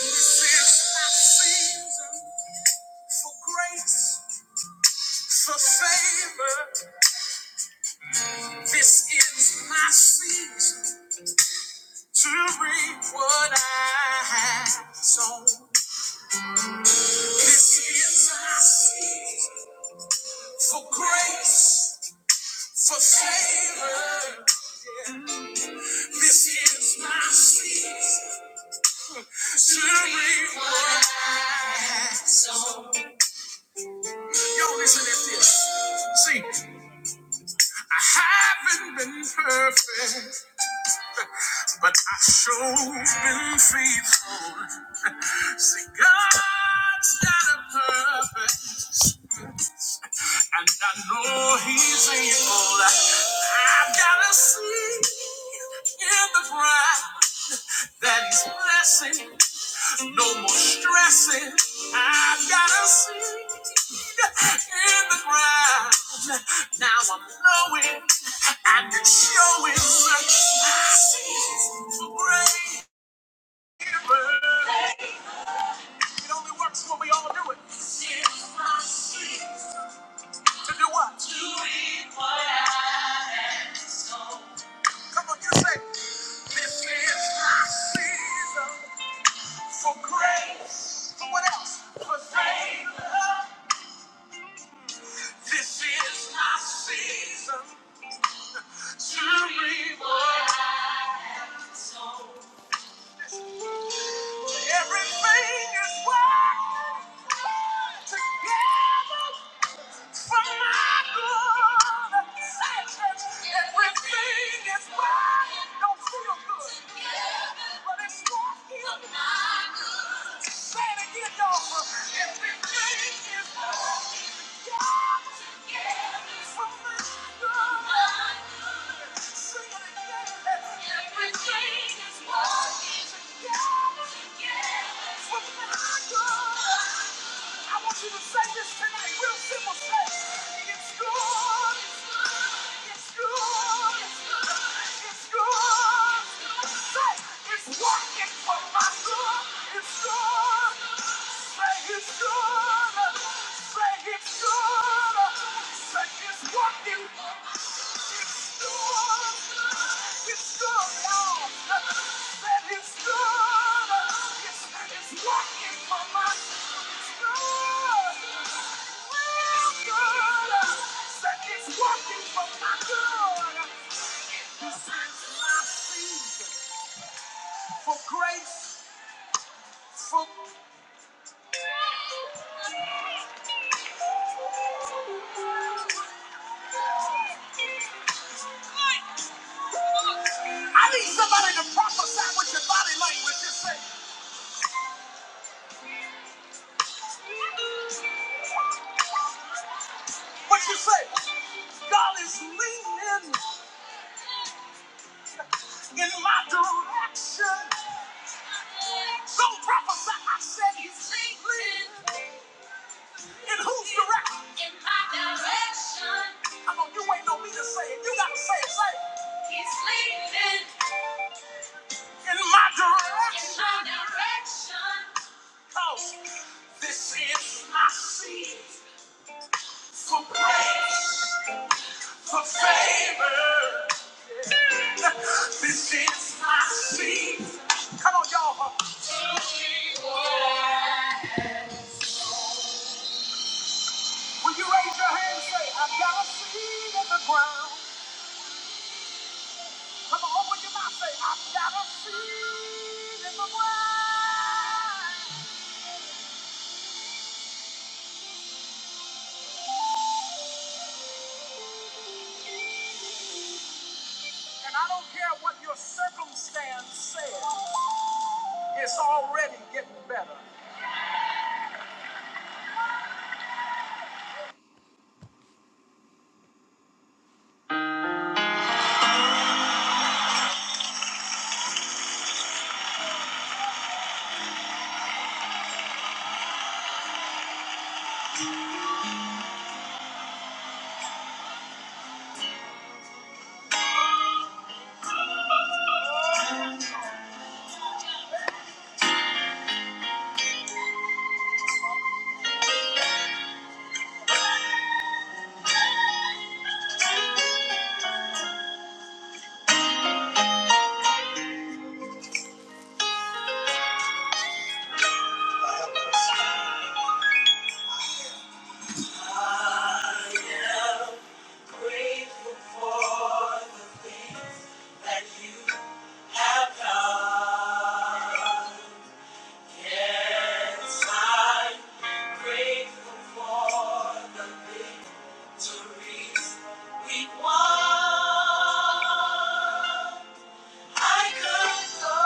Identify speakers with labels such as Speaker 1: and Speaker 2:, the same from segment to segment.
Speaker 1: This is my season for grace, for favor. This is my season to reap what I have sown. This is my season for grace, for favor. This is my season to reap what I have. Yo, listen at this. See, I haven't been perfect. But I show's been faithful. See, God's got a purpose, and I know He's able. I've got to see in the ground that He's blessing, no more stressing. I've got to see in the ground. Now I'm knowing and it's showing. Seasons for great It only works when we all do it. To do what? Come on, you say, This is my season for grace. For what else? For faith. This is my season to revive. Everything is working together For my good, everything is right. Don't feel good, but it's not here. Say it again, you Everything is right. Yeah. Say it's good. Say it's working. For grace, for I need somebody to prophesy with your body language. Just say, what you say? God is leaning in my direction. Don't prophesy. I said he's leaning. In whose direction? In my direction. Come on, you ain't no me to say it. You gotta say it, say it. He's leading In my direction. In my direction. Cause this is my seed for praise, for favor. This is my seed. Come on, y'all. Will you raise your hand and say, I've got a seed in the ground? Come on, open your mouth and say, I've got a seed in the ground. Grateful for that you have done. Yes, I'm grateful for the victories we won. I could go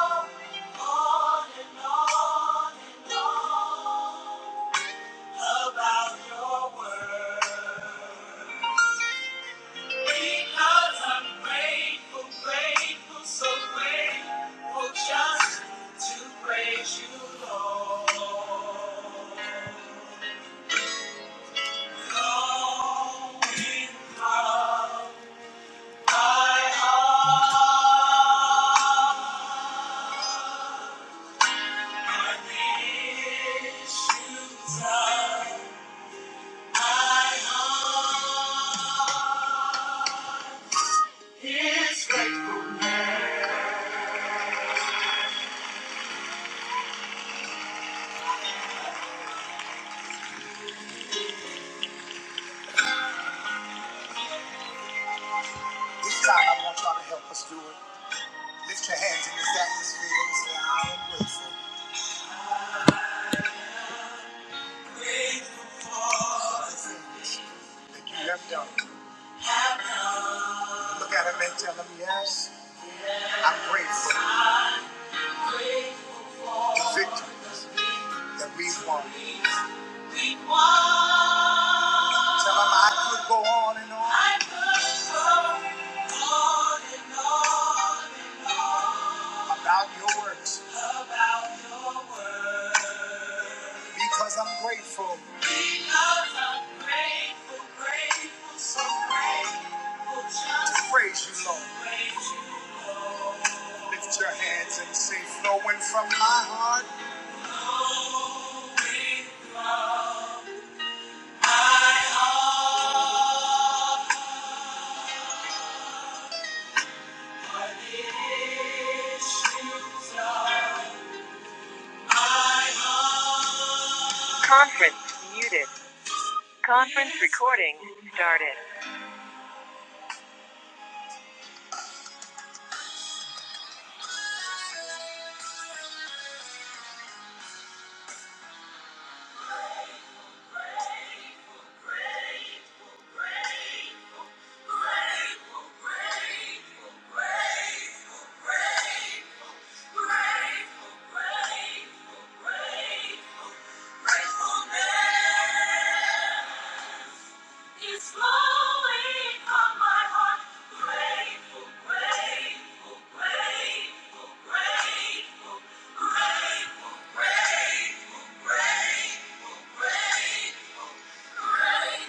Speaker 1: on and on and on about your word. Because I'm grateful, grateful, so grateful just to praise you, Lord. Going from my heart, my issues of my heart. This time I want y'all to help us do it. Lift your hands in this atmosphere and say, I am grateful. that you have done. Look at him and tell him, yes, I'm grateful for victory. that we want. We want. Tell them I could go on and on. I could go on and on and on. About your works. About your works. Because I'm grateful. Because I'm grateful, grateful, so grateful. Just to praise you, Lord. Praise you, Lord. Lift your hands and say, flowing from my heart. Conference muted. Conference recording started. It's flowing from my heart. Grateful, grateful, grateful, grateful, grateful, grateful, grateful, grateful, grateful.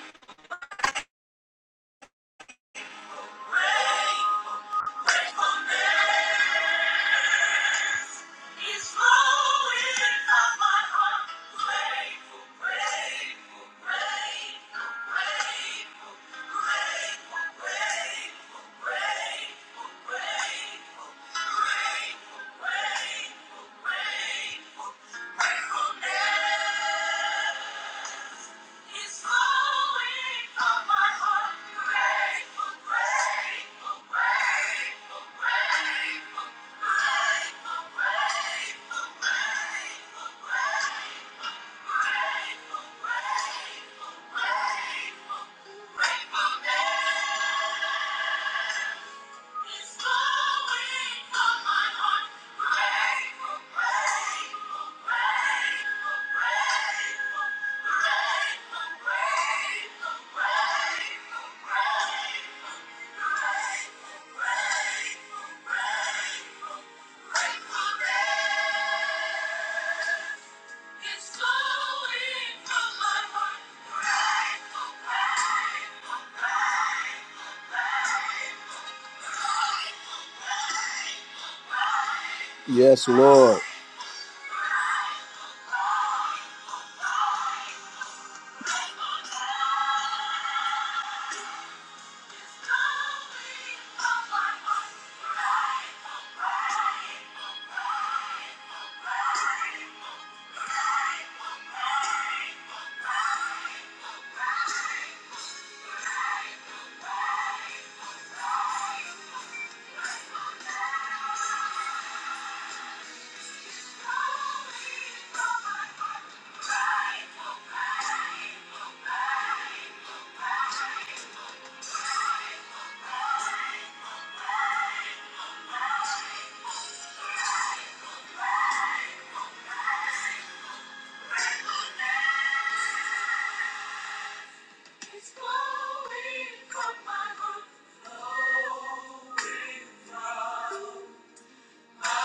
Speaker 1: It's flowing from my heart. Grateful, grateful, grateful, grateful, grateful, grateful, grateful, grateful, grateful, grateful, grateful, gratefulness. Grateful, grateful, grateful, grateful, grateful, grateful, it's flowing from my heart. It's flowing from my heart. Flowing from It should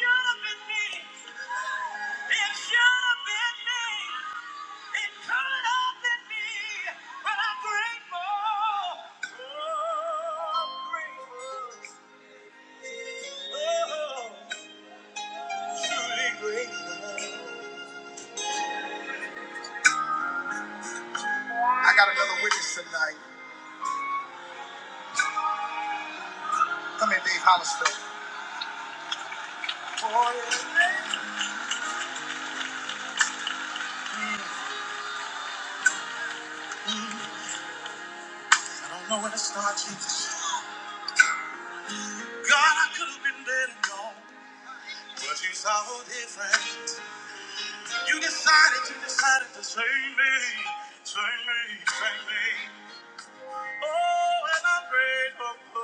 Speaker 1: have been me. It should have been me. i got another witness tonight. Come here, Dave Hollister. Oh, yeah. I don't know where to start, Jesus. God, I could have been dead and gone. But you saw different. You decided, you decided to save me. Save me, save me. Oh, and I'm grateful.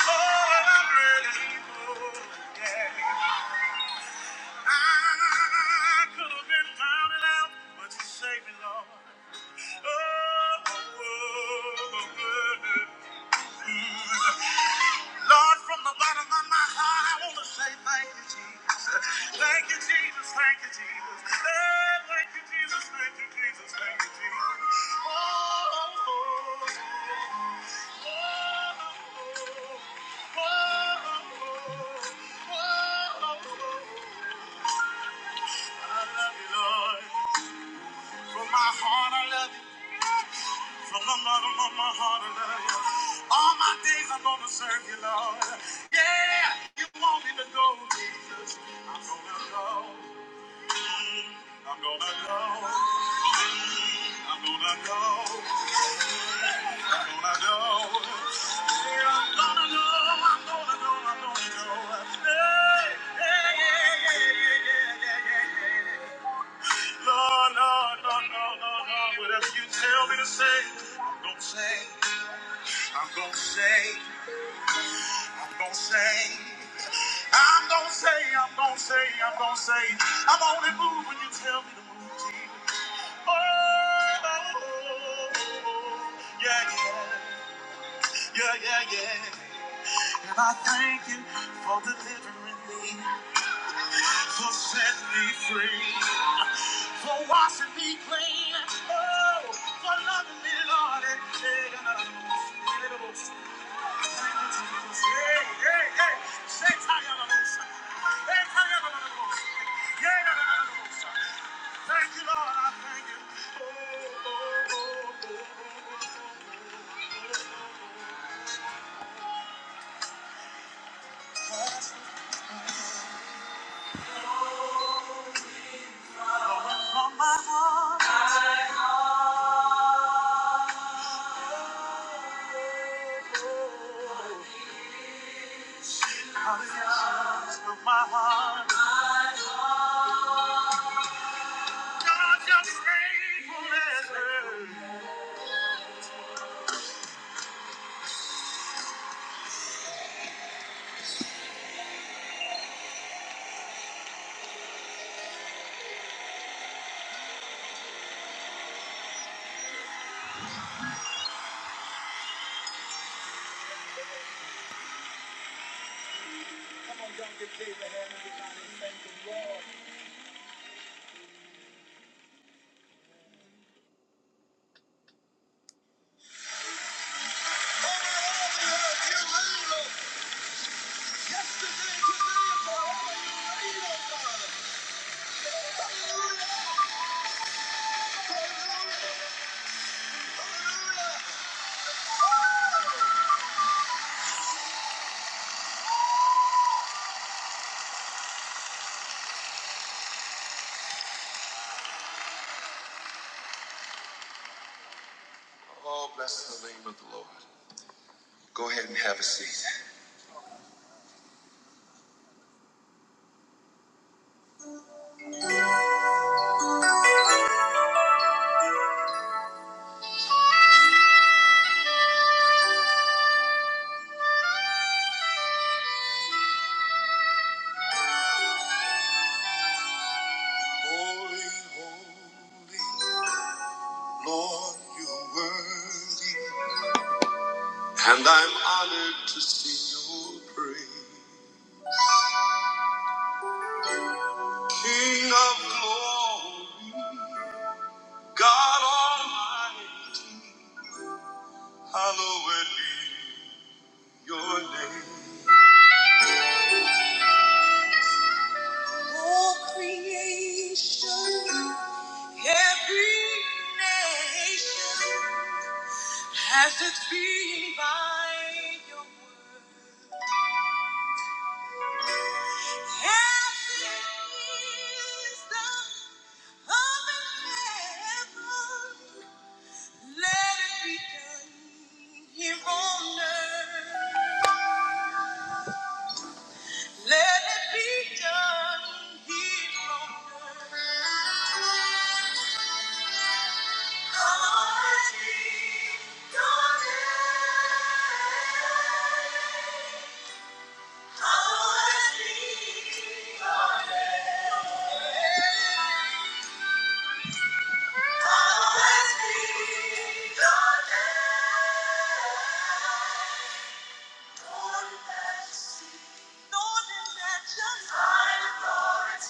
Speaker 1: Oh, and I'm grateful. Yeah. I could have been down and out, but you saved me, Lord. Oh, oh, oh, oh. Lord, from the bottom of my heart, I want to say thank you, Jesus. Thank you, Jesus. Thank you, Jesus. Eh, Thank you, Jesus. Thank you, Jesus. Thank you, Jesus. Oh, oh, oh, oh, oh, oh, oh, oh. I love you, Lord. From my heart, I love you. From the bottom of my heart, I love you. All my days I'm gonna serve you, Lord. Yeah, you want me to go, Jesus. I'm gonna go. I'm gonna go. I'm gonna go. I'm gonna go. Yeah, I'm gonna go. I'm gonna go. I'm gonna go. Hey, hey, yeah, yeah, yeah, yeah, yeah, yeah, yeah. Lord, Lord, Lord, Lord, Lord, Lord, whatever you tell me to say, I'm gonna say. I'm gonna say. I'm gonna say, I'm gonna say, I'm gonna say, I'm gonna say, I'm only move when you tell me to move, Jesus. Oh, oh, oh, oh, yeah, yeah, yeah, yeah, yeah. And I thank you for delivering me, for setting me free, for washing me clean, oh, for loving me, Lord, and taking us. Oh, bless the name of the Lord. Go ahead and have a seat. Holy, holy Lord, you're worthy. And I'm honored to sing your praise. King of glory, God Almighty, hallowed be your name. creation, every nation has its being by your word. Half is the heaven, let it be done here on earth. Let it be done here on earth. Come and be done. Come and be done. Come and be done. Lord, let your light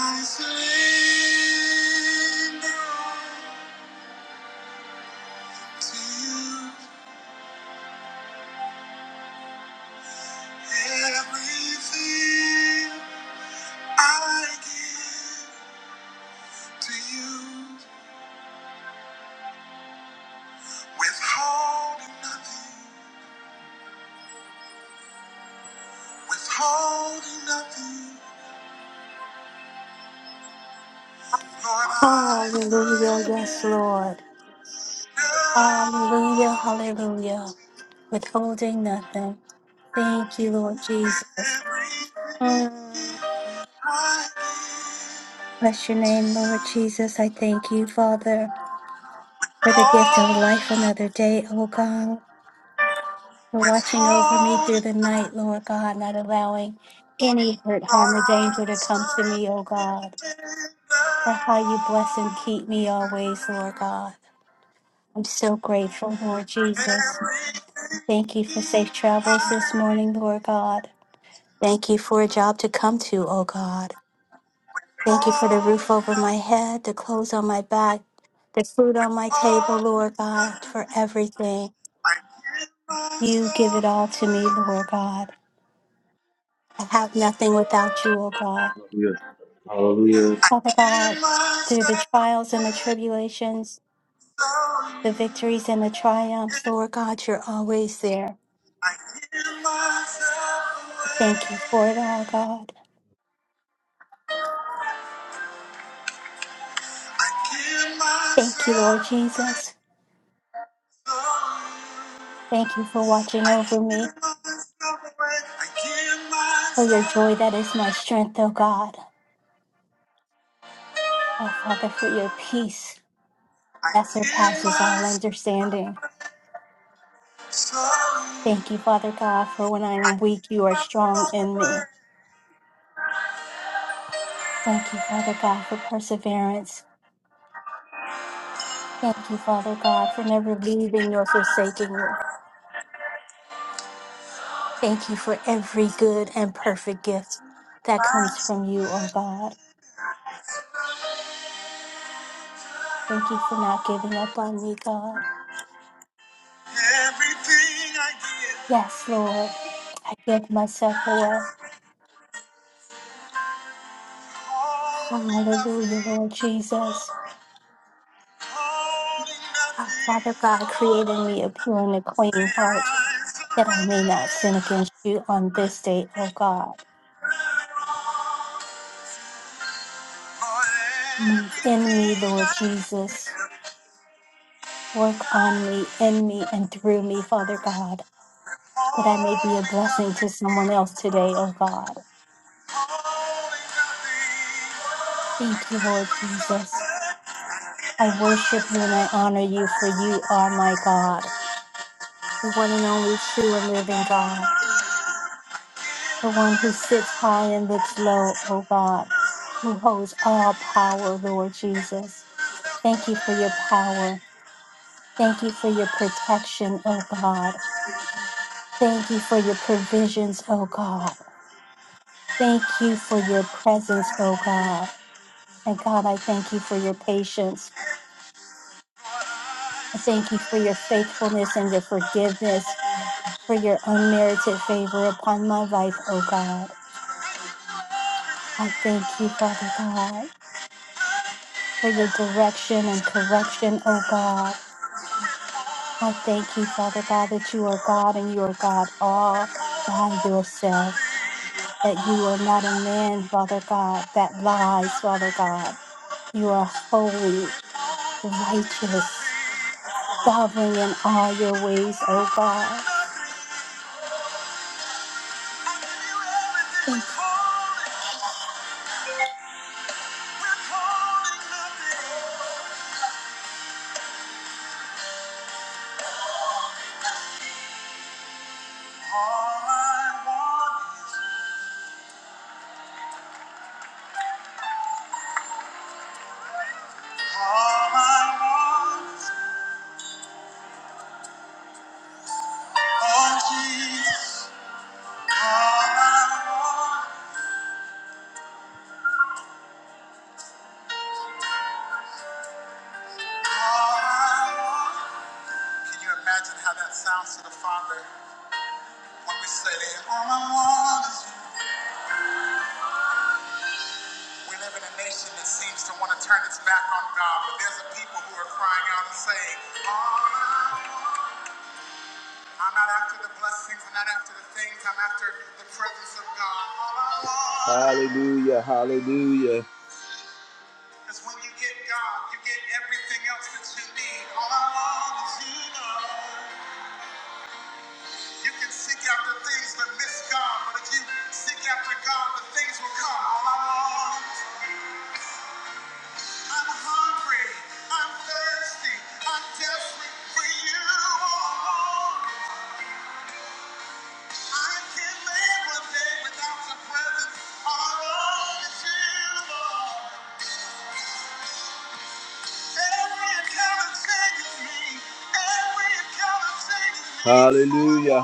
Speaker 1: I surrender to you. Everything I give to you, withholding nothing, withholding nothing. Lord, I
Speaker 2: Hallelujah. Yes,
Speaker 1: surrender
Speaker 2: Lord. Hallelujah. Hallelujah. Withholding nothing. Thank you, Lord Jesus.
Speaker 1: everything
Speaker 2: Mm.
Speaker 1: I
Speaker 2: Bless your name, Lord Jesus. I thank you, Father, for the gift of
Speaker 1: hold,
Speaker 2: life another day, oh God, for watching over me through
Speaker 1: withholding.
Speaker 2: the night, Lord God, not allowing any hurt, harm,
Speaker 1: Lord,
Speaker 2: or
Speaker 1: I
Speaker 2: danger to come to
Speaker 1: surrender
Speaker 2: me, oh God, for how you bless and
Speaker 1: everything
Speaker 2: keep me always, Lord God. I'm so grateful, Lord Jesus. Thank you for safe
Speaker 1: I
Speaker 2: travels this morning, Lord God. Thank you for a job to come to, oh God. Thank you for the roof over my head, the clothes on my back, the food on my
Speaker 1: hold.
Speaker 2: table, Lord God, for everything.
Speaker 1: I give
Speaker 2: You give it
Speaker 1: myself
Speaker 2: all to me, Lord
Speaker 1: away.
Speaker 2: God. I have nothing without you, O God.
Speaker 3: Yes. Hallelujah.
Speaker 1: I
Speaker 2: Father God,
Speaker 1: give
Speaker 2: through the
Speaker 1: myself
Speaker 2: trials and the
Speaker 1: away.
Speaker 2: tribulations,
Speaker 1: So
Speaker 2: the victories and the triumphs,
Speaker 1: yeah.
Speaker 2: Lord God, you're always there.
Speaker 1: I give myself
Speaker 2: Thank you for it
Speaker 1: away.
Speaker 2: all, God.
Speaker 1: I give
Speaker 2: Thank you,
Speaker 1: myself
Speaker 2: Lord
Speaker 1: away.
Speaker 2: Jesus.
Speaker 1: So
Speaker 2: Thank you for
Speaker 1: yeah.
Speaker 2: watching
Speaker 1: I
Speaker 2: over me.
Speaker 1: give myself away. I give
Speaker 2: For your joy
Speaker 1: myself.
Speaker 2: that is my strength, O God. Oh, Father, for your peace
Speaker 1: I
Speaker 2: that
Speaker 1: give
Speaker 2: surpasses all
Speaker 1: myself.
Speaker 2: understanding.
Speaker 1: So yeah.
Speaker 2: Thank you, Father God, for when I am weak, you are strong
Speaker 1: myself
Speaker 2: in
Speaker 1: away.
Speaker 2: me. Thank you, Father God, for perseverance. Thank you, Father God, for never leaving nor forsaking me. Thank you for every good and perfect gift that comes from you, O God. Thank you for not giving up on me, God.
Speaker 1: Everything I give,
Speaker 2: Yes, Lord, I give myself away.
Speaker 1: all me
Speaker 2: Hallelujah,
Speaker 1: nothing.
Speaker 2: Lord Jesus.
Speaker 1: Holding
Speaker 2: Ah, Father
Speaker 1: nothing,
Speaker 2: God, create in me a pure and a
Speaker 1: say
Speaker 2: clean heart
Speaker 1: I
Speaker 2: that I may not sin
Speaker 1: surrender.
Speaker 2: against you on this day, O God.
Speaker 1: For
Speaker 2: Move in me,
Speaker 1: everything
Speaker 2: Lord
Speaker 1: I'm
Speaker 2: Jesus. Work on me, in me, and through me, Father God, that I may be a
Speaker 1: holding
Speaker 2: blessing to
Speaker 1: nothing,
Speaker 2: someone else today, O God.
Speaker 1: holding nothing. I
Speaker 2: Thank you, Lord
Speaker 1: give myself
Speaker 2: Jesus.
Speaker 1: away,
Speaker 2: I
Speaker 1: give
Speaker 2: worship you and I
Speaker 1: myself,
Speaker 2: honor you, for you are my God, the one and only true and living God. the one who sits high and looks low, O God, who holds all power, Lord Jesus. Thank you for your power. Thank you for your protection, O God. Thank you for your provisions, O God. Thank you for your presence, O God. And God, I thank you for your patience. I thank you for your faithfulness and your forgiveness, for your unmerited favor upon my life, O God. I thank you, Father God. for your direction and correction, oh God. I thank you, Father God, that you are God and you are God all by yourself, that you are not a man, Father God, that lies, Father God. You are holy, righteous, sovereign in all your ways, oh
Speaker 1: holding
Speaker 2: God.
Speaker 1: nothing. I give you everything,
Speaker 2: Thank you
Speaker 1: withholding, withholding nothing. All I want is, all I want oh Jesus, all I want. Can you imagine how that sounds to the Father when we say, All I want is you? We live in a nation that seems to want to turn its back on God, but there's a people who are crying out and saying, All I want. I'm not after the blessings, I'm not after the things, I'm after the presence of God. All I want. Hallelujah. Because when you get God, you get everything else that you need. All I want is you, Lord. You can seek after things that miss God, but if you seek after God, the things will come all I want. I'm hungry, I'm thirsty, I'm desperate for you, oh Lord. I can't live one day without your presence. All I want is you, Lord. Every encounter changes me. Every encounter changes me. Hallelujah.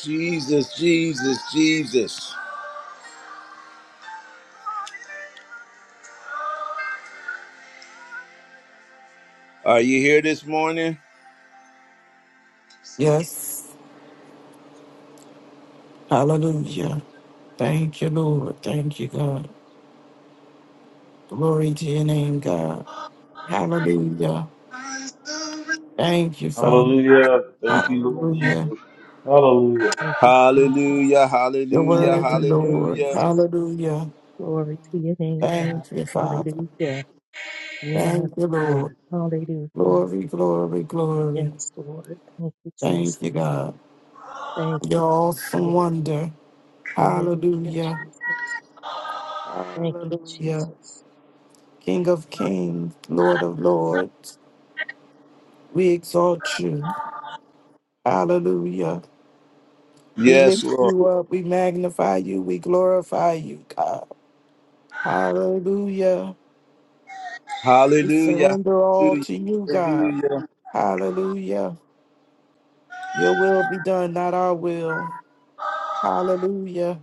Speaker 1: Jesus. Are you here this morning?
Speaker 4: Yes. Hallelujah. Thank you, Lord. Thank you, God. Glory to your name, God. Hallelujah. Thank you, Father.
Speaker 3: Hallelujah. Thank you, Lord
Speaker 4: Hallelujah.
Speaker 3: Jesus. Hallelujah.
Speaker 5: Thank you, Jesus.
Speaker 1: Hallelujah,
Speaker 4: You're
Speaker 1: hallelujah,
Speaker 4: worthy,
Speaker 5: Hallelujah,
Speaker 4: Lord.
Speaker 1: hallelujah.
Speaker 5: Jesus.
Speaker 4: Hallelujah.
Speaker 5: Glory to your name, God.
Speaker 4: Thank you, Father.
Speaker 5: Hallelujah. Yes,
Speaker 4: Thank you, Lord.
Speaker 5: Lord. Hallelujah.
Speaker 4: Glory, glory, glory.
Speaker 5: Yes, Lord. Thank you,
Speaker 4: Thank
Speaker 5: Jesus.
Speaker 4: you, God.
Speaker 5: Thank
Speaker 4: Your
Speaker 5: you, thank you,
Speaker 4: awesome
Speaker 5: Lord.
Speaker 4: wonder.
Speaker 5: Hallelujah,
Speaker 4: Hallelujah.
Speaker 5: Jesus. Thank you,
Speaker 4: Hallelujah.
Speaker 5: Jesus.
Speaker 4: King of
Speaker 5: Thank
Speaker 4: kings, Lord of lords, we exalt you. Hallelujah. We
Speaker 1: Yes,
Speaker 4: lift
Speaker 1: Lord.
Speaker 4: you up. We magnify you. We glorify you, God. Hallelujah. We
Speaker 1: Hallelujah,
Speaker 4: surrender all
Speaker 1: hallelujah,
Speaker 4: to you, God.
Speaker 1: hallelujah.
Speaker 4: Hallelujah. Your will be done, not our will. Hallelujah.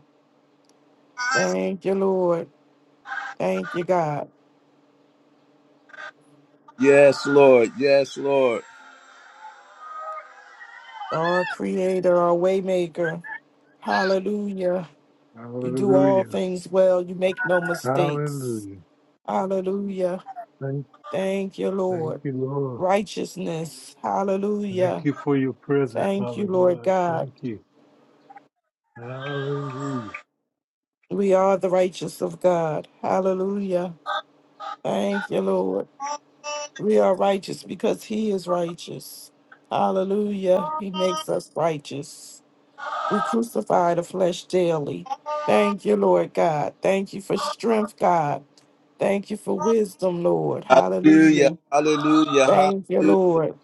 Speaker 4: Thank you, Lord. Thank you, God.
Speaker 1: Yes, Lord. Yes, Lord.
Speaker 4: Our creator, our waymaker. Hallelujah. You do all
Speaker 6: Hallelujah.
Speaker 4: things well. You make no mistakes.
Speaker 6: Hallelujah.
Speaker 4: Hallelujah.
Speaker 6: Thank,
Speaker 4: Thank you,
Speaker 6: thank
Speaker 4: Lord.
Speaker 6: you, Lord.
Speaker 4: Righteousness.
Speaker 6: Thank
Speaker 4: Hallelujah.
Speaker 6: you for your presence,
Speaker 4: Thank you,
Speaker 6: Father
Speaker 4: Lord
Speaker 6: God.
Speaker 4: God.
Speaker 6: Thank you. Hallelujah.
Speaker 4: We are the righteous of God. Hallelujah. Thank you, Lord. We are righteous because He is righteous. Hallelujah. He makes us righteous. We crucify the flesh daily. Thank you, Lord God. Thank you for strength, God. Thank you for wisdom, Lord.
Speaker 1: Hallelujah,
Speaker 4: Hallelujah.
Speaker 1: hallelujah,
Speaker 4: Thank you, Lord.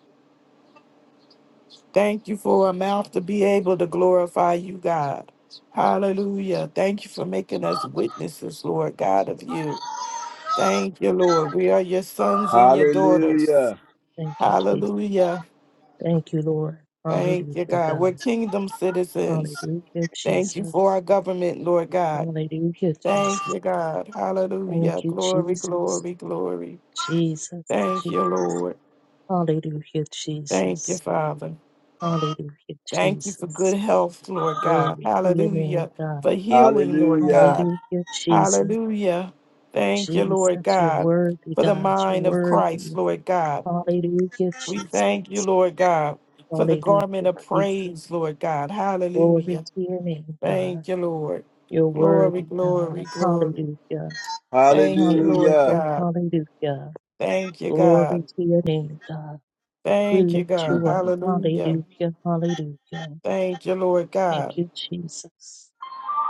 Speaker 4: Thank you for a mouth to be able to glorify you, God. Hallelujah. Thank you for making us witnesses, Lord God, of you. Thank you, Lord. We are your sons and your daughters.
Speaker 1: hallelujah.
Speaker 5: thank you, Jesus.
Speaker 4: Hallelujah.
Speaker 5: Thank you, Lord.
Speaker 4: Thank you,
Speaker 5: Hallelujah,
Speaker 4: God.
Speaker 5: God.
Speaker 4: We're kingdom citizens.
Speaker 5: Hallelujah,
Speaker 4: Thank you
Speaker 5: Jesus.
Speaker 4: for our government, Lord God.
Speaker 5: Hallelujah, Jesus.
Speaker 4: Thank you, God.
Speaker 5: Thank
Speaker 4: Hallelujah.
Speaker 5: you,
Speaker 4: Glory,
Speaker 5: Jesus.
Speaker 4: glory, glory.
Speaker 5: Jesus,
Speaker 4: Thank you,
Speaker 5: Jesus.
Speaker 4: Lord.
Speaker 5: Hallelujah, Jesus.
Speaker 4: Thank you, Father.
Speaker 5: Hallelujah,
Speaker 4: Thank you for good
Speaker 5: Jesus.
Speaker 4: health, Lord God.
Speaker 5: Glory to your name,
Speaker 4: Hallelujah.
Speaker 5: God.
Speaker 4: For healing, Lord
Speaker 1: Hallelujah,
Speaker 4: God.
Speaker 5: Hallelujah, Jesus.
Speaker 4: Hallelujah. Thank you, Lord
Speaker 5: Jesus, you're
Speaker 4: God,
Speaker 5: worthy,
Speaker 4: for the
Speaker 5: God. You're
Speaker 4: mind of Christ,
Speaker 5: worthy.
Speaker 4: Lord God.
Speaker 5: Hallelujah,
Speaker 4: We
Speaker 5: Jesus.
Speaker 4: thank you, Lord God, for the
Speaker 5: Hallelujah,
Speaker 4: garment of
Speaker 5: Jesus.
Speaker 4: praise, Lord God.
Speaker 5: Glory
Speaker 4: Hallelujah.
Speaker 5: to your name, God.
Speaker 4: Thank you, Lord.
Speaker 5: You're
Speaker 4: Glory,
Speaker 5: worthy, God.
Speaker 4: glory, glory.
Speaker 5: Hallelujah.
Speaker 4: Thank you, Lord
Speaker 1: hallelujah,
Speaker 5: Hallelujah.
Speaker 4: God.
Speaker 5: Hallelujah.
Speaker 4: Thank you,
Speaker 5: Glory
Speaker 4: God.
Speaker 5: to your name, God. We
Speaker 4: Thank you,
Speaker 5: lift
Speaker 4: God.
Speaker 5: you up.
Speaker 4: Hallelujah.
Speaker 5: Hallelujah. Hallelujah.
Speaker 4: Thank you, Lord
Speaker 5: Thank
Speaker 4: God.
Speaker 5: you, Jesus.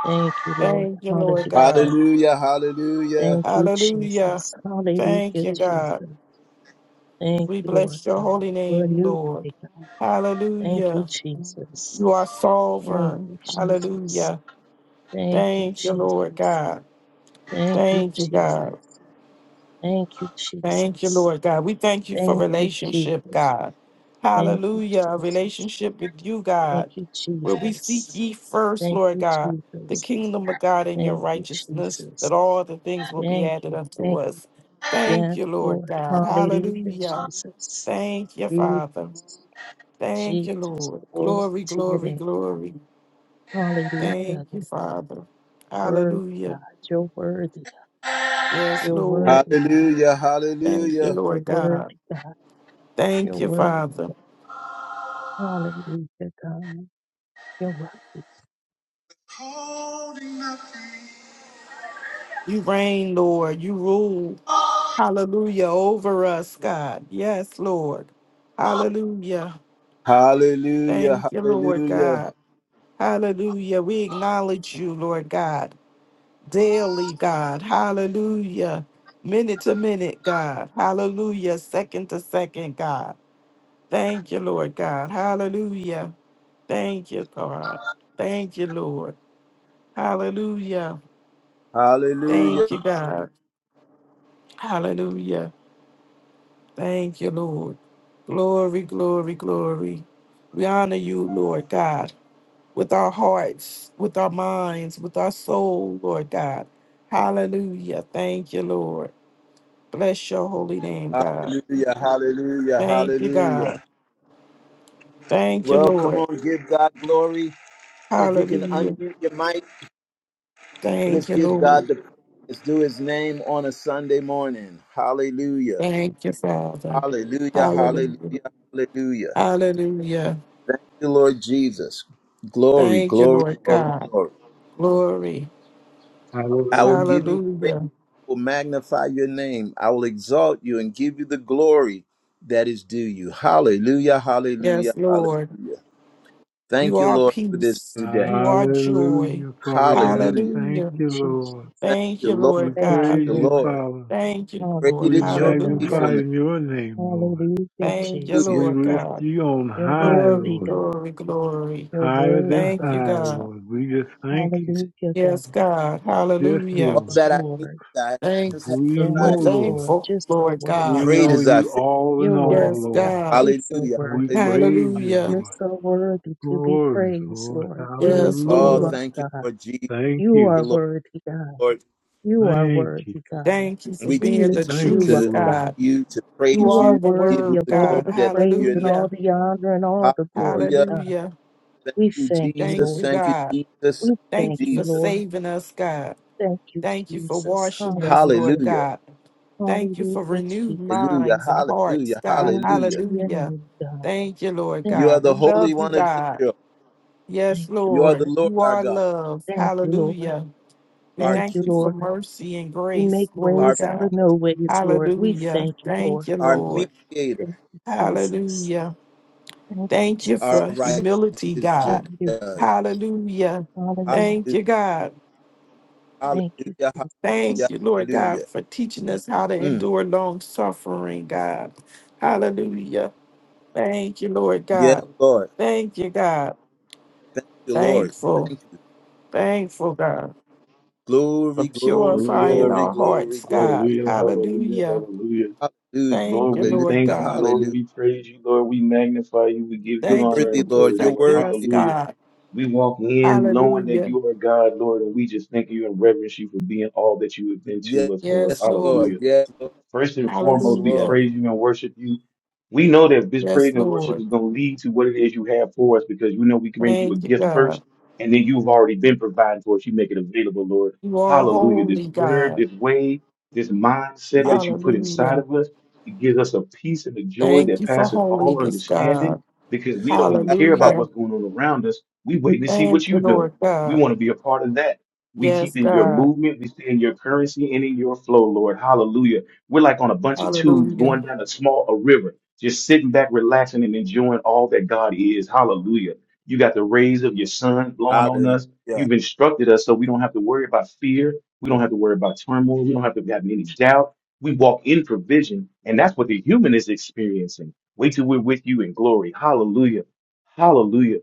Speaker 5: Thank you, Lord.
Speaker 4: Thank you, Lord
Speaker 5: Hallelujah.
Speaker 4: God.
Speaker 1: hallelujah.
Speaker 5: Thank you,
Speaker 4: Hallelujah.
Speaker 5: Jesus.
Speaker 4: Thank
Speaker 5: Hallelujah,
Speaker 4: you, God.
Speaker 5: Jesus. Thank
Speaker 4: We
Speaker 5: you, Lord
Speaker 4: bless your
Speaker 5: God.
Speaker 4: holy
Speaker 5: We're
Speaker 4: name,
Speaker 5: new
Speaker 4: Lord.
Speaker 5: today, God. Thank you,
Speaker 4: Hallelujah.
Speaker 5: Jesus.
Speaker 4: You are
Speaker 5: Thank
Speaker 4: sovereign.
Speaker 5: you, Jesus.
Speaker 4: Hallelujah.
Speaker 5: Thank you,
Speaker 4: Thank you, Lord
Speaker 5: Jesus.
Speaker 4: God.
Speaker 5: Thank you,
Speaker 4: Thank you,
Speaker 5: Jesus.
Speaker 4: God.
Speaker 5: Thank you,
Speaker 4: Thank you,
Speaker 5: Jesus.
Speaker 4: Lord God. We thank you for
Speaker 5: Thank you,
Speaker 4: relationship,
Speaker 5: Jesus.
Speaker 4: God.
Speaker 5: Thank you,
Speaker 4: Hallelujah. A
Speaker 5: Jesus.
Speaker 4: relationship with you,
Speaker 5: Thank
Speaker 4: God,
Speaker 5: you,
Speaker 4: where we seek
Speaker 5: Jesus.
Speaker 4: ye first,
Speaker 5: Thank
Speaker 4: Lord
Speaker 5: you,
Speaker 4: God, the
Speaker 5: Jesus.
Speaker 4: kingdom of God and your
Speaker 5: Thank you,
Speaker 4: righteousness,
Speaker 5: Jesus.
Speaker 4: that all the things will be
Speaker 5: Thank
Speaker 4: added
Speaker 5: you.
Speaker 4: unto
Speaker 5: Thank you.
Speaker 4: us.
Speaker 5: Yes,
Speaker 4: Thank you, Lord
Speaker 5: Lord.
Speaker 4: God.
Speaker 5: Hallelujah,
Speaker 4: Hallelujah.
Speaker 5: Jesus.
Speaker 4: Thank you, Father.
Speaker 5: Jesus.
Speaker 4: Thank you,
Speaker 5: Jesus,
Speaker 4: Lord.
Speaker 5: glory
Speaker 4: Glory,
Speaker 5: to your
Speaker 4: glory,
Speaker 5: name.
Speaker 4: glory.
Speaker 5: Hallelujah,
Speaker 4: Thank you,
Speaker 5: Lord.
Speaker 4: Father.
Speaker 5: Worthy
Speaker 4: Hallelujah.
Speaker 5: God, you're worthy.
Speaker 4: Yes,
Speaker 5: You're
Speaker 4: Lord.
Speaker 5: worthy God.
Speaker 1: Hallelujah,
Speaker 4: Thank you,
Speaker 1: hallelujah.
Speaker 5: You're
Speaker 4: Lord
Speaker 5: worthy
Speaker 4: God.
Speaker 5: God. You're
Speaker 4: Thank you,
Speaker 5: worthy
Speaker 4: Father.
Speaker 5: God. Hallelujah, God. You're worthy,
Speaker 4: You reign, Lord. You rule. Hallelujah. Over us, God. Yes, Lord. Hallelujah.
Speaker 1: Hallelujah,
Speaker 4: Thank you, Lord
Speaker 1: hallelujah.
Speaker 4: God. Hallelujah. We acknowledge you, Lord God, daily, God. Hallelujah. Minute to minute, God. Hallelujah. Second to second, God. Thank you, Lord God. Hallelujah. Thank you, God. Thank you, Lord. Hallelujah.
Speaker 1: Hallelujah,
Speaker 4: Thank you, God. Hallelujah. Thank you, Lord. Glory, glory, glory. We honor you, Lord God, with our hearts, with our minds, with our soul, Lord God. Hallelujah. Thank you, Lord. Bless your holy
Speaker 1: hallelujah,
Speaker 4: name, God.
Speaker 1: hallelujah, hallelujah, hallelujah,
Speaker 4: Thank you,
Speaker 1: hallelujah.
Speaker 4: God. Thank you,
Speaker 1: Well, come
Speaker 4: Lord.
Speaker 1: on, give God glory. If you can
Speaker 4: Hallelujah.
Speaker 1: unmute your mic, let's
Speaker 4: Thank you,
Speaker 1: give
Speaker 4: Lord.
Speaker 1: God the praise. Let's do his name on a Sunday morning. Hallelujah.
Speaker 4: Thank you, Father.
Speaker 1: Hallelujah.
Speaker 4: Hallelujah.
Speaker 1: Hallelujah. Hallelujah.
Speaker 4: Hallelujah.
Speaker 1: Thank you, Lord Jesus. Glory,
Speaker 4: Thank you,
Speaker 1: glory,
Speaker 4: Lord
Speaker 1: glory,
Speaker 4: God.
Speaker 1: glory.
Speaker 4: Glory.
Speaker 1: I will
Speaker 6: Hallelujah.
Speaker 1: give you praise,
Speaker 4: Hallelujah.
Speaker 1: I will magnify your name. I will exalt you and give you the glory that is due you. Hallelujah. Hallelujah.
Speaker 4: Yes, Lord.
Speaker 1: Hallelujah.
Speaker 4: You
Speaker 1: Thank you,
Speaker 4: are
Speaker 1: Lord, for this
Speaker 4: peace.
Speaker 1: new day.
Speaker 4: You are joy.
Speaker 6: Hallelujah, Father God.
Speaker 1: Hallelujah.
Speaker 6: Thank
Speaker 4: Hallelujah.
Speaker 6: you,
Speaker 5: Jesus.
Speaker 6: Lord.
Speaker 1: Thank
Speaker 4: Thank
Speaker 1: you,
Speaker 4: you,
Speaker 6: We
Speaker 4: Lord
Speaker 1: Lord. Thank
Speaker 5: Thank
Speaker 4: God.
Speaker 5: you,
Speaker 6: praise
Speaker 1: you,
Speaker 6: you,
Speaker 5: Lord.
Speaker 1: Lord.
Speaker 6: Father.
Speaker 4: Thank you,
Speaker 1: Great
Speaker 4: Lord.
Speaker 6: We
Speaker 1: is your
Speaker 5: Hallelujah, God.
Speaker 4: Hallelujah.
Speaker 6: magnify
Speaker 1: faithfulness.
Speaker 6: your name, Lord.
Speaker 5: Hallelujah,
Speaker 4: Thank you,
Speaker 5: Jesus.
Speaker 1: Hallelujah.
Speaker 6: We
Speaker 4: Lord
Speaker 6: lift
Speaker 4: God.
Speaker 6: you on
Speaker 5: You're
Speaker 6: high,
Speaker 4: Glory,
Speaker 5: worthy,
Speaker 6: Lord.
Speaker 5: God.
Speaker 4: glory, glory.
Speaker 5: You're
Speaker 6: Higher
Speaker 5: worthy,
Speaker 6: than
Speaker 4: Thank you,
Speaker 5: God.
Speaker 6: high,
Speaker 4: God.
Speaker 6: Lord. We just thank you.
Speaker 5: Hallelujah, God.
Speaker 4: Yes, God.
Speaker 6: Yes,
Speaker 4: Hallelujah.
Speaker 1: All
Speaker 5: Yes,
Speaker 6: Lord.
Speaker 1: that I need,
Speaker 5: Lord.
Speaker 1: thy hands have
Speaker 4: Thanks.
Speaker 6: We
Speaker 5: Yes,
Speaker 4: We're
Speaker 6: know,
Speaker 1: provided.
Speaker 6: Lord.
Speaker 5: Lord.
Speaker 4: thankful,
Speaker 5: Just so
Speaker 4: Lord
Speaker 6: We
Speaker 5: worthy,
Speaker 4: God.
Speaker 1: Great
Speaker 6: know
Speaker 5: God.
Speaker 1: is thy
Speaker 6: you
Speaker 1: faith.
Speaker 6: all in
Speaker 5: You're worthy,
Speaker 6: all,
Speaker 4: Yes,
Speaker 5: God.
Speaker 6: Lord.
Speaker 4: God.
Speaker 5: You're so
Speaker 1: Hallelujah.
Speaker 6: And we
Speaker 5: worthy.
Speaker 1: Hallelujah.
Speaker 6: praise you,
Speaker 4: Hallelujah.
Speaker 5: You're
Speaker 6: Lord.
Speaker 5: so worthy to be
Speaker 6: Glory,
Speaker 5: praised,
Speaker 6: Lord.
Speaker 5: Lord. We
Speaker 4: Yes,
Speaker 5: lift you
Speaker 1: Oh,
Speaker 6: Hallelujah.
Speaker 4: Lord.
Speaker 5: up,
Speaker 1: thank you,
Speaker 5: God.
Speaker 1: Lord Jesus. Thank
Speaker 6: Thank
Speaker 5: You
Speaker 6: you.
Speaker 1: you,
Speaker 5: are
Speaker 1: Lord,
Speaker 5: worthy, God.
Speaker 1: Lord,
Speaker 5: You are
Speaker 6: Thank you.
Speaker 5: worthy, God.
Speaker 4: Thank you for
Speaker 1: we
Speaker 5: We
Speaker 1: take
Speaker 4: being
Speaker 1: the
Speaker 4: the
Speaker 5: lift
Speaker 1: time
Speaker 6: Thank
Speaker 5: you up,
Speaker 4: truth,
Speaker 1: to
Speaker 6: you,
Speaker 5: God.
Speaker 4: God.
Speaker 1: you, to
Speaker 4: You
Speaker 5: You
Speaker 1: praise
Speaker 5: are
Speaker 4: are
Speaker 1: you,
Speaker 4: the
Speaker 1: to give
Speaker 5: worthy
Speaker 1: you
Speaker 4: word,
Speaker 5: of
Speaker 1: the glory
Speaker 5: all
Speaker 4: God.
Speaker 5: the
Speaker 1: that is to
Speaker 5: praise
Speaker 1: your
Speaker 5: and
Speaker 1: name.
Speaker 5: all
Speaker 4: Hallelujah.
Speaker 5: the honor and all the glory,
Speaker 1: Hallelujah.
Speaker 5: God.
Speaker 4: Hallelujah.
Speaker 1: Thank
Speaker 5: We
Speaker 1: you,
Speaker 5: thank you,
Speaker 4: Thank
Speaker 1: Jesus.
Speaker 5: Lord.
Speaker 4: you,
Speaker 1: Thank you,
Speaker 4: God.
Speaker 1: Jesus.
Speaker 5: We
Speaker 1: Thank you,
Speaker 5: thank
Speaker 4: Thank you
Speaker 5: you,
Speaker 4: for
Speaker 1: Jesus.
Speaker 5: Lord.
Speaker 4: saving us, God.
Speaker 5: Thank you,
Speaker 4: Thank you for
Speaker 5: Jesus.
Speaker 4: washing us,
Speaker 5: Hallelujah.
Speaker 4: Lord
Speaker 1: Hallelujah.
Speaker 4: God. Thank you for
Speaker 5: Hallelujah,
Speaker 4: renewed
Speaker 5: Jesus.
Speaker 1: Hallelujah.
Speaker 4: minds and hearts,
Speaker 1: Hallelujah.
Speaker 4: God.
Speaker 5: Glory to
Speaker 1: Hallelujah.
Speaker 5: your
Speaker 4: Hallelujah.
Speaker 5: name, God.
Speaker 4: Thank you, Lord
Speaker 5: Thank
Speaker 1: You are
Speaker 4: God.
Speaker 5: you,
Speaker 4: We
Speaker 1: the Holy
Speaker 4: love you,
Speaker 1: One
Speaker 5: Jesus.
Speaker 1: of
Speaker 4: God.
Speaker 1: Israel.
Speaker 4: Yes,
Speaker 5: Thank you,
Speaker 1: You are the
Speaker 4: Lord.
Speaker 5: Lord.
Speaker 1: Lord
Speaker 4: You
Speaker 1: our
Speaker 4: are
Speaker 1: God,
Speaker 4: love.
Speaker 5: Thank you, Lord.
Speaker 4: Hallelujah. We
Speaker 1: our
Speaker 5: Thank
Speaker 4: thank
Speaker 5: you,
Speaker 4: you
Speaker 1: King,
Speaker 4: for
Speaker 5: Lord.
Speaker 4: mercy and
Speaker 5: You make
Speaker 4: grace, Lord
Speaker 1: our
Speaker 5: ways out of
Speaker 4: God.
Speaker 5: no
Speaker 1: priest,
Speaker 5: ways, Lord. We
Speaker 4: Hallelujah.
Speaker 5: thank you, Lord.
Speaker 4: Thank you,
Speaker 1: our
Speaker 4: Lord.
Speaker 1: mediator,
Speaker 5: Thank you, Jesus.
Speaker 4: Hallelujah.
Speaker 5: Thank you,
Speaker 4: Thank you
Speaker 1: our
Speaker 4: for
Speaker 5: Jesus.
Speaker 4: humility,
Speaker 1: righteous judge.
Speaker 4: God.
Speaker 5: Hallelujah.
Speaker 1: Hallelujah,
Speaker 4: Hallelujah. Thank you,
Speaker 5: Hallelujah.
Speaker 4: God.
Speaker 5: Thank you,
Speaker 1: hallelujah,
Speaker 4: Thank
Speaker 1: hallelujah.
Speaker 5: Jesus.
Speaker 4: you, Lord God,
Speaker 1: hallelujah.
Speaker 4: for teaching us how to
Speaker 1: Mm.
Speaker 4: endure long suffering, God. Hallelujah. Thank you, Lord
Speaker 1: Yes,
Speaker 4: God.
Speaker 1: Lord.
Speaker 4: Thank you, God.
Speaker 1: Thank you, Lord.
Speaker 4: Thankful,
Speaker 1: Thank you.
Speaker 4: thankful, God, for
Speaker 1: Glory, glory,
Speaker 4: purifying
Speaker 3: Hallelujah.
Speaker 1: glory,
Speaker 4: our
Speaker 1: glory,
Speaker 4: hearts, God.
Speaker 1: glory.
Speaker 3: Hallelujah. Hallelujah.
Speaker 4: Hallelujah.
Speaker 3: Hallelujah.
Speaker 1: Hallelujah,
Speaker 4: Thank
Speaker 3: Lord,
Speaker 4: you,
Speaker 3: we
Speaker 4: Lord
Speaker 1: hallelujah,
Speaker 3: thank you.
Speaker 4: God.
Speaker 3: Lord,
Speaker 1: hallelujah.
Speaker 3: we praise you. Lord, we magnify you. We give you
Speaker 1: You're
Speaker 4: Thank you
Speaker 3: honor
Speaker 1: worthy,
Speaker 4: for
Speaker 3: and glory,
Speaker 1: Lord. You're
Speaker 3: Lord.
Speaker 4: perfecting us,
Speaker 1: worthy.
Speaker 3: Hallelujah.
Speaker 4: God.
Speaker 3: We walk in knowing that
Speaker 4: Hallelujah.
Speaker 3: you are God, Lord, and we just thank you and reverence you for being all that you have been
Speaker 1: Yes,
Speaker 3: to us, Lord.
Speaker 4: Yes,
Speaker 3: Hallelujah.
Speaker 4: Lord.
Speaker 1: Lord. Yes, Lord.
Speaker 3: First and
Speaker 1: Yes,
Speaker 3: foremost, we
Speaker 4: Hallelujah.
Speaker 1: Lord.
Speaker 3: praise you and worship you. We know that this
Speaker 4: Yes,
Speaker 3: praise and worship
Speaker 4: Lord.
Speaker 3: is going to lead to what it is you have for us because we know we can bring you a
Speaker 4: Thank you,
Speaker 3: gift
Speaker 4: God.
Speaker 3: first, and then you've already been providing for us. You make it available, Lord.
Speaker 4: You are
Speaker 3: Hallelujah. This
Speaker 4: holy,
Speaker 3: word,
Speaker 4: God.
Speaker 3: this way, this mindset
Speaker 1: Yeah.
Speaker 3: that you put
Speaker 4: Hallelujah.
Speaker 3: inside of us, it gives us a peace and a joy
Speaker 4: Thank
Speaker 3: that
Speaker 4: you for
Speaker 3: passes all
Speaker 4: holiness,
Speaker 3: understanding
Speaker 4: God.
Speaker 3: because we don't even care about
Speaker 4: Hallelujah.
Speaker 3: what's going on around us. We waiting to see what
Speaker 4: Thank you,
Speaker 3: you're doing.
Speaker 4: Lord
Speaker 3: We
Speaker 4: God.
Speaker 3: want to be a part of that. We
Speaker 4: Yes,
Speaker 3: keep in your
Speaker 4: God.
Speaker 3: movement. We stay in your currency and in your flow, Lord. Hallelujah. We're like on a bunch of tubes
Speaker 4: Hallelujah.
Speaker 3: going down a small a river, just sitting back, relaxing, and enjoying all that God is. Hallelujah. You got the rays of your sun blowing on us.
Speaker 1: Hallelujah,
Speaker 3: You've instructed us so we don't have to worry about fear. We don't have to worry about turmoil. We don't have to have any doubt. We walk in provision, and that's what the human is experiencing. Wait till we're with you in glory. Hallelujah. Hallelujah.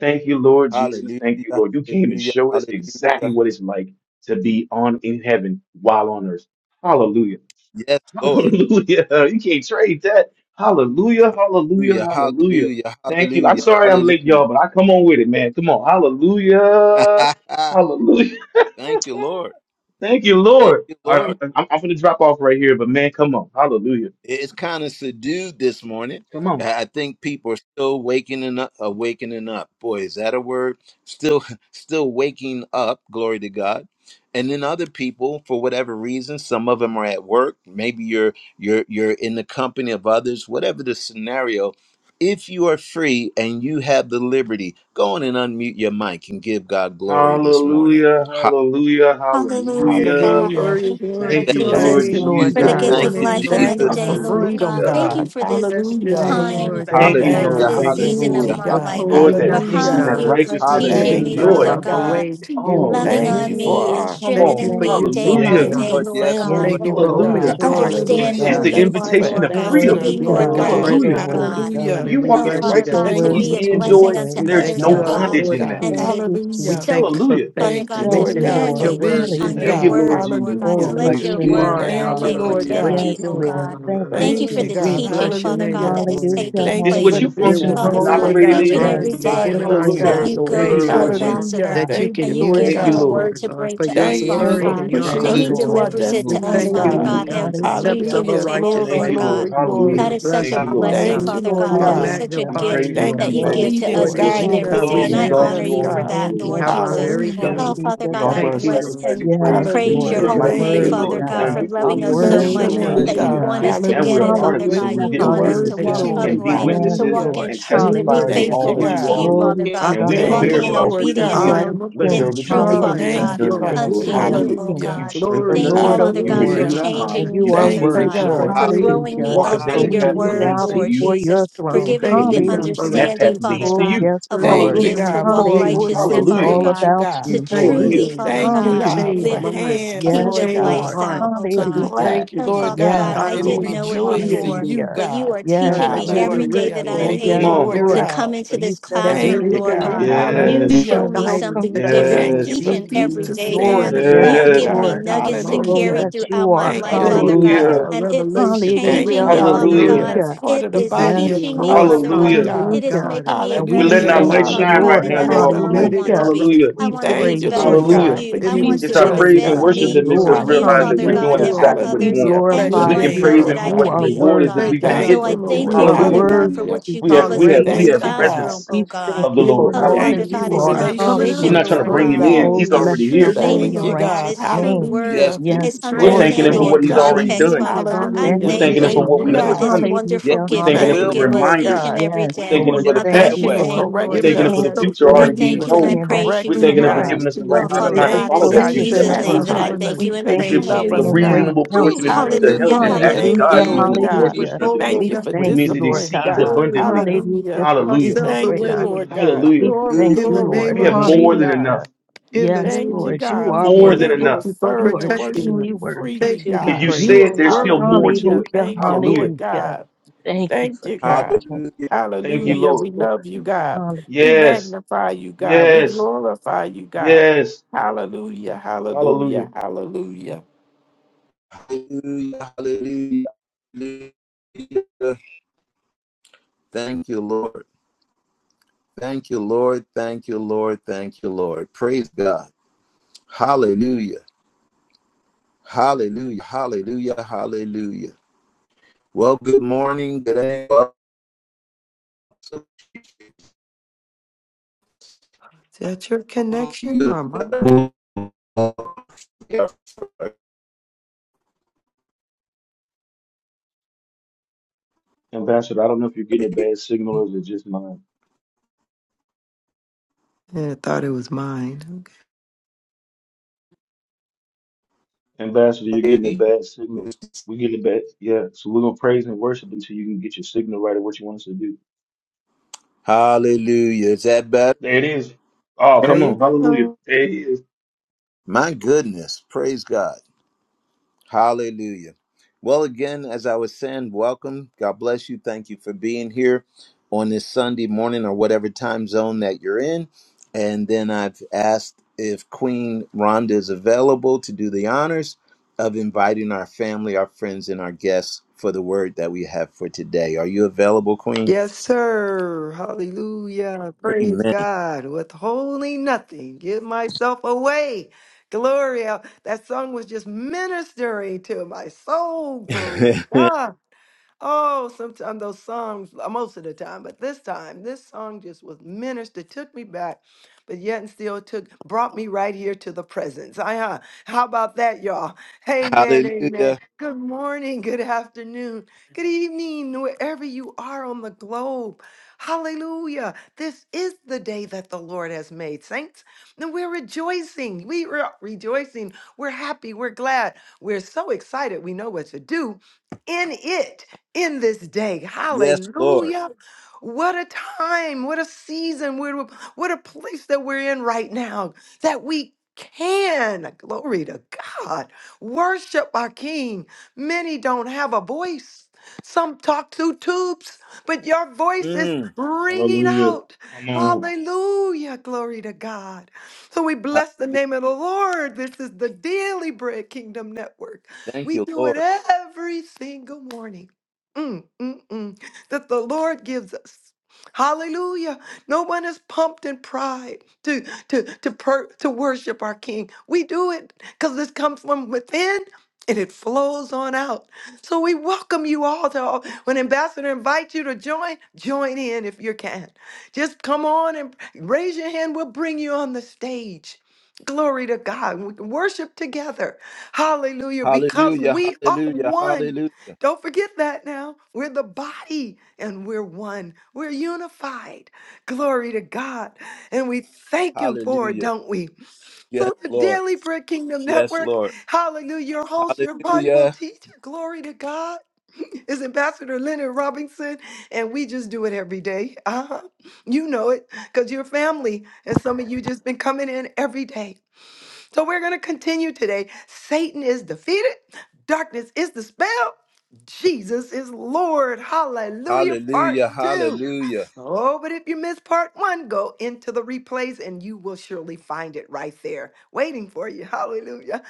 Speaker 3: Thank you, Lord Jesus.
Speaker 1: hallelujah,
Speaker 3: Thank you, Lord. You came and
Speaker 1: hallelujah,
Speaker 3: showed us exactly
Speaker 1: hallelujah.
Speaker 3: what it's like to be on in heaven while on earth. Hallelujah.
Speaker 1: Yes, Lord.
Speaker 3: Hallelujah. You can't trade that. Hallelujah. Hallelujah.
Speaker 1: Hallelujah,
Speaker 3: Hallelujah.
Speaker 1: hallelujah,
Speaker 3: Thank you. I'm
Speaker 1: hallelujah,
Speaker 3: sorry I'm late,
Speaker 1: hallelujah.
Speaker 3: y'all, but I come on with it, man. Come on. Hallelujah. Hallelujah.
Speaker 1: Thank you, Lord.
Speaker 3: Thank you,
Speaker 1: Thank
Speaker 3: Lord.
Speaker 1: you,
Speaker 3: All right,
Speaker 1: Lord.
Speaker 3: I'm, I'm, I'm going to drop off right here, but man, come on. Hallelujah.
Speaker 1: it's kind of subdued this morning.
Speaker 3: Come on.
Speaker 1: I I think people are still waking up, uh, waking up. Boy, is that a word? Still, still waking up. Glory to God. And then other people, for whatever reason, some of them are at work. Maybe you're you're you're in the company of others. Whatever the scenario, if you are free and you have the liberty, go on and unmute your mic and give God glory this morning.
Speaker 3: Hallelujah.
Speaker 1: Hallelujah,
Speaker 3: Hallelujah.
Speaker 2: Hallelujah,
Speaker 3: Hallelujah.
Speaker 2: God.
Speaker 4: Hallelujah.
Speaker 7: Glory,
Speaker 2: Thank you,
Speaker 7: glory,
Speaker 2: Lord
Speaker 3: Thank you,
Speaker 2: Jesus,
Speaker 4: Thank
Speaker 3: Lord
Speaker 4: you,
Speaker 1: Thank
Speaker 7: glory.
Speaker 1: you,
Speaker 4: Lord
Speaker 2: for
Speaker 1: Jesus.
Speaker 2: the
Speaker 3: Jesus,
Speaker 4: God.
Speaker 7: Praise
Speaker 2: gift
Speaker 7: your
Speaker 1: Thank
Speaker 5: Hallelujah.
Speaker 2: of
Speaker 3: Lord.
Speaker 1: you,
Speaker 3: Thank
Speaker 7: name,
Speaker 2: life
Speaker 3: you.
Speaker 7: Lord
Speaker 4: Thank
Speaker 2: another
Speaker 1: Jesus.
Speaker 4: you for
Speaker 2: day,
Speaker 5: Thank
Speaker 7: God.
Speaker 5: you,
Speaker 2: Lord
Speaker 4: freedom,
Speaker 2: God. Thank
Speaker 3: Hallelujah.
Speaker 2: you
Speaker 5: Jesus.
Speaker 4: God.
Speaker 2: for this
Speaker 7: Bless your
Speaker 4: Hallelujah.
Speaker 7: name,
Speaker 2: time,
Speaker 7: Lord.
Speaker 5: Hallelujah.
Speaker 3: Thank
Speaker 7: Thank
Speaker 1: Hallelujah.
Speaker 2: Father
Speaker 3: you,
Speaker 7: you,
Speaker 2: God,
Speaker 4: Thank
Speaker 2: for
Speaker 4: you
Speaker 3: Lord.
Speaker 4: for
Speaker 2: this
Speaker 7: God.
Speaker 5: Hallelujah,
Speaker 3: Thank you,
Speaker 2: season of
Speaker 5: Lord.
Speaker 3: Lord.
Speaker 4: unity,
Speaker 1: Hallelujah.
Speaker 2: my
Speaker 4: God.
Speaker 2: life,
Speaker 3: Lord,
Speaker 7: Withholding
Speaker 3: that
Speaker 2: for
Speaker 5: Yes,
Speaker 3: peace
Speaker 7: nothing,
Speaker 2: how
Speaker 4: Hallelujah.
Speaker 3: and that
Speaker 2: you
Speaker 5: Lord.
Speaker 7: God.
Speaker 2: are
Speaker 3: righteousness and that
Speaker 2: teaching
Speaker 5: Hallelujah,
Speaker 4: Thank
Speaker 7: Giving
Speaker 2: me,
Speaker 4: you,
Speaker 1: Hallelujah.
Speaker 3: joy.
Speaker 2: Father
Speaker 4: Lord
Speaker 7: myself
Speaker 5: God.
Speaker 4: God.
Speaker 1: Hallelujah.
Speaker 2: God,
Speaker 7: away to you,
Speaker 5: Thank
Speaker 3: Oh
Speaker 5: you,
Speaker 7: Lord.
Speaker 2: loving
Speaker 4: Thank
Speaker 2: on
Speaker 4: you
Speaker 5: Jesus.
Speaker 4: for
Speaker 2: me
Speaker 3: man,
Speaker 2: and
Speaker 4: our
Speaker 3: come
Speaker 7: Thank you
Speaker 3: on.
Speaker 2: strengthening
Speaker 7: for
Speaker 5: Thank
Speaker 2: me
Speaker 5: you,
Speaker 2: day
Speaker 7: using us,
Speaker 1: Yes,
Speaker 2: by
Speaker 3: Hallelujah.
Speaker 5: Father.
Speaker 7: God.
Speaker 2: day,
Speaker 4: kingdom
Speaker 1: Lord.
Speaker 2: Lord
Speaker 1: Yes,
Speaker 2: God
Speaker 5: Yes,
Speaker 4: family,
Speaker 1: Lord.
Speaker 7: Thank you for
Speaker 1: Yes.
Speaker 4: Lord
Speaker 5: Lord.
Speaker 7: opening
Speaker 3: Hallelujah.
Speaker 2: to
Speaker 4: God.
Speaker 5: You're
Speaker 7: doors
Speaker 5: worthy,
Speaker 7: for
Speaker 3: It's,
Speaker 2: understand
Speaker 7: us,
Speaker 3: it's
Speaker 4: Hallelujah.
Speaker 3: the
Speaker 7: God.
Speaker 2: who
Speaker 5: God.
Speaker 2: you
Speaker 4: Thank you
Speaker 2: are,
Speaker 4: for
Speaker 3: invitation to
Speaker 2: Lord
Speaker 5: You're
Speaker 2: God,
Speaker 7: Thank you
Speaker 2: to
Speaker 3: freedom.
Speaker 7: for
Speaker 4: ambassador,
Speaker 2: be
Speaker 5: worthy,
Speaker 2: more
Speaker 7: being
Speaker 4: Lord
Speaker 5: God. You're
Speaker 2: like
Speaker 4: God.
Speaker 1: Lord.
Speaker 2: you,
Speaker 5: so
Speaker 3: Hallelujah.
Speaker 7: perfect
Speaker 2: oh
Speaker 7: for us,
Speaker 5: worthy,
Speaker 2: God.
Speaker 5: God.
Speaker 4: Hallelujah.
Speaker 7: Lord.
Speaker 3: When you
Speaker 7: And we
Speaker 2: Oh,
Speaker 3: walking in
Speaker 5: You're
Speaker 7: bless you,
Speaker 2: Father
Speaker 5: so
Speaker 7: God,
Speaker 2: God,
Speaker 3: righteousness,
Speaker 4: Thank
Speaker 2: to
Speaker 4: you
Speaker 7: for
Speaker 3: peace,
Speaker 7: it.
Speaker 2: be
Speaker 4: for
Speaker 5: worthy
Speaker 2: a
Speaker 5: to
Speaker 3: and
Speaker 4: making
Speaker 5: be
Speaker 2: blessing
Speaker 3: joy,
Speaker 4: us
Speaker 2: unto
Speaker 7: We
Speaker 5: praised,
Speaker 3: there's
Speaker 7: thank
Speaker 2: others,
Speaker 3: no
Speaker 7: you,
Speaker 2: oh
Speaker 5: God.
Speaker 4: ambassadors,
Speaker 7: Lord,
Speaker 2: God,
Speaker 3: bondage
Speaker 4: Lord
Speaker 7: for
Speaker 3: in
Speaker 7: the
Speaker 3: that.
Speaker 4: God.
Speaker 2: and
Speaker 7: peace.
Speaker 5: Thank
Speaker 2: to
Speaker 5: you,
Speaker 7: We
Speaker 4: Hallelujah.
Speaker 5: Jesus.
Speaker 7: thank you
Speaker 2: soak,
Speaker 7: for
Speaker 3: Hallelujah.
Speaker 2: Father
Speaker 7: faith
Speaker 4: Thank you,
Speaker 7: and
Speaker 2: God, to
Speaker 5: Thank
Speaker 4: Lord
Speaker 7: mixing
Speaker 5: you,
Speaker 7: it
Speaker 4: God,
Speaker 7: with
Speaker 5: Lord.
Speaker 4: for
Speaker 7: your
Speaker 2: marinate
Speaker 7: word. We
Speaker 2: on
Speaker 4: vision,
Speaker 2: your
Speaker 3: Thank you,
Speaker 7: thank
Speaker 5: Hallelujah.
Speaker 4: God.
Speaker 7: you,
Speaker 3: Lord
Speaker 2: word,
Speaker 7: Lord.
Speaker 2: Lord
Speaker 3: Jesus.
Speaker 2: God,
Speaker 5: Oh,
Speaker 2: to
Speaker 4: Hallelujah.
Speaker 5: bless
Speaker 7: for
Speaker 2: let
Speaker 3: Hallelujah.
Speaker 7: who
Speaker 2: your
Speaker 5: your
Speaker 7: you
Speaker 2: word
Speaker 5: name,
Speaker 7: are in
Speaker 5: God.
Speaker 7: our
Speaker 4: Thank you,
Speaker 2: marinate
Speaker 7: lives
Speaker 4: Lord
Speaker 7: and
Speaker 2: within
Speaker 7: what
Speaker 4: God.
Speaker 7: you're
Speaker 2: me,
Speaker 5: Yes,
Speaker 2: oh
Speaker 7: doing
Speaker 5: Lord.
Speaker 7: in
Speaker 2: God.
Speaker 5: Thank
Speaker 7: our
Speaker 5: you,
Speaker 2: Thank
Speaker 7: lives.
Speaker 2: you
Speaker 4: Thank
Speaker 2: for
Speaker 3: Hallelujah.
Speaker 4: you,
Speaker 2: the
Speaker 5: Jesus.
Speaker 7: We
Speaker 4: God.
Speaker 2: teaching,
Speaker 7: bless your
Speaker 2: Father
Speaker 7: name
Speaker 2: God,
Speaker 4: Hallelujah.
Speaker 7: this
Speaker 2: that is
Speaker 7: morning,
Speaker 5: Hallelujah.
Speaker 2: taking
Speaker 7: God.
Speaker 4: Thank
Speaker 3: It's
Speaker 4: you
Speaker 2: place.
Speaker 3: what
Speaker 4: for the
Speaker 3: you
Speaker 5: Hallelujah,
Speaker 7: We're
Speaker 3: function
Speaker 5: God.
Speaker 3: from
Speaker 2: Father
Speaker 3: and
Speaker 4: businesses,
Speaker 2: God,
Speaker 4: Lord
Speaker 7: withholding
Speaker 3: operated
Speaker 4: God,
Speaker 2: each
Speaker 4: that
Speaker 2: and
Speaker 3: in.
Speaker 7: nothing
Speaker 4: are
Speaker 5: Yes,
Speaker 2: every
Speaker 7: and we're
Speaker 4: inside
Speaker 2: day
Speaker 5: Lord.
Speaker 4: of
Speaker 7: giving
Speaker 4: us,
Speaker 5: Yes,
Speaker 3: Hallelujah.
Speaker 2: that
Speaker 4: God.
Speaker 1: Worthy,
Speaker 7: ourselves
Speaker 2: you
Speaker 5: Lord.
Speaker 2: go
Speaker 3: Thank
Speaker 7: away,
Speaker 5: You're
Speaker 3: you,
Speaker 2: to
Speaker 5: so
Speaker 1: worthy,
Speaker 3: Lord
Speaker 7: God,
Speaker 3: Jesus.
Speaker 1: worthy.
Speaker 5: worthy,
Speaker 4: Hallelujah.
Speaker 2: Ambassador
Speaker 7: that
Speaker 5: God.
Speaker 7: you
Speaker 4: Thank you,
Speaker 2: and
Speaker 7: can
Speaker 2: you
Speaker 4: Lord
Speaker 2: give
Speaker 7: use
Speaker 5: Thank
Speaker 3: Thank
Speaker 5: you.
Speaker 2: him
Speaker 3: you,
Speaker 2: a
Speaker 7: us,
Speaker 4: God.
Speaker 3: Lord.
Speaker 2: word
Speaker 7: Lord,
Speaker 2: to
Speaker 7: Lord,
Speaker 2: bring
Speaker 7: for
Speaker 2: to
Speaker 7: your
Speaker 2: us,
Speaker 4: Thank you
Speaker 2: Father
Speaker 1: Jesus,
Speaker 5: Thank
Speaker 7: glory
Speaker 4: for
Speaker 5: you.
Speaker 7: and
Speaker 1: Jesus,
Speaker 2: God,
Speaker 7: your
Speaker 4: pushing
Speaker 5: Thank
Speaker 3: Thank
Speaker 2: and
Speaker 3: you,
Speaker 5: you,
Speaker 4: us
Speaker 2: he
Speaker 7: honor.
Speaker 3: Lord.
Speaker 4: into our
Speaker 5: Lord.
Speaker 3: Thank
Speaker 2: delivers
Speaker 3: you,
Speaker 2: it
Speaker 7: We
Speaker 2: to
Speaker 3: Lord.
Speaker 2: us,
Speaker 4: destinies,
Speaker 7: thank
Speaker 1: Jesus,
Speaker 7: you,
Speaker 2: Father
Speaker 4: God.
Speaker 5: Hallelujah.
Speaker 7: Lord
Speaker 3: Hallelujah.
Speaker 2: God,
Speaker 7: God,
Speaker 1: Jesus.
Speaker 7: the
Speaker 2: as you
Speaker 7: steps
Speaker 5: Hallelujah.
Speaker 2: give
Speaker 7: of a
Speaker 2: it
Speaker 4: Hallelujah.
Speaker 2: to him,
Speaker 7: righteous
Speaker 4: Glory,
Speaker 3: Thank
Speaker 5: Thank
Speaker 2: Lord
Speaker 3: you,
Speaker 7: man.
Speaker 5: you,
Speaker 2: God.
Speaker 3: Lord.
Speaker 4: glory,
Speaker 7: We
Speaker 3: Hallelujah.
Speaker 2: That
Speaker 7: are
Speaker 5: Jesus.
Speaker 4: glory.
Speaker 2: is such
Speaker 3: Thank
Speaker 2: a
Speaker 7: blessing
Speaker 3: you,
Speaker 1: Yeah.
Speaker 7: you,
Speaker 3: Lord.
Speaker 2: blessing,
Speaker 4: Thank
Speaker 7: God.
Speaker 4: you,
Speaker 2: Father
Speaker 5: Hallelujah,
Speaker 4: Lord
Speaker 2: God.
Speaker 7: We are
Speaker 2: That
Speaker 4: God.
Speaker 1: Hallelujah.
Speaker 2: is such a
Speaker 5: hallelujah.
Speaker 3: We
Speaker 2: gift
Speaker 3: praise
Speaker 7: magnifying you,
Speaker 3: you and
Speaker 4: Thank
Speaker 3: we
Speaker 2: that
Speaker 4: you
Speaker 7: God.
Speaker 2: you
Speaker 4: for
Speaker 5: Yes,
Speaker 2: give
Speaker 3: magnify
Speaker 2: to
Speaker 4: leading
Speaker 7: For
Speaker 3: you,
Speaker 4: and
Speaker 7: it
Speaker 2: us
Speaker 5: Lord.
Speaker 7: is
Speaker 2: each
Speaker 3: Lord.
Speaker 2: and
Speaker 7: you,
Speaker 4: guiding
Speaker 2: every
Speaker 7: God,
Speaker 4: us and
Speaker 2: day.
Speaker 7: we
Speaker 3: We
Speaker 1: Glory
Speaker 2: And I
Speaker 5: Hallelujah.
Speaker 7: live
Speaker 4: keeping
Speaker 3: exalt
Speaker 7: and
Speaker 2: honor
Speaker 3: you
Speaker 4: us,
Speaker 2: you
Speaker 3: on
Speaker 7: move
Speaker 2: for
Speaker 3: high,
Speaker 4: God.
Speaker 5: Oh,
Speaker 2: that,
Speaker 3: Lord.
Speaker 7: and
Speaker 5: yes,
Speaker 2: Lord
Speaker 7: have our
Speaker 2: Jesus.
Speaker 5: Lord.
Speaker 7: very
Speaker 1: to God.
Speaker 4: Hallelujah.
Speaker 2: Oh,
Speaker 7: being.
Speaker 1: You're
Speaker 2: Father
Speaker 5: Hallelujah,
Speaker 3: We
Speaker 2: God,
Speaker 5: God.
Speaker 2: I
Speaker 3: offer a
Speaker 7: Thank you,
Speaker 2: bless
Speaker 7: Lord.
Speaker 1: worthy,
Speaker 3: sacrifice
Speaker 2: and
Speaker 1: you're
Speaker 3: of
Speaker 5: Yes,
Speaker 1: worthy,
Speaker 3: praise to you
Speaker 2: praise
Speaker 3: for
Speaker 7: In
Speaker 2: your
Speaker 5: Lord.
Speaker 3: the
Speaker 7: the
Speaker 4: Hallelujah.
Speaker 5: You're
Speaker 7: name
Speaker 2: holy
Speaker 3: mighty
Speaker 7: of
Speaker 4: Thank
Speaker 2: name,
Speaker 4: you,
Speaker 3: things
Speaker 7: Jesus.
Speaker 5: worthy,
Speaker 3: that
Speaker 2: Father
Speaker 4: Lord
Speaker 5: God.
Speaker 3: you've
Speaker 2: God,
Speaker 3: done
Speaker 2: for
Speaker 4: God.
Speaker 3: before
Speaker 7: I
Speaker 3: we
Speaker 2: loving us
Speaker 3: even
Speaker 2: so
Speaker 4: Bless
Speaker 3: knew,
Speaker 7: withhold
Speaker 4: your
Speaker 2: much
Speaker 5: Worthy,
Speaker 3: Lord.
Speaker 4: name,
Speaker 1: you're
Speaker 2: that
Speaker 5: worthy,
Speaker 1: worthy.
Speaker 2: you
Speaker 7: nothing.
Speaker 3: Hallelujah.
Speaker 7: I
Speaker 4: God.
Speaker 2: want
Speaker 5: God.
Speaker 7: give
Speaker 2: us to
Speaker 3: Now we're
Speaker 2: get
Speaker 3: a
Speaker 2: it,
Speaker 7: myself
Speaker 4: Hallelujah.
Speaker 3: part of
Speaker 2: Father
Speaker 3: it, so
Speaker 2: God.
Speaker 7: away
Speaker 3: we're
Speaker 5: Hallelujah,
Speaker 2: You
Speaker 3: getting
Speaker 4: You're
Speaker 3: to
Speaker 2: want us to
Speaker 3: witness
Speaker 4: worthy,
Speaker 3: it
Speaker 7: that
Speaker 2: walk
Speaker 5: hallelujah.
Speaker 7: you
Speaker 4: Lord.
Speaker 7: may
Speaker 3: and be
Speaker 7: be,
Speaker 2: upright,
Speaker 5: Yes,
Speaker 2: to
Speaker 3: witnesses
Speaker 2: walk
Speaker 4: Hallelujah.
Speaker 2: in
Speaker 5: Lord.
Speaker 3: and
Speaker 2: truth
Speaker 7: you
Speaker 2: and be
Speaker 7: will
Speaker 3: testifiers
Speaker 7: be
Speaker 3: of
Speaker 4: Thank
Speaker 7: able
Speaker 5: Hallelujah.
Speaker 3: all
Speaker 7: to
Speaker 4: you,
Speaker 2: faithful
Speaker 3: that
Speaker 7: use
Speaker 2: unto
Speaker 3: you
Speaker 4: God.
Speaker 3: are,
Speaker 2: you,
Speaker 7: me.
Speaker 3: Lord.
Speaker 2: Father
Speaker 5: Glory
Speaker 7: I
Speaker 5: to
Speaker 2: God,
Speaker 3: And
Speaker 5: the
Speaker 3: we
Speaker 7: thank
Speaker 3: don't
Speaker 7: you,
Speaker 5: highest.
Speaker 4: Thank
Speaker 2: walking
Speaker 3: bear
Speaker 4: you,
Speaker 2: in
Speaker 7: Lord.
Speaker 1: Glory.
Speaker 3: false
Speaker 4: Lord
Speaker 5: For
Speaker 3: witness
Speaker 2: obedience
Speaker 5: you
Speaker 4: God.
Speaker 7: I
Speaker 2: and
Speaker 3: either.
Speaker 5: are the
Speaker 2: o-
Speaker 7: am a
Speaker 3: We
Speaker 2: in
Speaker 3: tell
Speaker 5: King,
Speaker 7: bird.
Speaker 3: the truth
Speaker 2: truth,
Speaker 7: Ah,
Speaker 3: about
Speaker 2: Father
Speaker 3: what you've
Speaker 5: hallelujah,
Speaker 7: yes,
Speaker 4: Thank
Speaker 2: God,
Speaker 4: you,
Speaker 3: done in
Speaker 5: the
Speaker 3: us,
Speaker 7: Lord.
Speaker 4: Father.
Speaker 2: unto
Speaker 3: Lord.
Speaker 7: Use
Speaker 5: King of
Speaker 2: you,
Speaker 3: Hallelujah.
Speaker 2: O
Speaker 4: Hallelujah.
Speaker 3: You've
Speaker 5: kings,
Speaker 2: God.
Speaker 5: the
Speaker 3: strengthened
Speaker 7: glory to
Speaker 2: Thank
Speaker 3: us,
Speaker 2: you,
Speaker 5: Lord
Speaker 7: your
Speaker 5: of
Speaker 2: Father
Speaker 3: you
Speaker 2: God,
Speaker 7: glory
Speaker 2: for
Speaker 7: and
Speaker 5: lords,
Speaker 3: renewed
Speaker 4: Hallelujah.
Speaker 7: your
Speaker 3: our minds,
Speaker 5: and
Speaker 7: honor.
Speaker 2: changing
Speaker 3: and
Speaker 2: me,
Speaker 5: you
Speaker 3: you
Speaker 5: are
Speaker 2: Father
Speaker 4: Thank
Speaker 3: continue
Speaker 4: you,
Speaker 3: to
Speaker 7: Thank
Speaker 2: God,
Speaker 7: you
Speaker 5: worthy,
Speaker 3: show
Speaker 7: for
Speaker 3: us.
Speaker 4: God.
Speaker 2: for growing
Speaker 3: You
Speaker 7: cleaning,
Speaker 1: Hallelujah.
Speaker 5: hallelujah.
Speaker 2: me
Speaker 3: walk us
Speaker 2: up
Speaker 3: down
Speaker 5: For
Speaker 7: washing,
Speaker 3: the
Speaker 2: in
Speaker 7: and
Speaker 5: we
Speaker 1: Hallelujah.
Speaker 2: your
Speaker 7: your
Speaker 3: path
Speaker 5: do
Speaker 3: that
Speaker 7: word,
Speaker 2: word,
Speaker 5: bow
Speaker 3: leads to
Speaker 2: Lord
Speaker 3: you
Speaker 7: saints.
Speaker 5: before
Speaker 2: Jesus,
Speaker 5: your
Speaker 2: for
Speaker 7: We
Speaker 5: throne,
Speaker 2: giving me
Speaker 7: thank
Speaker 2: the
Speaker 7: you,
Speaker 3: Hallelujah.
Speaker 7: God, for
Speaker 3: And
Speaker 5: hallelujah.
Speaker 3: that path
Speaker 2: understanding, Father
Speaker 7: repentance,
Speaker 3: leads to
Speaker 5: Oh,
Speaker 2: God,
Speaker 3: you.
Speaker 5: yes,
Speaker 2: of what
Speaker 7: turning the
Speaker 2: it
Speaker 4: Thank
Speaker 5: Lord,
Speaker 4: you,
Speaker 2: is
Speaker 3: Hallelujah.
Speaker 2: to
Speaker 4: God,
Speaker 2: walk
Speaker 4: for a
Speaker 5: hallelujah.
Speaker 4: voice
Speaker 2: righteously,
Speaker 4: to
Speaker 7: 180
Speaker 5: It's
Speaker 3: Hallelujah.
Speaker 2: Father
Speaker 5: all
Speaker 4: praise
Speaker 2: God,
Speaker 4: you,
Speaker 5: about
Speaker 4: God.
Speaker 2: to
Speaker 7: We
Speaker 5: you,
Speaker 7: thank
Speaker 5: Lord,
Speaker 7: you,
Speaker 3: Hallelujah.
Speaker 2: truly,
Speaker 7: Lord
Speaker 2: Father
Speaker 4: Thank
Speaker 7: God, of
Speaker 4: you,
Speaker 7: a
Speaker 2: God,
Speaker 4: God,
Speaker 7: changed
Speaker 4: for
Speaker 5: hallelujah.
Speaker 2: live in
Speaker 7: mind,
Speaker 2: this
Speaker 4: hands,
Speaker 7: a
Speaker 5: Yes,
Speaker 4: Lord
Speaker 2: kingdom
Speaker 7: changed
Speaker 5: Lord,
Speaker 4: God,
Speaker 7: heart.
Speaker 2: lifestyle, oh
Speaker 4: to
Speaker 7: We
Speaker 2: God.
Speaker 5: hallelujah.
Speaker 4: clap,
Speaker 7: thank you,
Speaker 2: And
Speaker 4: Lord
Speaker 7: God.
Speaker 2: Father
Speaker 5: Yes,
Speaker 2: God,
Speaker 4: God,
Speaker 2: I
Speaker 4: and
Speaker 5: Lord,
Speaker 2: didn't
Speaker 7: Irene,
Speaker 2: know it
Speaker 7: he
Speaker 4: rejoice
Speaker 7: had
Speaker 4: in
Speaker 2: before,
Speaker 4: you,
Speaker 7: been,
Speaker 5: hallelujah.
Speaker 2: but you
Speaker 4: God.
Speaker 2: are
Speaker 5: Yes,
Speaker 7: God,
Speaker 2: teaching me
Speaker 7: that you're
Speaker 2: every
Speaker 5: Lord.
Speaker 2: day
Speaker 4: Hallelujah.
Speaker 2: that
Speaker 7: directing.
Speaker 2: I am
Speaker 5: Oh,
Speaker 7: There's a,
Speaker 4: Thank
Speaker 3: Come
Speaker 4: you,
Speaker 5: yes,
Speaker 2: able
Speaker 3: on.
Speaker 4: Lord
Speaker 7: there, is,
Speaker 2: to
Speaker 5: Lord.
Speaker 2: come
Speaker 4: God.
Speaker 2: into
Speaker 5: For you
Speaker 2: this
Speaker 5: said every
Speaker 7: there
Speaker 4: Thank
Speaker 2: classroom,
Speaker 5: knee
Speaker 4: you,
Speaker 7: is a
Speaker 2: Lord
Speaker 5: shall
Speaker 4: God.
Speaker 7: lead,
Speaker 2: God.
Speaker 5: bow and
Speaker 2: You
Speaker 5: every
Speaker 7: there's
Speaker 3: Yes.
Speaker 7: a
Speaker 2: show
Speaker 5: tongue
Speaker 4: Hallelujah.
Speaker 2: me
Speaker 5: will
Speaker 7: guidance
Speaker 2: something
Speaker 7: that comes
Speaker 5: confess
Speaker 7: in
Speaker 2: different
Speaker 7: this
Speaker 4: Thank you
Speaker 3: Yes.
Speaker 2: each
Speaker 4: for
Speaker 7: community.
Speaker 2: and
Speaker 5: Jesus
Speaker 7: We
Speaker 4: feet
Speaker 2: every
Speaker 5: is
Speaker 4: to
Speaker 2: day,
Speaker 7: thank you,
Speaker 4: stand
Speaker 5: Lord.
Speaker 2: God.
Speaker 4: and
Speaker 7: Lord,
Speaker 5: Yes,
Speaker 7: for
Speaker 2: You
Speaker 4: walk,
Speaker 3: Yes.
Speaker 2: give
Speaker 7: giving
Speaker 2: me
Speaker 4: God.
Speaker 5: Lord.
Speaker 7: us, God, a
Speaker 2: nuggets to
Speaker 7: mind
Speaker 5: Oh,
Speaker 2: carry
Speaker 4: Hallelujah.
Speaker 5: yes,
Speaker 7: strength.
Speaker 5: you
Speaker 2: throughout my
Speaker 5: are.
Speaker 7: We
Speaker 4: Thank
Speaker 2: life,
Speaker 4: you,
Speaker 7: thank
Speaker 2: Father
Speaker 4: Lord
Speaker 7: you,
Speaker 2: God,
Speaker 7: Lord,
Speaker 4: God.
Speaker 3: Hallelujah.
Speaker 5: Hallelujah.
Speaker 7: for
Speaker 2: and it is
Speaker 7: revelation, for
Speaker 4: Thank
Speaker 5: Hallelujah.
Speaker 4: you,
Speaker 2: changing me,
Speaker 7: wisdom,
Speaker 4: God,
Speaker 7: for
Speaker 4: for
Speaker 2: Father
Speaker 4: making
Speaker 7: knowledge.
Speaker 3: Hallelujah.
Speaker 2: God.
Speaker 4: us
Speaker 5: Hallelujah.
Speaker 4: part
Speaker 2: It
Speaker 4: of the
Speaker 7: We
Speaker 2: is
Speaker 7: thank
Speaker 5: Yes,
Speaker 4: body
Speaker 7: you,
Speaker 4: of
Speaker 2: teaching
Speaker 7: Lord,
Speaker 2: me,
Speaker 7: God,
Speaker 5: Lord.
Speaker 4: Christ,
Speaker 2: Father
Speaker 7: for the
Speaker 4: Lord
Speaker 2: God.
Speaker 3: Hallelujah.
Speaker 7: kingdom of
Speaker 4: God.
Speaker 2: It is
Speaker 5: Hallelujah.
Speaker 7: God is
Speaker 2: making me a
Speaker 5: And we
Speaker 3: We're
Speaker 2: better
Speaker 3: letting our
Speaker 7: near
Speaker 4: Hallelujah.
Speaker 5: thank
Speaker 7: to
Speaker 2: person,
Speaker 3: light
Speaker 5: you,
Speaker 7: you.
Speaker 2: Father
Speaker 3: shine
Speaker 2: God,
Speaker 3: right
Speaker 5: Lord.
Speaker 2: and
Speaker 7: We
Speaker 3: now,
Speaker 4: Hallelujah.
Speaker 2: that is
Speaker 7: thank
Speaker 3: y'all.
Speaker 7: you
Speaker 3: Come
Speaker 2: all I
Speaker 7: that
Speaker 3: on.
Speaker 7: it
Speaker 2: want
Speaker 4: Hallelujah.
Speaker 2: to
Speaker 7: is
Speaker 5: Hallelujah.
Speaker 2: be.
Speaker 3: Hallelujah.
Speaker 2: I
Speaker 5: We
Speaker 7: righteousness,
Speaker 2: want to
Speaker 7: it
Speaker 2: be
Speaker 4: Thank
Speaker 7: is
Speaker 4: you,
Speaker 5: praise you,
Speaker 2: better
Speaker 4: Lord
Speaker 2: for
Speaker 7: peace,
Speaker 3: Hallelujah.
Speaker 5: Lord.
Speaker 4: God, for
Speaker 2: you. I
Speaker 7: and it
Speaker 5: We
Speaker 2: want
Speaker 7: is
Speaker 2: to
Speaker 3: It's
Speaker 4: using
Speaker 2: be
Speaker 3: our
Speaker 5: thank
Speaker 2: the
Speaker 7: joy
Speaker 4: us,
Speaker 5: you
Speaker 3: praise
Speaker 7: in
Speaker 3: and
Speaker 5: for
Speaker 2: best
Speaker 7: the
Speaker 4: God.
Speaker 3: worship
Speaker 5: being
Speaker 2: me
Speaker 3: that
Speaker 7: Holy
Speaker 3: makes
Speaker 2: for
Speaker 3: us
Speaker 7: Ghost.
Speaker 5: Lord.
Speaker 2: you,
Speaker 3: realize that
Speaker 2: Father
Speaker 3: we're
Speaker 4: Hallelujah.
Speaker 7: Thank
Speaker 2: God,
Speaker 3: doing
Speaker 7: you,
Speaker 5: Hallelujah.
Speaker 2: and for
Speaker 3: exactly
Speaker 7: Lord,
Speaker 3: what he
Speaker 7: God,
Speaker 5: We
Speaker 2: others
Speaker 3: wants.
Speaker 4: Hallelujah.
Speaker 7: for
Speaker 2: and
Speaker 4: Bless
Speaker 2: for
Speaker 3: Because
Speaker 4: your
Speaker 5: glorify
Speaker 3: we can
Speaker 7: moving
Speaker 5: you
Speaker 4: name,
Speaker 7: in
Speaker 2: myself
Speaker 7: our
Speaker 3: praise
Speaker 5: because
Speaker 2: that
Speaker 3: him
Speaker 4: Lord
Speaker 3: for
Speaker 2: I
Speaker 3: what
Speaker 5: you
Speaker 7: lives.
Speaker 2: can
Speaker 3: the
Speaker 4: God.
Speaker 5: are
Speaker 2: be, oh
Speaker 3: reward is that
Speaker 5: worthy,
Speaker 2: God.
Speaker 7: Thank
Speaker 3: we've
Speaker 7: you,
Speaker 5: God.
Speaker 3: been
Speaker 7: God,
Speaker 4: Thank
Speaker 2: So
Speaker 4: you,
Speaker 7: for
Speaker 3: getting.
Speaker 2: I
Speaker 7: being
Speaker 2: thank
Speaker 5: You
Speaker 4: Lord.
Speaker 7: so
Speaker 2: you,
Speaker 5: are
Speaker 2: Father
Speaker 3: Hallelujah.
Speaker 7: mercy.
Speaker 5: worthy
Speaker 2: God, for
Speaker 1: Hallelujah.
Speaker 4: Hallelujah.
Speaker 2: what
Speaker 5: to
Speaker 2: you
Speaker 3: We
Speaker 5: be
Speaker 2: give
Speaker 3: have
Speaker 2: us
Speaker 3: we
Speaker 2: in
Speaker 3: have we
Speaker 2: this
Speaker 5: praised,
Speaker 7: Hallelujah.
Speaker 4: Thank
Speaker 3: have
Speaker 4: you,
Speaker 5: God.
Speaker 4: God.
Speaker 2: classroom,
Speaker 3: presence
Speaker 5: We
Speaker 2: oh
Speaker 5: thank
Speaker 2: God.
Speaker 3: of the
Speaker 5: you
Speaker 7: We
Speaker 5: for
Speaker 3: Lord.
Speaker 2: Oh,
Speaker 5: all
Speaker 7: emerge
Speaker 5: that
Speaker 3: Hallelujah.
Speaker 2: Father
Speaker 7: from
Speaker 4: Thank you
Speaker 7: you,
Speaker 2: God,
Speaker 5: you
Speaker 4: for
Speaker 2: it's
Speaker 7: Lord,
Speaker 5: are.
Speaker 2: not
Speaker 7: and coming
Speaker 3: We're
Speaker 2: religion,
Speaker 7: up.
Speaker 3: not
Speaker 4: relationships,
Speaker 3: trying
Speaker 5: Hallelujah.
Speaker 3: to
Speaker 2: Lord
Speaker 3: bring
Speaker 4: Lord
Speaker 3: him
Speaker 2: God.
Speaker 4: God.
Speaker 3: in.
Speaker 5: Oh,
Speaker 3: He's
Speaker 7: Hallelujah.
Speaker 5: bless
Speaker 2: It's
Speaker 3: already
Speaker 2: true
Speaker 7: It's a
Speaker 5: your
Speaker 3: here.
Speaker 2: faith,
Speaker 5: holy
Speaker 4: Thank
Speaker 5: and
Speaker 4: you,
Speaker 7: new
Speaker 2: Lord God.
Speaker 5: righteous
Speaker 4: God.
Speaker 2: It's true
Speaker 5: name.
Speaker 1: Yes,
Speaker 2: word.
Speaker 4: Hallelujah.
Speaker 1: Lord.
Speaker 7: you
Speaker 2: It's
Speaker 5: Yes,
Speaker 3: We're
Speaker 5: Lord.
Speaker 4: Thank
Speaker 3: thanking
Speaker 4: you,
Speaker 3: him for
Speaker 2: understanding
Speaker 5: Thank
Speaker 2: and
Speaker 3: what
Speaker 4: Lord
Speaker 5: you,
Speaker 3: he's
Speaker 7: transform.
Speaker 1: Lord.
Speaker 4: God.
Speaker 3: already
Speaker 5: Jesus.
Speaker 2: context,
Speaker 3: done.
Speaker 7: Hallelujah.
Speaker 2: Father
Speaker 7: By
Speaker 2: God.
Speaker 7: the
Speaker 2: I
Speaker 5: Thank
Speaker 3: We're
Speaker 4: Hallelujah.
Speaker 5: you,
Speaker 7: renewing
Speaker 2: thank
Speaker 3: thanking him
Speaker 7: of
Speaker 3: for
Speaker 2: you
Speaker 4: Thank
Speaker 7: our
Speaker 3: what
Speaker 4: you,
Speaker 3: we
Speaker 5: Jesus.
Speaker 1: Let
Speaker 3: know
Speaker 2: for
Speaker 3: is
Speaker 7: mind.
Speaker 4: God.
Speaker 2: this
Speaker 3: coming.
Speaker 1: yes,
Speaker 2: wonderful
Speaker 5: Hallelujah.
Speaker 3: We're
Speaker 2: gift
Speaker 1: your
Speaker 3: thanking
Speaker 2: that
Speaker 7: Thank
Speaker 3: him
Speaker 5: Hallelujah.
Speaker 2: you
Speaker 3: for
Speaker 4: Thank
Speaker 7: you,
Speaker 3: the
Speaker 1: will.
Speaker 4: you,
Speaker 2: give
Speaker 7: Lord.
Speaker 2: us
Speaker 4: Lord
Speaker 2: each
Speaker 3: reminders.
Speaker 2: and
Speaker 4: God.
Speaker 2: every
Speaker 5: Yes,
Speaker 3: We're
Speaker 2: day.
Speaker 3: thanking
Speaker 7: Oh,
Speaker 3: him
Speaker 5: Lord.
Speaker 3: for
Speaker 1: Yes,
Speaker 3: the
Speaker 2: I
Speaker 5: Thank
Speaker 1: your
Speaker 7: nothing.
Speaker 2: bless
Speaker 4: Thank
Speaker 3: past.
Speaker 4: you
Speaker 2: your
Speaker 5: you,
Speaker 1: way.
Speaker 4: for
Speaker 5: Lord.
Speaker 2: name,
Speaker 3: We're
Speaker 2: Lord
Speaker 4: correcting
Speaker 7: giving
Speaker 3: thanking him for
Speaker 4: us
Speaker 5: Thank
Speaker 3: the
Speaker 2: Jesus.
Speaker 5: you,
Speaker 7: ourselves
Speaker 3: future
Speaker 4: when
Speaker 2: I
Speaker 4: we
Speaker 7: away,
Speaker 5: thank
Speaker 3: already
Speaker 5: you
Speaker 3: being
Speaker 2: thank
Speaker 5: for
Speaker 4: need
Speaker 2: you
Speaker 7: Lord
Speaker 4: to
Speaker 2: and I
Speaker 7: God.
Speaker 4: be
Speaker 3: told.
Speaker 5: being that
Speaker 2: praise you
Speaker 3: We're
Speaker 5: true
Speaker 4: corrected,
Speaker 3: thanking him
Speaker 2: for
Speaker 3: for
Speaker 2: it.
Speaker 7: Use
Speaker 4: God.
Speaker 5: friend
Speaker 7: us
Speaker 3: giving
Speaker 1: Hallelujah.
Speaker 3: us
Speaker 7: to
Speaker 3: the
Speaker 7: your
Speaker 3: right
Speaker 2: Oh,
Speaker 5: that
Speaker 3: frame of
Speaker 2: Father
Speaker 1: Hallelujah.
Speaker 7: glory.
Speaker 3: mind to
Speaker 5: sticketh
Speaker 2: God,
Speaker 4: Thank you,
Speaker 3: follow
Speaker 2: it's in
Speaker 3: that
Speaker 4: God.
Speaker 7: Use
Speaker 5: closer
Speaker 4: You
Speaker 3: future
Speaker 1: Hallelujah.
Speaker 7: us
Speaker 3: that
Speaker 5: than
Speaker 2: Jesus'
Speaker 5: a
Speaker 3: was
Speaker 7: to
Speaker 2: name
Speaker 3: told
Speaker 7: your
Speaker 2: that
Speaker 5: brother.
Speaker 3: to
Speaker 2: I
Speaker 3: us.
Speaker 4: chastise
Speaker 7: honor.
Speaker 2: thank
Speaker 4: us
Speaker 5: We
Speaker 2: you and
Speaker 3: We
Speaker 5: thank
Speaker 4: because you
Speaker 5: you
Speaker 3: give
Speaker 2: praise
Speaker 5: for
Speaker 4: love
Speaker 2: you.
Speaker 3: the
Speaker 4: us,
Speaker 5: being great
Speaker 4: God.
Speaker 7: Hallelujah.
Speaker 3: reasonable
Speaker 2: Ooh,
Speaker 3: portion of
Speaker 1: Jesus,
Speaker 5: counselor.
Speaker 3: strength and health
Speaker 2: hallelujah,
Speaker 3: is
Speaker 7: Hallelujah.
Speaker 4: Hallelujah.
Speaker 1: Jesus,
Speaker 3: actually
Speaker 4: Thank you,
Speaker 5: Hallelujah,
Speaker 3: God's
Speaker 2: hallelujah.
Speaker 4: Lord
Speaker 1: Jesus,
Speaker 3: reasonable
Speaker 7: We're
Speaker 4: God.
Speaker 3: portion of
Speaker 5: hallelujah.
Speaker 1: Jesus.
Speaker 3: strength and
Speaker 4: Thank
Speaker 7: withholding
Speaker 3: health,
Speaker 5: We
Speaker 4: you for
Speaker 3: which
Speaker 5: thank
Speaker 3: means
Speaker 5: you,
Speaker 3: it
Speaker 7: nothing.
Speaker 5: Lord
Speaker 4: discipline,
Speaker 3: exceeds
Speaker 5: God.
Speaker 4: God.
Speaker 7: Glory to
Speaker 3: abundantly.
Speaker 7: God.
Speaker 5: Hallelujah
Speaker 4: Hallelujah.
Speaker 5: for
Speaker 7: Give
Speaker 3: Hallelujah.
Speaker 5: being
Speaker 7: ourselves
Speaker 4: Thank
Speaker 5: great
Speaker 4: you,
Speaker 5: I
Speaker 7: away,
Speaker 4: Lord
Speaker 5: am.
Speaker 7: Lord God.
Speaker 4: God.
Speaker 3: Hallelujah.
Speaker 5: We
Speaker 4: Glory,
Speaker 5: thank
Speaker 7: In
Speaker 5: you,
Speaker 7: the
Speaker 4: glory,
Speaker 5: Lord.
Speaker 7: name
Speaker 3: We have
Speaker 7: of
Speaker 4: glory,
Speaker 3: more than
Speaker 7: Jesus.
Speaker 4: God.
Speaker 5: Hallelujah.
Speaker 3: enough.
Speaker 7: In the
Speaker 5: Yes,
Speaker 4: Thank
Speaker 7: name
Speaker 4: you,
Speaker 7: of
Speaker 5: Lord, you
Speaker 4: God, for
Speaker 7: Jesus.
Speaker 5: are
Speaker 3: More
Speaker 4: being
Speaker 3: than
Speaker 4: able
Speaker 5: worthy.
Speaker 7: Thank
Speaker 4: to
Speaker 3: enough
Speaker 7: you for
Speaker 5: You
Speaker 4: serve
Speaker 5: are
Speaker 4: and
Speaker 7: protecting
Speaker 4: worship
Speaker 7: us.
Speaker 5: truly
Speaker 4: you
Speaker 5: worthy
Speaker 4: freely,
Speaker 7: Thank
Speaker 5: to
Speaker 7: you,
Speaker 5: be
Speaker 3: If
Speaker 4: God.
Speaker 3: you
Speaker 7: God.
Speaker 3: say
Speaker 7: You are
Speaker 3: it,
Speaker 5: praised.
Speaker 3: there's still more
Speaker 7: worthy.
Speaker 3: to
Speaker 4: Hallelujah.
Speaker 7: Is
Speaker 3: it.
Speaker 5: Hallelujah,
Speaker 4: Thank you,
Speaker 3: Hallelujah.
Speaker 4: Lord
Speaker 5: hallelujah.
Speaker 4: God.
Speaker 5: Thank you
Speaker 4: Thank
Speaker 5: for
Speaker 4: you,
Speaker 1: Hallelujah,
Speaker 5: being
Speaker 4: God.
Speaker 5: King.
Speaker 1: hallelujah,
Speaker 3: Thank
Speaker 5: Yes,
Speaker 3: you,
Speaker 4: Hallelujah.
Speaker 3: Lord.
Speaker 4: We
Speaker 5: Lord.
Speaker 4: love you, God.
Speaker 5: Hallelujah.
Speaker 4: We
Speaker 3: Yes,
Speaker 4: magnify you, God. We
Speaker 3: yes,
Speaker 4: glorify you, God.
Speaker 3: yes.
Speaker 4: Hallelujah.
Speaker 3: Hallelujah.
Speaker 4: Hallelujah. Hallelujah.
Speaker 1: hallelujah, hallelujah. hallelujah. Thank you, Lord. Thank you, Lord. Thank you, Lord. Thank you, Lord. Praise God. Hallelujah, hallelujah, hallelujah, hallelujah. Well, good morning, good day. Welcome
Speaker 7: that your connection
Speaker 1: to
Speaker 7: or mine?
Speaker 1: the-
Speaker 3: Ambassador, I don't know if you're getting a bad signal or is it just mine.
Speaker 7: Yeah, I thought it was mine. Okay.
Speaker 3: Ambassador, you're getting a bad signal. We're getting a bad, yeah. So we're going to praise and worship until you can get your signal right of what you want us to do.
Speaker 1: Hallelujah. Is that better?
Speaker 3: There it is. Oh,
Speaker 7: There
Speaker 3: come
Speaker 7: you
Speaker 3: on. Hallelujah.
Speaker 7: go.
Speaker 3: There it is.
Speaker 1: My goodness. Praise God. Hallelujah. Well, again, as I was saying, welcome. God bless you. Thank you for being here on this Sunday morning or whatever time zone that you're in. And then I've asked if Queen Rhonda is available to do the honors of inviting our family, our friends, and our guests for the word that we have for today. Are you available, Queen?
Speaker 7: Yes, sir. Hallelujah. Praise
Speaker 1: Amen.
Speaker 7: God. Withholding nothing. Give myself away. Glory. That song was just ministering to my soul. Glory to God. Oh, sometimes those songs, uh, most of the time, but this time, this song just was ministered, took me back, but yet and still took, brought me right here to the presence. I, uh, how about that, y'all? Amen, amen.
Speaker 1: hallelujah.
Speaker 7: Good morning, good afternoon, good evening, wherever you are on the globe. Hallelujah. This is the day that the Lord has made, saints. And we're rejoicing. We are rejoicing. We're happy. We're glad. We're so excited. We know what to do in it in this day.
Speaker 1: Yes, Lord.
Speaker 7: Hallelujah. What a time, what a season, what a, what a place that we're in right now that we can, glory to God, worship our King. Many don't have a voice. Some talk through tubes, but your voice is
Speaker 1: Mm.
Speaker 7: ringing
Speaker 3: Hallelujah.
Speaker 7: out.
Speaker 3: Come on.
Speaker 7: Hallelujah. Glory to God. So we
Speaker 1: Ha-
Speaker 7: bless the name of the Lord. This is the Daily Bread Kingdom Network.
Speaker 1: Thank
Speaker 7: We
Speaker 1: you,
Speaker 7: do it
Speaker 1: Lord.
Speaker 7: every single morning mm, mm, mm, that the Lord gives us. Hallelujah. No one is pumped in pride to to to per, to worship our king. We do it cuz this comes from within and it flows on out. So we welcome you all to all. when ambassador invites you to join, join in if you can. Just come on and raise your hand. We'll bring you on the stage. Glory to God. We can worship together. Hallelujah because
Speaker 1: Hallelujah.
Speaker 7: we are
Speaker 1: Hallelujah.
Speaker 7: one.
Speaker 1: Hallelujah.
Speaker 7: Don't forget that now. We're the body and we're one. We're unified. Glory to God. And we thank Him for it,
Speaker 1: Hallelujah.
Speaker 7: don't we?
Speaker 1: Yes,
Speaker 7: So, the
Speaker 1: Lord.
Speaker 7: Daily Bread Kingdom
Speaker 1: Yes,
Speaker 7: Network,
Speaker 1: Lord.
Speaker 7: hallelujah, your host, your Bible
Speaker 1: Hallelujah.
Speaker 7: teacher, glory to God, is Ambassador Leonard Robinson. And we just do it every day. Uh-huh. You know it because you're family. And some of you just been coming in every day. So we're going to continue today. Satan is defeated, darkness is dispelled. Jesus is Lord. Hallelujah. Part
Speaker 1: Hallelujah.
Speaker 7: two.
Speaker 1: Hallelujah.
Speaker 7: Oh, but if you missed part one, go into the replays and you will surely find it right there waiting for you. Hallelujah.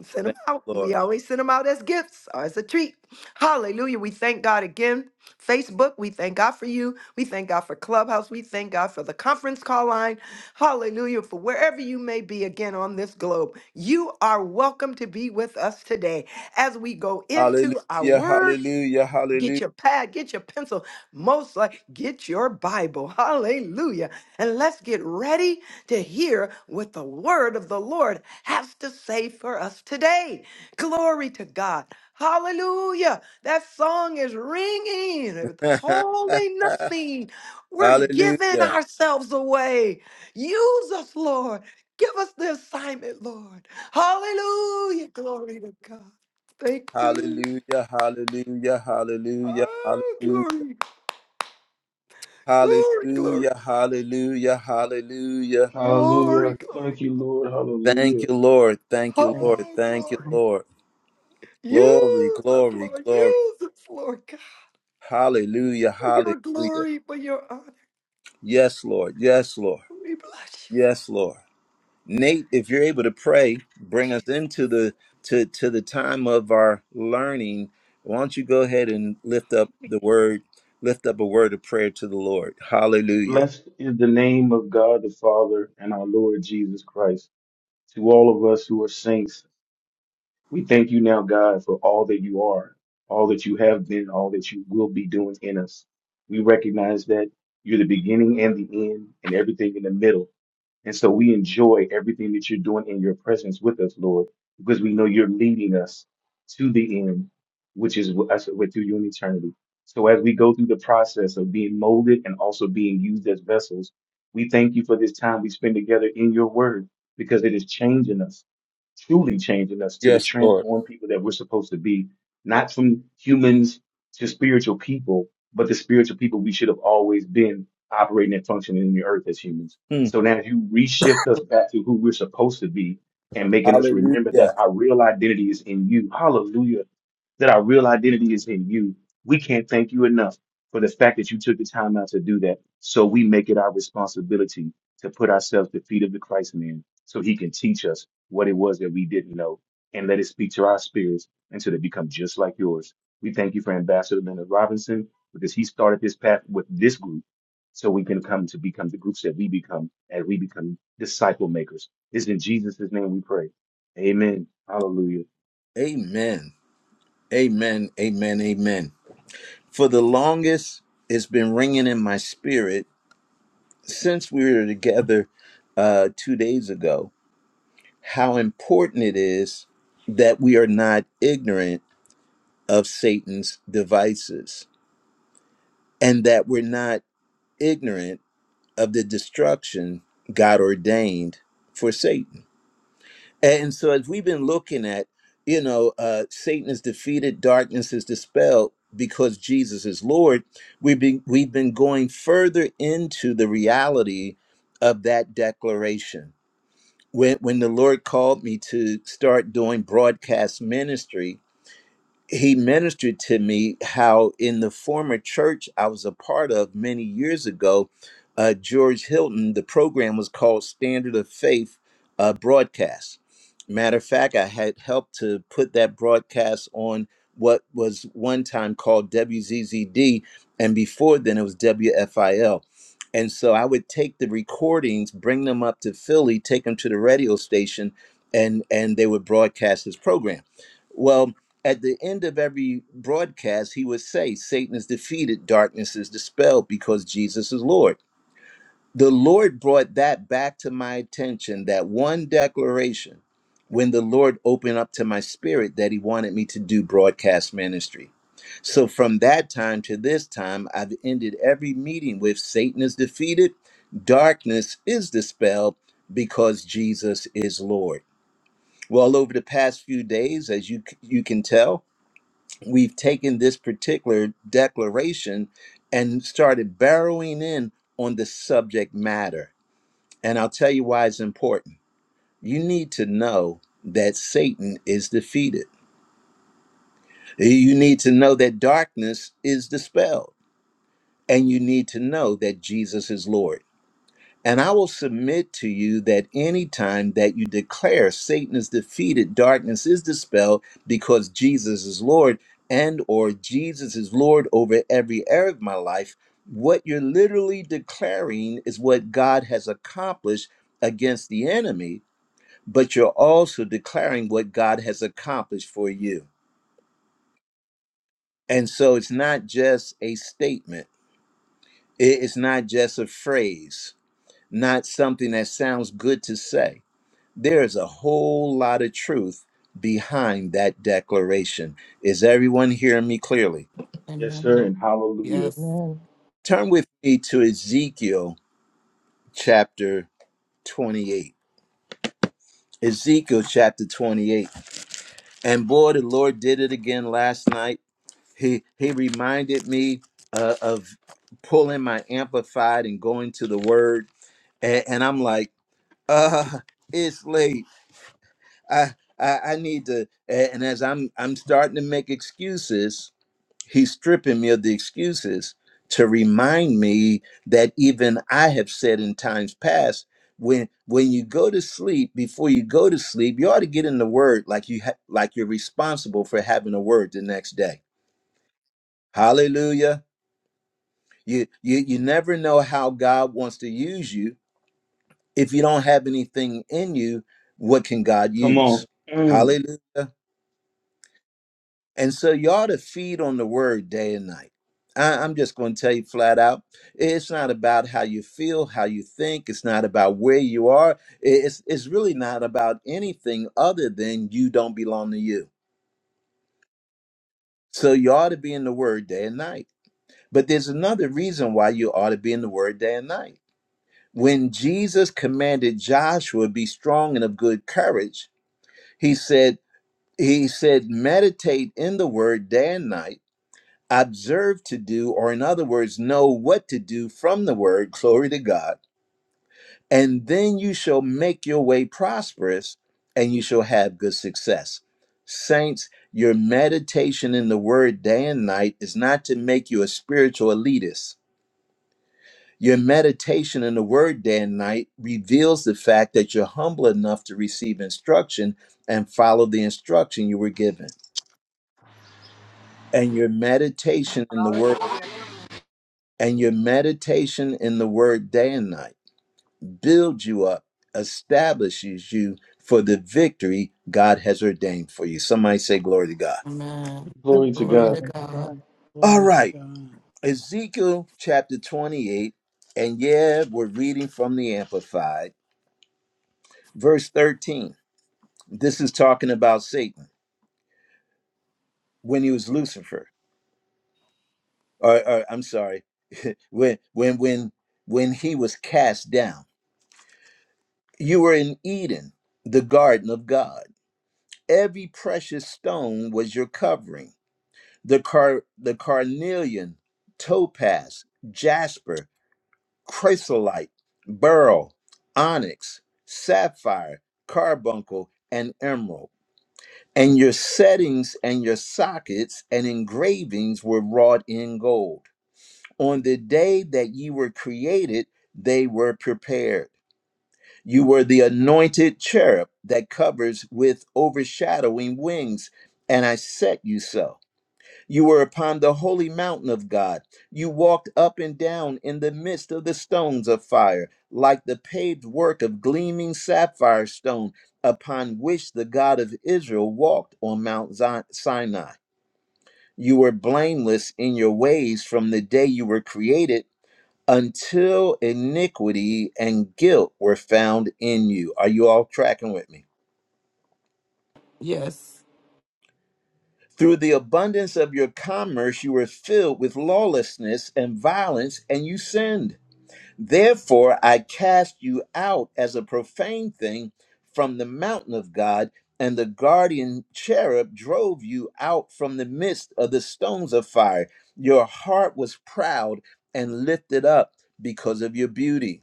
Speaker 7: Send them
Speaker 1: Thank
Speaker 7: out.
Speaker 1: you,
Speaker 7: We
Speaker 1: Lord.
Speaker 7: always send them out as gifts or as a treat. Hallelujah. We thank God again. Facebook, we thank God for you. We thank God for Clubhouse. We thank God for the conference call line. Hallelujah. For wherever you may be again on this globe, you are welcome to be with us today as we go into our
Speaker 1: Hallelujah.
Speaker 7: word
Speaker 1: Hallelujah.
Speaker 7: Get
Speaker 1: Hallelujah.
Speaker 7: your pad, get your pencil, most like get your Bible. Hallelujah. And let's get ready to hear what the word of the Lord has to say for us today. Glory to God. Hallelujah. That song is ringing, It's holding nothing. We're giving
Speaker 1: hallelujah.
Speaker 7: ourselves away. Use us, Lord. Give us the assignment, Lord. Hallelujah. Glory to God. Thank you.
Speaker 1: Hallelujah. Hallelujah. Hallelujah.
Speaker 7: Oh, glory.
Speaker 1: Hallelujah.
Speaker 7: Glory, glory,
Speaker 1: Hallelujah. Hallelujah. Hallelujah.
Speaker 7: glory,
Speaker 3: Hallelujah.
Speaker 7: glory.
Speaker 3: Thank you, Lord.
Speaker 1: Thank
Speaker 3: Hallelujah.
Speaker 1: you, Lord. Thank you, Lord.
Speaker 7: Oh,
Speaker 5: Yes,
Speaker 1: Thank you,
Speaker 7: glory.
Speaker 5: Lord.
Speaker 1: Lord. Glory,
Speaker 7: Use us,
Speaker 1: glory,
Speaker 7: Lord.
Speaker 1: glory.
Speaker 7: Use us, Lord God.
Speaker 1: Hallelujah.
Speaker 7: For your
Speaker 1: Hallelujah.
Speaker 7: glory, for your honor.
Speaker 1: Yes, Lord. Yes, Lord.
Speaker 7: We bless you for
Speaker 1: Yes, Lord. Nate, if you're able to pray, bring us into the to to the time of our learning. Why don't you go ahead and lift up the word, lift up a word of prayer to the Lord. Hallelujah.
Speaker 3: Blessed is the name of God the Father and our Lord Jesus Christ. To all of us who are saints, we thank you now, God, for all that you are, all that you have been, all that you will be doing in us. We recognize that you're the beginning and the end and everything in the middle. And so we enjoy everything that you're doing in your presence with us, Lord, because we know you're leading us to the end, which is with us with you in eternity. So as we go through the process of being molded and also being used as vessels, we thank you for this time we spend together in your word because it is changing us, truly changing us to the
Speaker 1: Yes, Lord.
Speaker 3: transformed people that we're supposed to be, not from humans to spiritual people, but the spiritual people we should have always been operating and functioning in the earth as humans.
Speaker 1: Hmm.
Speaker 3: So now if you reshift us back to who we're supposed to be and making us remember that
Speaker 1: Hallelujah.
Speaker 3: our real identity is in you. Hallelujah. That our real identity is in you. We can't thank you enough for the fact that you took the time out to do that. So we make it our responsibility to put ourselves at the feet of the Christ man so he can teach us what it was that we didn't know and let it speak to our spirits until they become just like yours. We thank you for Ambassador Leonard Robinson because he started this path with this group so we can come to become the groups that we become and we become disciple makers. It's in Jesus' name we pray. Amen. Hallelujah.
Speaker 1: Amen. Amen. Amen. Amen. For the longest, it's been ringing in my spirit since we were together uh, two days ago. How important it is that we are not ignorant of Satan's devices, and that we're not ignorant of the destruction God ordained for Satan. And so, as we've been looking at, you know, uh, Satan is defeated, darkness is dispelled because Jesus is Lord. We've been we've been going further into the reality of that declaration. When when the Lord called me to start doing broadcast ministry, he ministered to me how in the former church I was a part of many years ago, uh, George Hilton, the program was called Standard of Faith uh, Broadcast. Matter of fact, I had helped to put that broadcast on what was one time called WZZD, and before then it was WFIL. And so I would take the recordings, bring them up to Philly, take them to the radio station, and and they would broadcast his program. Well, at the end of every broadcast, he would say, Satan is defeated, darkness is dispelled because Jesus is Lord. The Lord brought that back to my attention, that one declaration, when the Lord opened up to my spirit that he wanted me to do broadcast ministry. So from that time to this time, I've ended every meeting with Satan is defeated, darkness is dispelled because Jesus is Lord. Well, over the past few days, as you you can tell, we've taken this particular declaration and started barrowing in on the subject matter. And I'll tell you why it's important. You need to know that Satan is defeated, you need to know that darkness is dispelled, and you need to know that Jesus is Lord. And I will submit to you that any time that you declare Satan is defeated, darkness is dispelled because Jesus is Lord and or Jesus is Lord over every area of my life, what you're literally declaring is what God has accomplished against the enemy, but you're also declaring what God has accomplished for you. And so it's not just a statement. It- It's not just a phrase, not something that sounds good to say There's a whole lot of truth behind that declaration. Is everyone hearing me clearly?
Speaker 3: Yes, sir,
Speaker 4: Amen.
Speaker 3: and hallelujah.
Speaker 4: Yes.
Speaker 5: Amen.
Speaker 1: Turn with me to Ezekiel chapter 28. Ezekiel chapter 28. And boy, the Lord did it again last night. He he reminded me uh, of pulling my amplified and going to the word and, and I'm like, uh, it's late. I, I I need to. a- And as I'm I'm starting to make excuses, He's stripping me of the excuses to remind me that even I have said in times past when when you go to sleep before you go to sleep you ought to get in the word like you ha- like you're responsible for having a word the next day. Hallelujah. You you you never know how God wants to use you if you don't have anything in you what can God
Speaker 3: Come on.
Speaker 1: use?
Speaker 3: Mm.
Speaker 1: Hallelujah. And so you ought to feed on the word day and night. I, I'm just going to tell you flat out it's not about how you feel, how you think. It's not about where you are. It's, it's really not about anything other than you don't belong to you. So you ought to be in the word day and night. But there's another reason why you ought to be in the word day and night. When Jesus commanded Joshua be strong and of good courage, he said, he said, meditate in the word day and night observe to do, or in other words, know what to do from the word, glory to God, and then you shall make your way prosperous and you shall have good success. Saints, your meditation in the word day and night is not to make you a spiritual elitist. Your meditation in the word day and night reveals the fact that you're humble enough to receive instruction and follow the instruction you were given. And your meditation in the word
Speaker 8: Hallelujah.
Speaker 1: and your meditation in the word day and night builds you up, establishes you for the victory God has ordained for you. Somebody say, Glory to God.
Speaker 4: Amen.
Speaker 3: Glory to
Speaker 7: it,
Speaker 4: Glory
Speaker 7: Jesus.
Speaker 4: to
Speaker 3: God.
Speaker 5: Glory to
Speaker 4: God.
Speaker 5: God.
Speaker 1: All
Speaker 9: Glory to
Speaker 1: right,
Speaker 9: God.
Speaker 1: Ezekiel chapter 28, and yeah, we're reading from the Amplified, verse 13. This is talking about Satan when he was Lucifer, or, or I'm sorry, when when when when he was cast down. You were in Eden, the garden of God. Every precious stone was your covering. The car the carnelian, topaz, jasper, chrysolite, beryl, onyx, sapphire, carbuncle, and emerald. And your settings and your sockets and engravings were wrought in gold. On the day that ye were created, they were prepared you were the anointed cherub that covers with overshadowing wings, and I set you so. You were upon the holy mountain of God. You walked up and down in the midst of the stones of fire, like the paved work of gleaming sapphire stone, upon which the God of Israel walked on Mount Zi- Sinai. You were blameless in your ways from the day you were created until iniquity and guilt were found in you. Are you all tracking with me?
Speaker 4: Yes.
Speaker 1: Through the abundance of your commerce, you were filled with lawlessness and violence, and you sinned. Therefore, I cast you out as a profane thing from the mountain of God, and the guardian cherub drove you out from the midst of the stones of fire. Your heart was proud and lifted up because of your beauty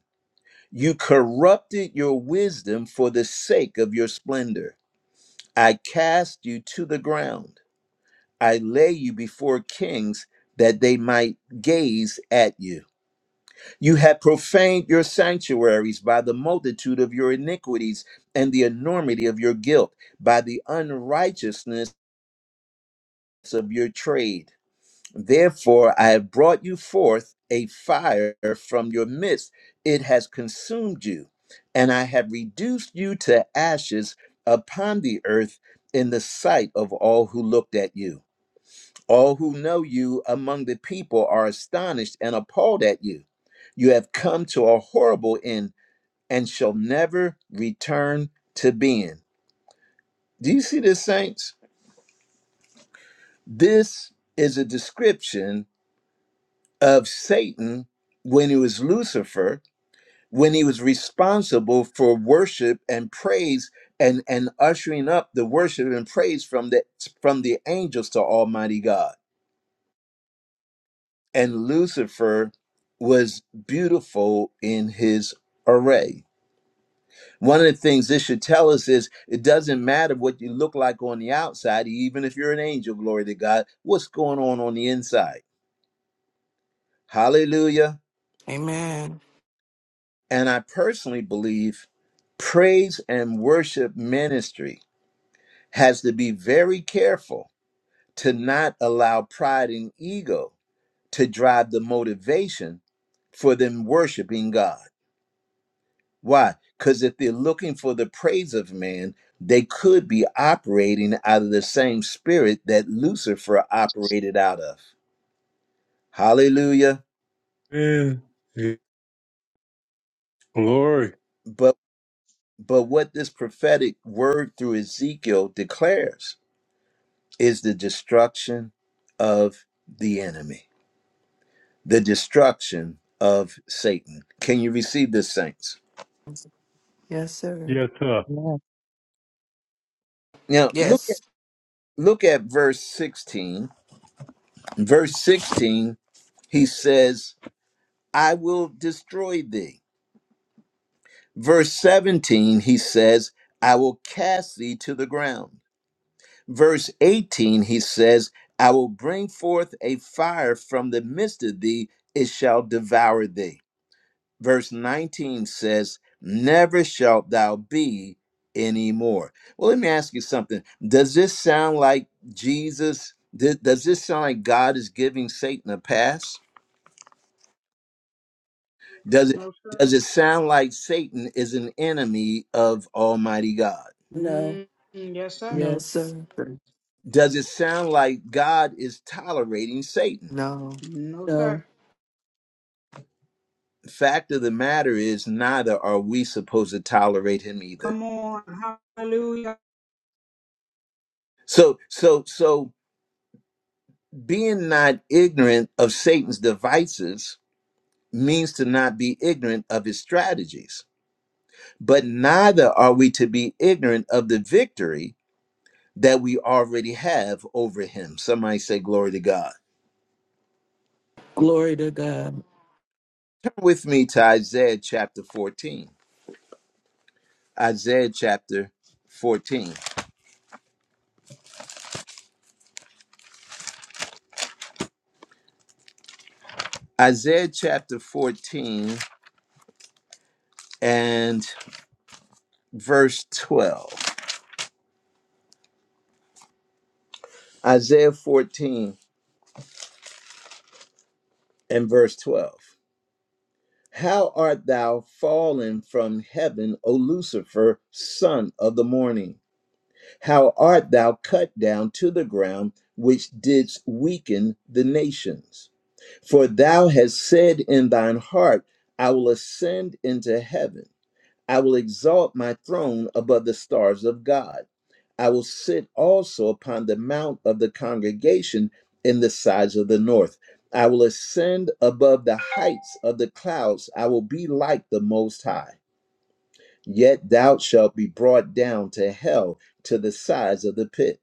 Speaker 1: You corrupted your wisdom for the sake of your splendor. I cast you to the ground. I lay you before kings that they might gaze at you. You have profaned your sanctuaries by the multitude of your iniquities and the enormity of your guilt, by the unrighteousness of your trade. Therefore, I have brought you forth a fire from your midst. It has consumed you, and I have reduced you to ashes upon the earth in the sight of all who looked at you. All who know you among the people are astonished and appalled at you. You have come to a horrible end and shall never return to being. Do you see this, saints? This is a description of Satan when he was Lucifer when he was responsible for worship and praise and and ushering up the worship and praise from the from the angels to almighty god and lucifer was beautiful in his array one of the things this should tell us is it doesn't matter what you look like on the outside even if you're an angel glory to god what's going on on the inside hallelujah
Speaker 4: Amen.
Speaker 1: and i personally believe praise and worship ministry has to be very careful to not allow pride and ego to drive the motivation for them worshiping God. Why? Because if they're looking for the praise of man, they could be operating out of the same spirit that Lucifer operated out of. Hallelujah.
Speaker 6: Lord. Amen. Glory.
Speaker 1: But but what this prophetic word through Ezekiel declares is the destruction of the enemy. the destruction of Satan. Can you receive this, saints?
Speaker 7: Yes, sir.
Speaker 6: Yes, sir.
Speaker 5: Amen.
Speaker 1: Now look at
Speaker 4: Yes.
Speaker 1: look at verse 16. In Verse 16, he says, I will destroy thee. Verse 17, he says, I will cast thee to the ground. Verse 18, he says, I will bring forth a fire from the midst of thee, it shall devour thee verse 19 says, Never shalt thou be anymore. Well, let me ask you something. Does this sound like Jesus? th- Does this sound like God is giving Satan a pass? Does it
Speaker 8: No, sir.
Speaker 1: does it sound like Satan is an enemy of Almighty God?
Speaker 4: No.
Speaker 8: Mm, yes, sir.
Speaker 7: No,
Speaker 4: Yes.
Speaker 7: sir.
Speaker 1: Does it sound like God is tolerating Satan?
Speaker 7: No.
Speaker 8: No,
Speaker 4: No.
Speaker 8: sir.
Speaker 1: Fact of the matter is, neither are we supposed to tolerate him either.
Speaker 8: Come on. Hallelujah.
Speaker 1: So, so, so Being not ignorant of Satan's devices means to not be ignorant of his strategies. But neither are we to be ignorant of the victory that we already have over him. Somebody say, Glory to God.
Speaker 4: Glory to God.
Speaker 1: Turn with me to Isaiah chapter 14. Isaiah chapter 14. Isaiah chapter 14 and verse 12. Isaiah 14 and verse 12. How art thou fallen from heaven, O Lucifer, son of the morning? How art thou cut down to the ground, which didst weaken the nations? For thou hast said in thine heart, I will ascend into heaven. I will exalt my throne above the stars of God. I will sit also upon the mount of the congregation in the sides of the north. I will ascend above the heights of the clouds. I will be like the Most High. Yet thou shalt be brought down to hell to the sides of the pit.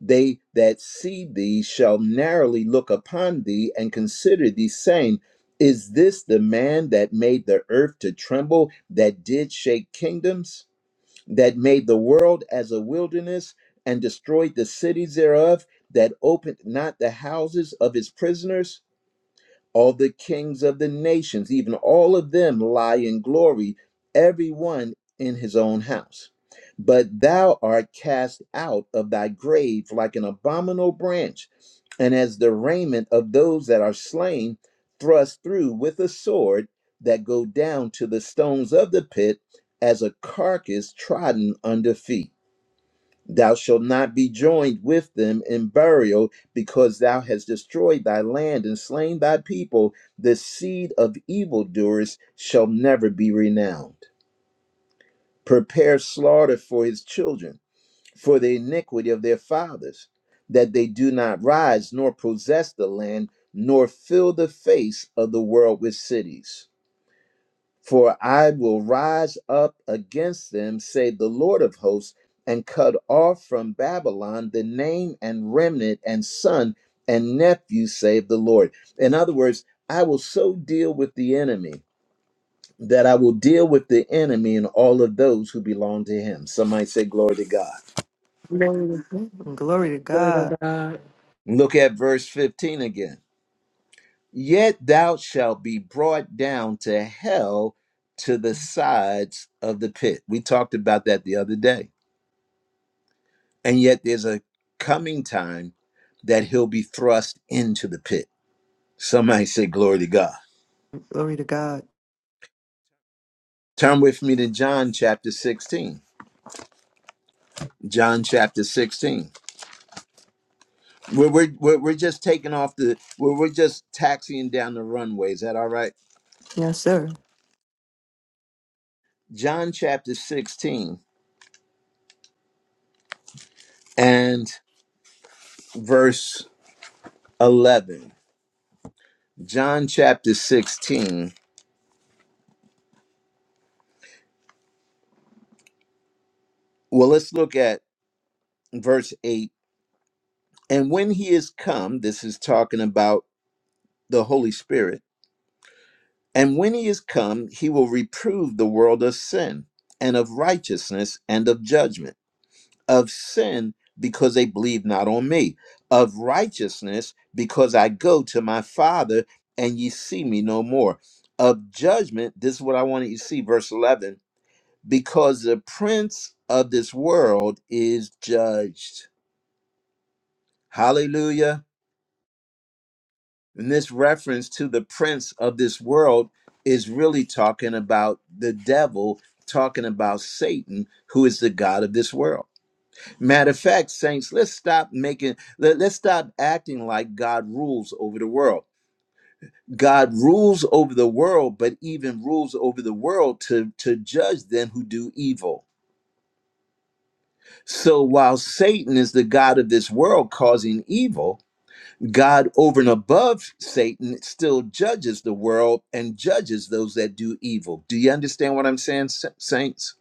Speaker 1: They that see thee shall narrowly look upon thee and consider thee, saying, Is this the man that made the earth to tremble, that did shake kingdoms? that made the world as a wilderness and destroyed the cities thereof, that opened not the houses of his prisoners all the kings of the nations, even all of them lie in glory, every one in his own house. But thou art cast out of thy grave like an abominable branch, and as the raiment of those that are slain, thrust through with a sword that go down to the stones of the pit as a carcass trodden under feet. Thou shalt not be joined with them in burial, because thou hast destroyed thy land and slain thy people. The seed of evildoers shall never be renowned. Prepare slaughter for his children, for the iniquity of their fathers, that they do not rise, nor possess the land, nor fill the face of the world with cities. For I will rise up against them, say the Lord of hosts, and cut off from Babylon the name and remnant and son and nephew, save the Lord. In other words, I will so deal with the enemy that I will deal with the enemy and all of those who belong to him. Some might say, Glory to God.
Speaker 7: Glory to glory to
Speaker 4: Glory to
Speaker 7: God.
Speaker 4: God.
Speaker 1: Look at verse 15 again. Yet thou shalt be brought down to hell to the sides of the pit. We talked about that the other day And yet there's a coming time that he'll be thrust into the pit. Somebody say, Glory to God.
Speaker 7: Glory to God.
Speaker 1: Turn with me to John chapter 16. John chapter 16. We're, we're, we're, we're just taking off the, we're, we're just taxiing down the runway. Is that all right?
Speaker 7: Yes, sir.
Speaker 1: John chapter 16 and verse 11. John chapter 16. Well, let's look at verse 8. And when he is come, this is talking about the Holy Spirit And when he is come, he will reprove the world of sin and of righteousness and of judgment. Of sin, because they believe not on me. Of righteousness, because I go to my Father and ye see me no more. Of judgment, this is what I want you to see, verse 11, because the prince of this world is judged. Hallelujah. And this reference to the prince of this world is really talking about the devil, talking about Satan, who is the God of this world. Matter of fact, saints, let's stop making, let, us stop acting like God rules over the world. God rules over the world, but even rules over the world to, to judge them who do evil. So while Satan is the God of this world causing evil, God, over and above Satan, still judges the world and judges those that do evil. Do you understand what I'm saying, sa- saints?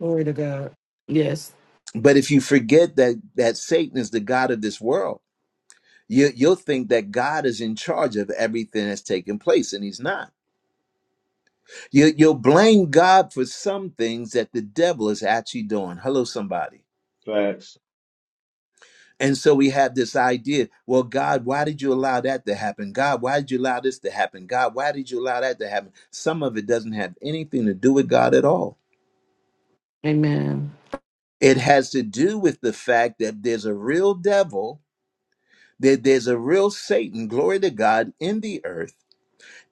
Speaker 4: Glory to God. Yes.
Speaker 1: But if you forget that that Satan is the god of this world, you, you'll think that God is in charge of everything that's taking place, and He's not. You, you'll blame God for some things that the devil is actually doing. Hello, somebody.
Speaker 3: Facts.
Speaker 1: And so we have this idea well, God, why did you allow that to happen? God, why did you allow this to happen? God, why did you allow that to happen? Some of it doesn't have anything to do with God at all.
Speaker 4: Amen.
Speaker 1: It has to do with the fact that there's a real devil, that there's a real Satan, glory to God, in the earth.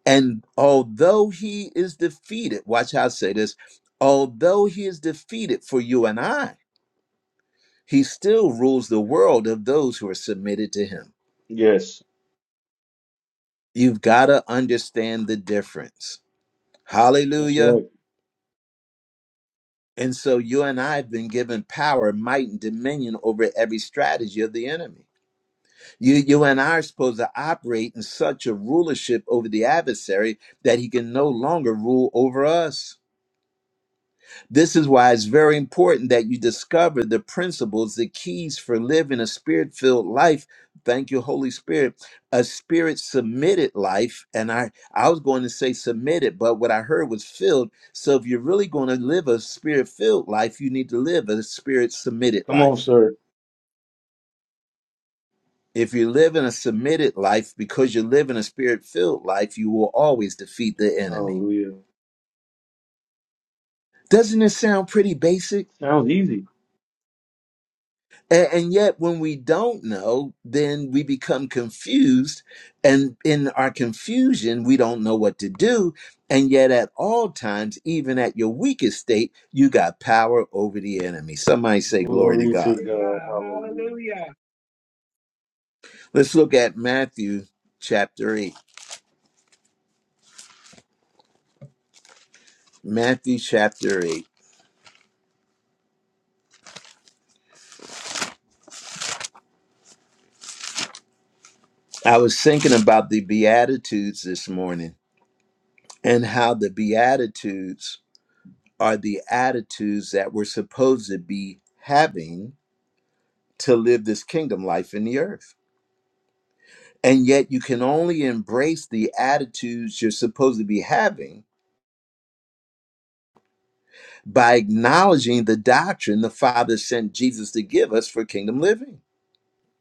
Speaker 1: And although he is defeated, watch how I say this, although he is defeated for you and I, he still rules the world of those who are submitted to him.
Speaker 3: Yes,
Speaker 1: You've got to understand the difference
Speaker 3: that's
Speaker 1: Hallelujah.
Speaker 3: right.
Speaker 1: And so you and I have been given power, might, and dominion over every strategy of the enemy. You, you and I are supposed to operate in such a rulership over the adversary that he can no longer rule over us. This is why it's very important that you discover the principles, the keys for living a spirit filled life. Thank you, Holy Spirit. A spirit submitted life. And I, I was going to say submitted, but what I heard was filled. So if you're really going to live a spirit filled life, you need to live a spirit submitted
Speaker 3: Come on,
Speaker 1: life.
Speaker 3: sir.
Speaker 1: If you're living a submitted life because you're living a spirit filled life, you will always defeat the enemy.
Speaker 3: Hallelujah.
Speaker 1: Doesn't this sound pretty basic?
Speaker 3: Sounds easy.
Speaker 1: A- And yet, when we don't know, then we become confused. And in our confusion, we don't know what to do. And yet, at all times, even at your weakest state, you got power over the enemy. Somebody say, Glory to
Speaker 3: Glory
Speaker 8: Glory
Speaker 3: to
Speaker 1: God.
Speaker 8: to
Speaker 3: God.
Speaker 8: God.
Speaker 3: Hallelujah.
Speaker 8: Hallelujah.
Speaker 1: Let's look at Matthew chapter 8. Matthew chapter 8. I was thinking about the Beatitudes this morning and how the Beatitudes are the attitudes that we're supposed to be having to live this kingdom life in the earth. And yet, you can only embrace the attitudes you're supposed to be having by acknowledging the doctrine the Father sent Jesus to give us for kingdom living.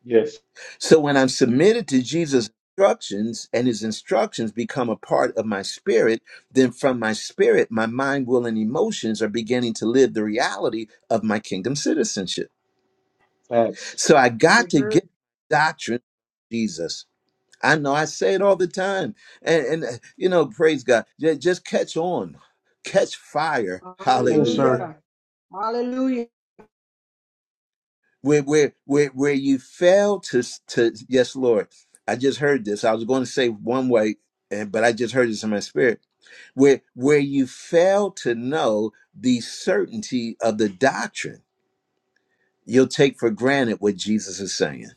Speaker 3: Yes,
Speaker 1: So, when I'm submitted to Jesus' instructions and his instructions become a part of my spirit, then from my spirit, my mind, will, and emotions are beginning to live the reality of my kingdom citizenship.
Speaker 3: facts.
Speaker 1: So, I
Speaker 8: I
Speaker 1: got to
Speaker 8: agree.
Speaker 1: get doctrine, from Jesus. I know I say it all the time. And, and uh, you know, praise God. Ju- Just catch on, catch fire.
Speaker 3: Come on,
Speaker 1: Hallelujah.
Speaker 3: sir.
Speaker 8: Hallelujah. Hallelujah.
Speaker 1: Where, where, where, where you fail to, s- to, yes, Lord, I just heard this. I was going to say one way, and, but I just heard this in my spirit. Where, where you fail to know the certainty of the doctrine, you'll take for granted what Jesus is saying.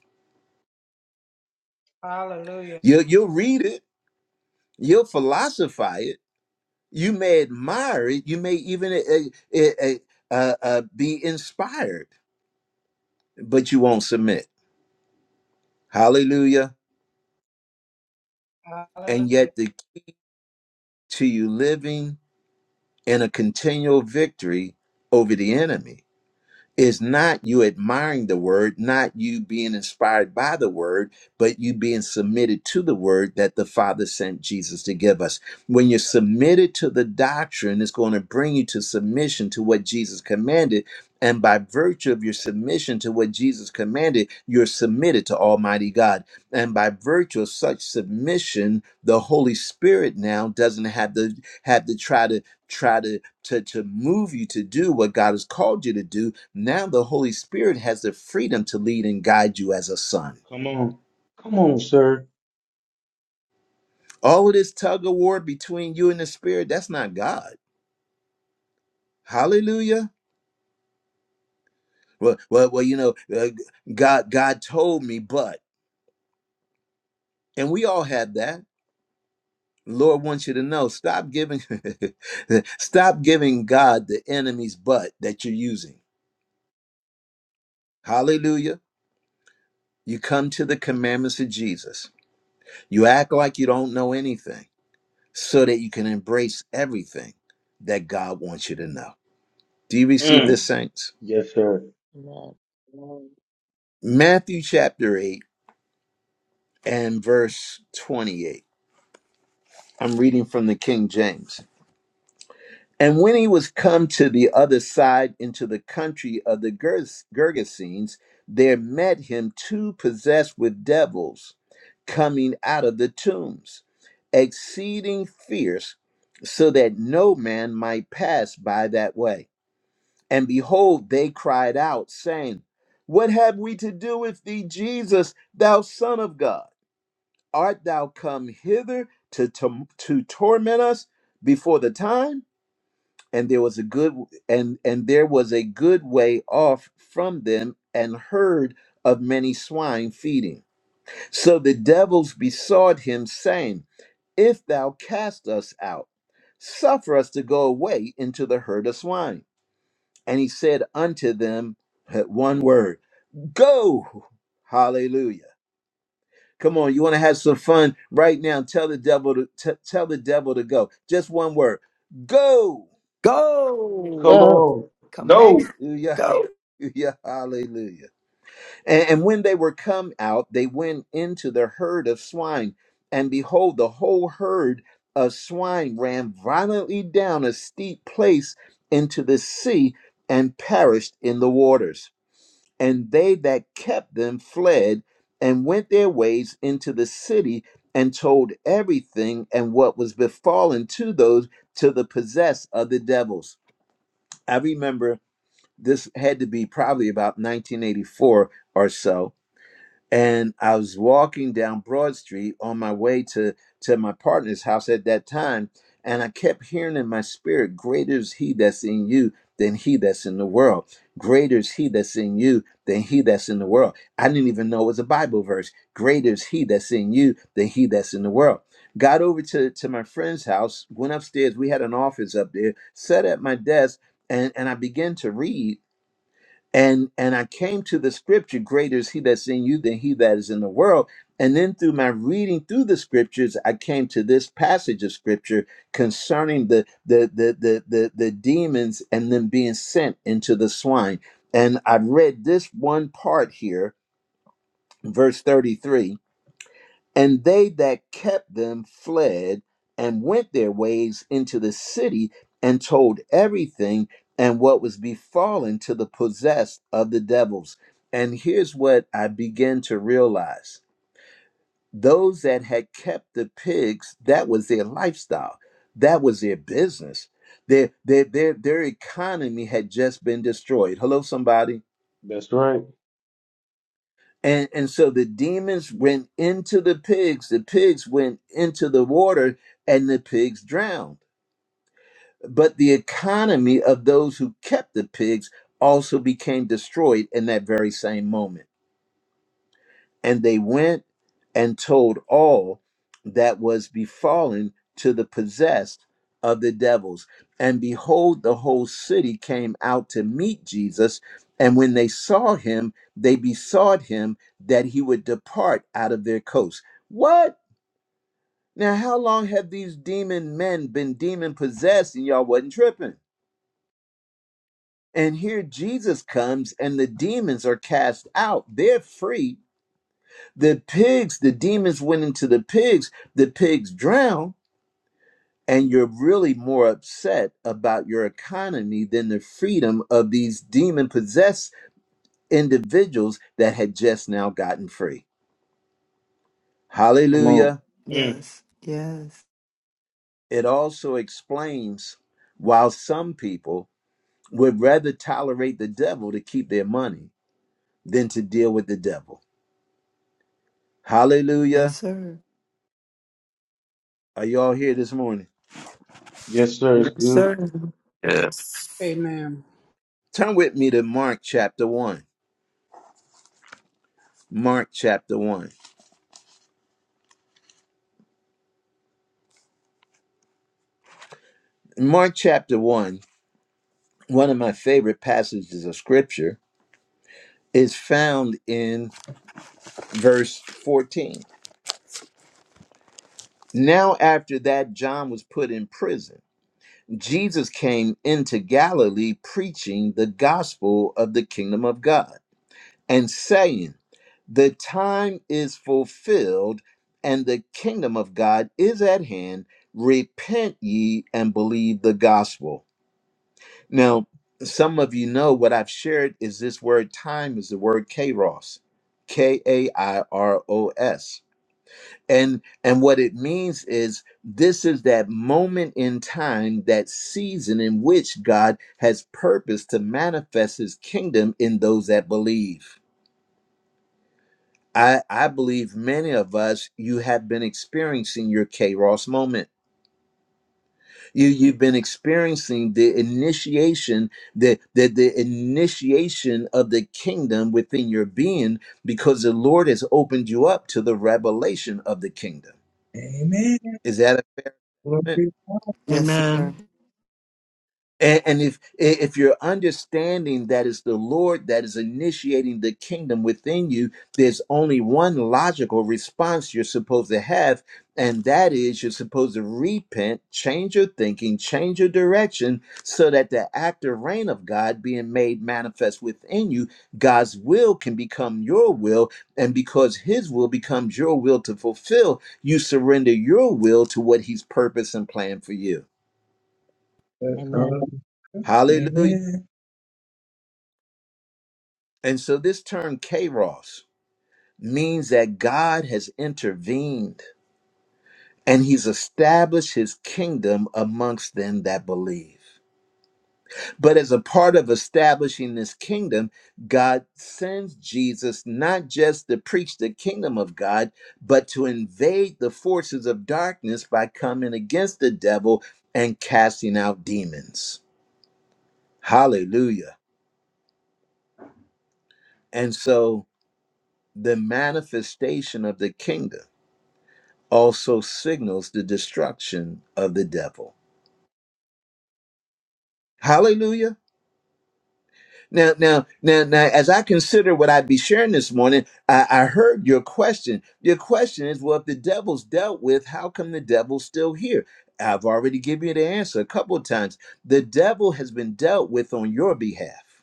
Speaker 8: Hallelujah.
Speaker 1: You'll, you'll read it, you'll philosophize it You may admire it. You may even uh, uh, uh, uh, be inspired, but you won't submit. Hallelujah. And
Speaker 8: Hallelujah.
Speaker 1: yet, the, to you living in a continual victory over the enemy is not you admiring the word, not you being inspired by the word, but you being submitted to the word that the Father sent Jesus to give us. When you're submitted to the doctrine, it's going to bring you to submission to what Jesus commanded. And by virtue of your submission to what Jesus commanded, you're submitted to Almighty God. And by virtue of such submission, the Holy Spirit now doesn't have to have to try to try to, to to move you to do what God has called you to do. Now the Holy Spirit has the freedom to lead and guide you as a son.
Speaker 3: Come on. Come on, sir.
Speaker 1: All of this tug of war between you and the Spirit, that's not God. Hallelujah. Well, well, well you know, uh, God God told me, but and we all have that. Lord wants you to know, stop giving stop giving God the enemy's butt that you're using. Hallelujah. You come to the commandments of Jesus. You act like you don't know anything so that you can embrace everything that God wants you to know. Do you receive
Speaker 3: Mm.
Speaker 1: this, saints?
Speaker 3: Yes, sir.
Speaker 5: Amen. Amen.
Speaker 1: Matthew chapter 8 and verse 28. I'm reading from the King James. And when he was come to the other side into the country of the Gerges- Gergesenes, there met him two possessed with devils coming out of the tombs, exceeding fierce, so that no man might pass by that way. And behold, they cried out, saying, What have we to do with thee, Jesus, thou Son of God? Art thou come hither to, to, to torment us before the time? And there was a good and and there was a good way off from them, and herd of many swine feeding. So the devils besought him, saying, If thou cast us out, suffer us to go away into the herd of swine. And he said unto them uh, one word, Go! Hallelujah. Come on, you want to have some fun right now? Tell the devil to t- tell the devil to go. Just one word. Go!
Speaker 3: Come
Speaker 7: Go.
Speaker 5: Go.
Speaker 3: on.
Speaker 7: Command.
Speaker 3: Go.
Speaker 1: Hallelujah.
Speaker 7: Go.
Speaker 1: Hallelujah. Hallelujah. And, and when they were come out, they went into the herd of swine, and behold, the whole herd of swine ran violently down a steep place into the sea and perished in the waters. and they that kept them fled and went their ways into the city and told everything and what was befallen to those to the possess of the devils. I remember this had to be probably about 1984 or so and I was walking down Broad Street on my way to to my partner's house at that time, and I kept hearing in my spirit, "Greater is He that's in you than He that's in the world. Greater is He that's in you than He that's in the world." I didn't even know it was a Bible verse. Greater is He that's in you than He that's in the world. Got over to to my friend's house, went upstairs. We had an office up there. Sat at my desk, and and I began to read and and i came to the scripture greater is he that's in you than he that is in the world and then through my reading through the scriptures i came to this passage of scripture concerning the the the the the, the demons and them being sent into the swine and i read this one part here verse 33 and they that kept them fled and went their ways into the city and told everything and what was befallen to the possessed of the devils. And here's what I began to realize those that had kept the pigs, that was their lifestyle, that was their business. Their, their, their, their economy had just been destroyed. Hello, somebody.
Speaker 3: That's right.
Speaker 1: And, and so the demons went into the pigs, the pigs went into the water, and the pigs drowned. But the economy of those who kept the pigs also became destroyed in that very same moment. And they went and told all that was befallen to the possessed of the devils. And behold, the whole city came out to meet Jesus. And when they saw him, they besought him that he would depart out of their coast. What? Now, how long have these demon men been demon possessed and y'all wasn't tripping? And here Jesus comes and the demons are cast out. They're free The pigs, the demons went into the pigs, the pigs drowned, and you're really more upset about your economy than the freedom of these demon possessed individuals that had just now gotten free.
Speaker 3: Come on.
Speaker 1: Hallelujah.
Speaker 3: Mm.
Speaker 7: Yes. Yes.
Speaker 1: It also explains why some people would rather tolerate the devil to keep their money than to deal with the devil.
Speaker 7: Yes,
Speaker 1: Hallelujah.
Speaker 7: sir.
Speaker 1: Are y'all here this morning?
Speaker 3: Yes, sir. It's
Speaker 7: Yes,
Speaker 3: good.
Speaker 7: sir.
Speaker 4: Yes.
Speaker 9: Amen.
Speaker 1: Turn with me to Mark chapter 1. Mark chapter 1. Mark chapter 1, one of my favorite passages of scripture, is found in verse 14. Now, after that, John was put in prison. Jesus came into Galilee preaching the gospel of the kingdom of God and saying, The time is fulfilled and the kingdom of God is at hand. Repent ye and believe the gospel. Now, some of you know what I've shared is this word time is the word kairos, K A I R O S. And and what it means is this is that moment in time, that season in which God has purposed to manifest his kingdom in those that believe. I, I believe many of us, you have been experiencing your kairos moment You you've been experiencing the initiation, the, the the initiation of the kingdom within your being because the Lord has opened you up to the revelation of the kingdom.
Speaker 10: Amen.
Speaker 1: Is that
Speaker 10: Glory
Speaker 1: a
Speaker 10: to God.
Speaker 7: Yes,
Speaker 4: Amen.
Speaker 7: sir.
Speaker 1: And, and if if you're understanding that it's the Lord that is initiating the kingdom within you, there's only one logical response you're supposed to have, and that is you're supposed to repent, change your thinking, change your direction, so that the active reign of God being made manifest within you, God's will can become your will, and because His will becomes your will to fulfill, you surrender your will to what He's purposed and planned for you.
Speaker 10: That's hallelujah.
Speaker 5: Amen.
Speaker 1: Hallelujah.
Speaker 10: Amen.
Speaker 1: And so this term kairos means that God has intervened and he's established his kingdom amongst them that believe. But as a part of establishing this kingdom, God sends Jesus not just to preach the kingdom of God, but to invade the forces of darkness by coming against the devil and casting out demons. Hallelujah. And so the manifestation of the kingdom also signals the destruction of the devil. Hallelujah. Now, now, now, now, as I consider what I'd be sharing this morning, I, I heard your question. Your question is, well, if the devil's dealt with, how come the devil's still here? I've already given you the answer a couple of times. The devil has been dealt with on your behalf.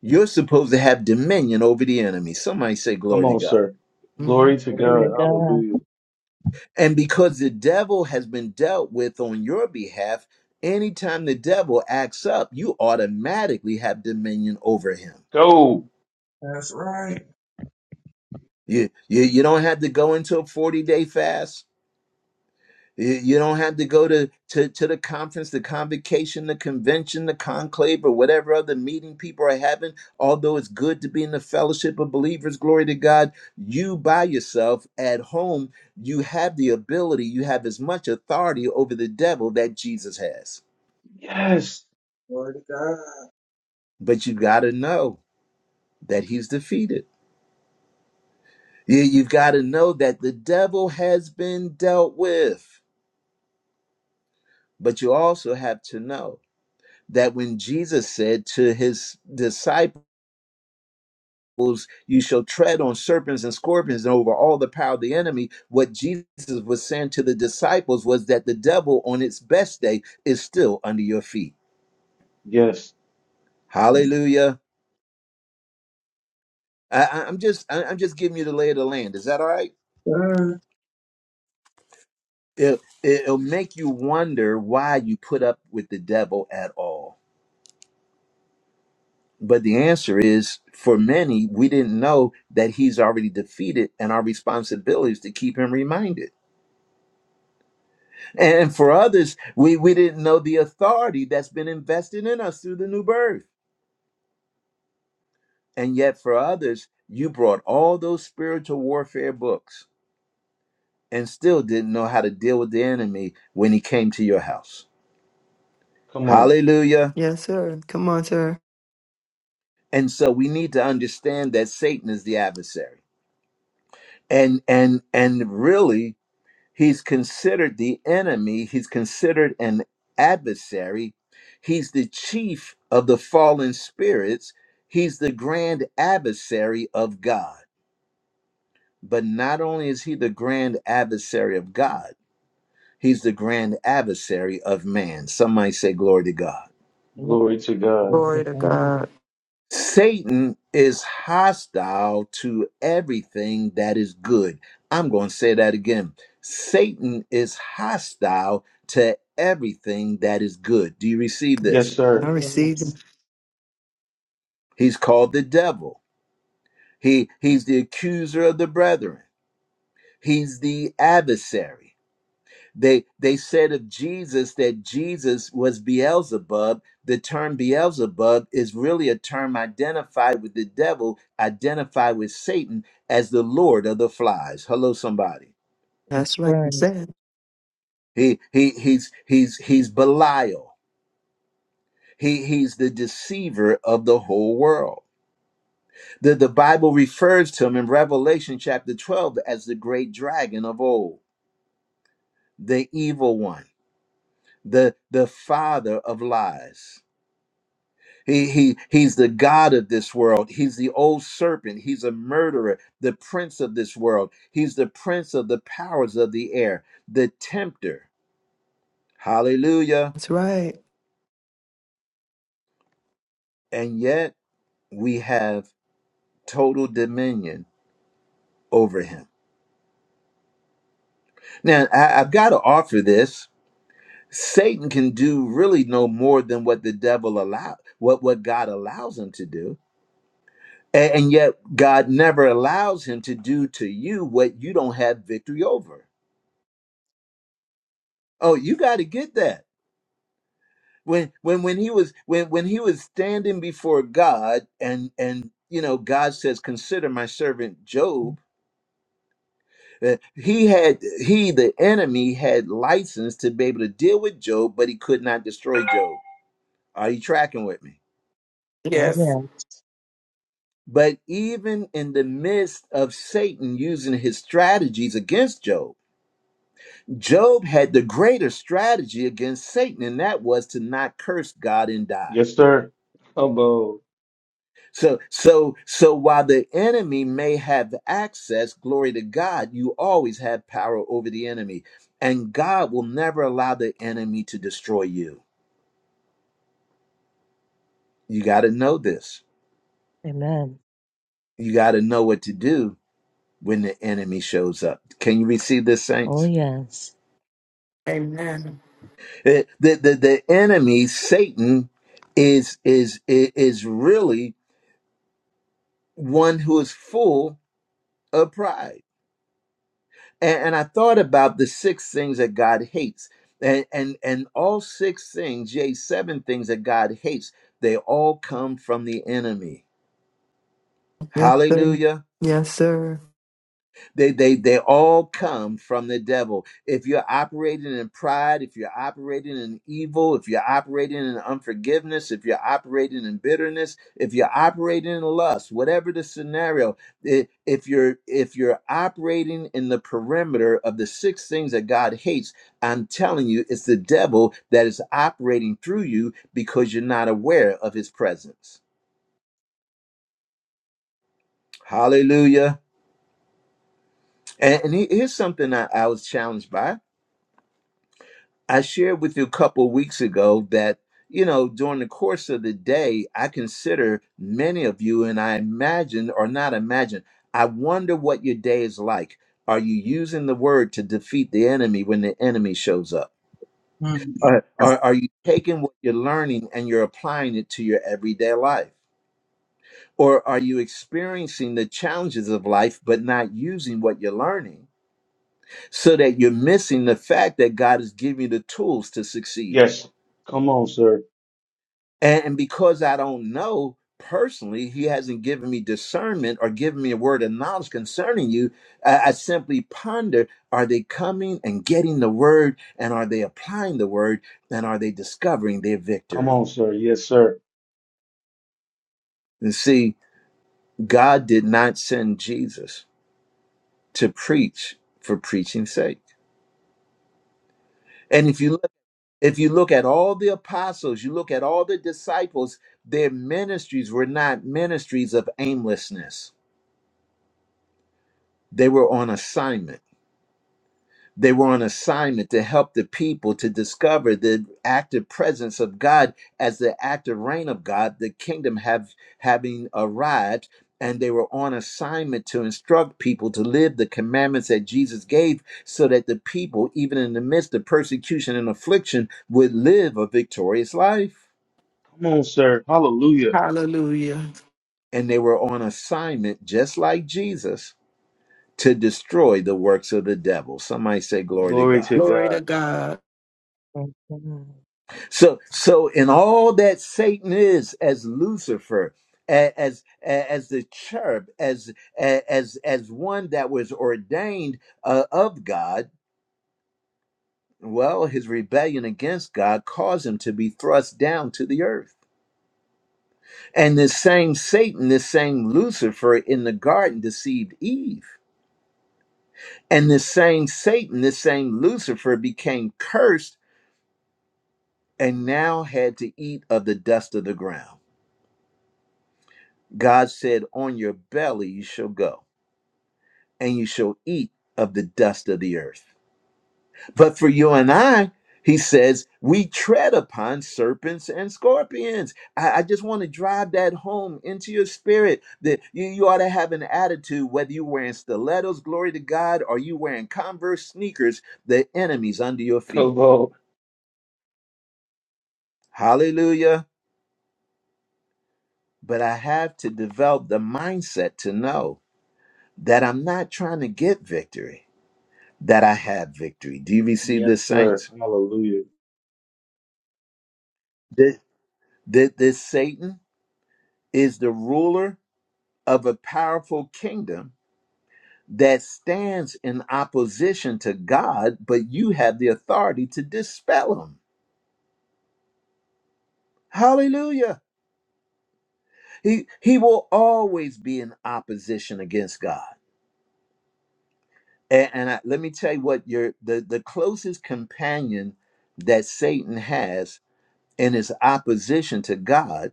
Speaker 1: You're supposed to have dominion over the enemy. Somebody say,
Speaker 3: Come
Speaker 1: Glory to
Speaker 3: on,
Speaker 1: God.
Speaker 3: sir. Glory to
Speaker 5: Glory to
Speaker 3: God.
Speaker 7: Mm-hmm.
Speaker 5: God.
Speaker 3: Hallelujah.
Speaker 1: And because the devil has been dealt with on your behalf, anytime the devil acts up, you automatically have dominion over him.
Speaker 3: Go.
Speaker 10: That's right.
Speaker 1: You, you, you don't have to go into a 40 day fast. You, you don't have to go to, to, to the conference, the convocation, the convention, the conclave, or whatever other meeting people are having. Although it's good to be in the fellowship of believers, glory to God, you by yourself at home, you have the ability, you have as much authority over the devil that Jesus has.
Speaker 3: Yes.
Speaker 10: Glory to God.
Speaker 1: but you got to know that he's defeated. You, you've got to know that the devil has been dealt with, but you also have to know that when Jesus said to his disciples, you shall tread on serpents and scorpions and over all the power of the enemy. What Jesus was saying to the disciples was that the devil on its best day is still under your feet.
Speaker 3: Yes.
Speaker 1: Hallelujah. I, I- I'm just I- I'm just giving you the lay of the land. Is that all right?
Speaker 10: Sir.
Speaker 1: it, it'll make you wonder why you put up with the devil at all. But the answer is for many, we didn't know that he's already defeated, and our responsibility is to keep him reminded. And for others, we, we didn't know the authority that's been invested in us through the new birth. And yet, for others, you brought all those spiritual warfare books and still didn't know how to deal with the enemy when he came to your house.
Speaker 3: Come on.
Speaker 1: Hallelujah.
Speaker 7: Yes, sir. Come on, sir.
Speaker 1: And so we need to understand that Satan is the adversary. And and and really he's considered the enemy, he's considered an adversary. He's the chief of the fallen spirits. He's the grand adversary of God. But not only is he the grand adversary of God, he's the grand adversary of man. Some might say glory to God.
Speaker 5: Amen.
Speaker 3: Glory to
Speaker 5: Glory
Speaker 3: God.
Speaker 5: to
Speaker 4: Glory to
Speaker 5: God.
Speaker 4: God.
Speaker 1: Satan is hostile to everything that is good. I'm going to say that again. Satan is hostile to everything that is good. Do you receive
Speaker 3: Yes,
Speaker 1: this?
Speaker 5: Oh,
Speaker 7: I
Speaker 3: sir.
Speaker 7: received them.
Speaker 5: yes.
Speaker 1: He's called the devil. He he's the accuser of the brethren. He's the adversary. They they said of Jesus that Jesus was Beelzebub. The term Beelzebub is really a term identified with the devil, identified with Satan as the Lord of the flies. Hello, somebody.
Speaker 5: That's
Speaker 7: That's what I
Speaker 5: right.
Speaker 7: said.
Speaker 1: He he he's he's he's Belial. He he's the deceiver of the whole world. The, the Bible refers to him in Revelation chapter 12 as the great dragon of old, the evil one, the, the father of lies. He, he he's the god of this world. He's the old serpent. He's a murderer, the prince of this world. He's the prince of the powers of the air, the tempter. Hallelujah.
Speaker 7: That's right.
Speaker 1: And yet we have total dominion over him. Now I, I've got to offer this. Satan can do really no more than what the devil allow what, what God allows him to do. A- and yet God never allows him to do to you what you don't have victory over. Oh, you got to get that. When when when he was when when he was standing before God and and you know God says consider my servant Job, uh, he had he the enemy had license to be able to deal with Job, but he could not destroy Job. Are you tracking with me?
Speaker 5: Oh,
Speaker 4: Yes.
Speaker 5: yeah.
Speaker 1: But even in the midst of Satan using his strategies against Job, Job had the greater strategy against Satan, and that was to not curse God and die.
Speaker 3: Yes, sir. Come on.
Speaker 1: So so so while the enemy may have access, glory to God, you always have power over the enemy. And God will never allow the enemy to destroy you. You got to know this.
Speaker 5: Amen.
Speaker 1: You got to know what to do when the enemy shows up. Can you receive this
Speaker 5: Oh,
Speaker 1: saints?
Speaker 5: yes.
Speaker 4: Amen.
Speaker 1: Eh, The the, the enemy Satan is is is really one who is full of pride. and, and I thought about the six things that God hates, and and and all six things, yea, seven things that God hates, they all come from the enemy.
Speaker 7: Yes, sir.
Speaker 1: Hallelujah
Speaker 7: Yes, sir.
Speaker 1: they they they all come from the devil if you're operating in pride if you're operating in evil if you're operating in unforgiveness if you're operating in bitterness if you're operating in lust whatever the scenario i- if you're if you're operating in the perimeter of the six things that god hates i'm telling you it's the devil that is operating through you because you're not aware of his presence hallelujah and, and he- here's something I I was challenged by I shared with you a couple weeks ago that, you know, during the course of the day, I consider many of you, and I imagine or not imagine, I wonder what your day is like. Are you using the word to defeat the enemy when the enemy shows up? Or or are you taking what you're learning and you're applying it to your everyday life? Or are you experiencing the challenges of life but not using what you're learning so that you're missing the fact that God has given you the tools to succeed?
Speaker 3: Yes. Come on, sir.
Speaker 1: And, because I don't know personally, he hasn't given me discernment or given me a word of knowledge concerning you. I, I simply ponder are they coming and getting the word? And are they applying the word? And are they discovering their
Speaker 3: Come on,
Speaker 1: victory?
Speaker 3: sir. Yes, sir.
Speaker 1: And see, God did not send Jesus to preach for preaching's sake. And if you look, if you look at all the apostles, you look at all the disciples, their ministries were not ministries of aimlessness. They were on assignment They were on assignment to help the people to discover the active presence of God as the active reign of God, the kingdom have having arrived. And they were on assignment to instruct people to live the commandments that Jesus gave so that the people, even in the midst of persecution and affliction, would live a victorious life.
Speaker 3: Come on, sir. Hallelujah.
Speaker 4: Hallelujah.
Speaker 1: And they were on assignment, just like Jesus, to destroy the works of the devil. Somebody say, Glory to
Speaker 3: Glory to
Speaker 1: God.
Speaker 4: Glory to
Speaker 3: God.
Speaker 4: God.
Speaker 5: Thank God.
Speaker 1: So, so in all that Satan is, as Lucifer, a- as a- as the cherub, as a- as as one that was ordained uh, of God, well, his rebellion against God caused him to be thrust down to the earth. And this same Satan, this same Lucifer in the garden deceived Eve. And this same Satan, this same Lucifer became cursed and now had to eat of the dust of the ground. God said, On your belly you shall go, and you shall eat of the dust of the earth. But for you and I, he says, we tread upon serpents and scorpions. I, I just want to drive that home into your spirit that you, you ought to have an attitude, whether you're wearing stilettos, glory to God, or you wearing Converse sneakers, the enemy's under your feet.
Speaker 3: Come on.
Speaker 1: Hallelujah. But I have to develop the mindset to know that I'm not trying to get victory. that I have victory. Do you receive
Speaker 3: Yes,
Speaker 1: this,
Speaker 3: sir.
Speaker 1: saints?
Speaker 3: Hallelujah.
Speaker 1: This, this, this Satan is the ruler of a powerful kingdom that stands in opposition to God, but you have the authority to dispel him. Hallelujah. He, he will always be in opposition against God. And, and I, let me tell you what your the, the closest companion that Satan has in his opposition to God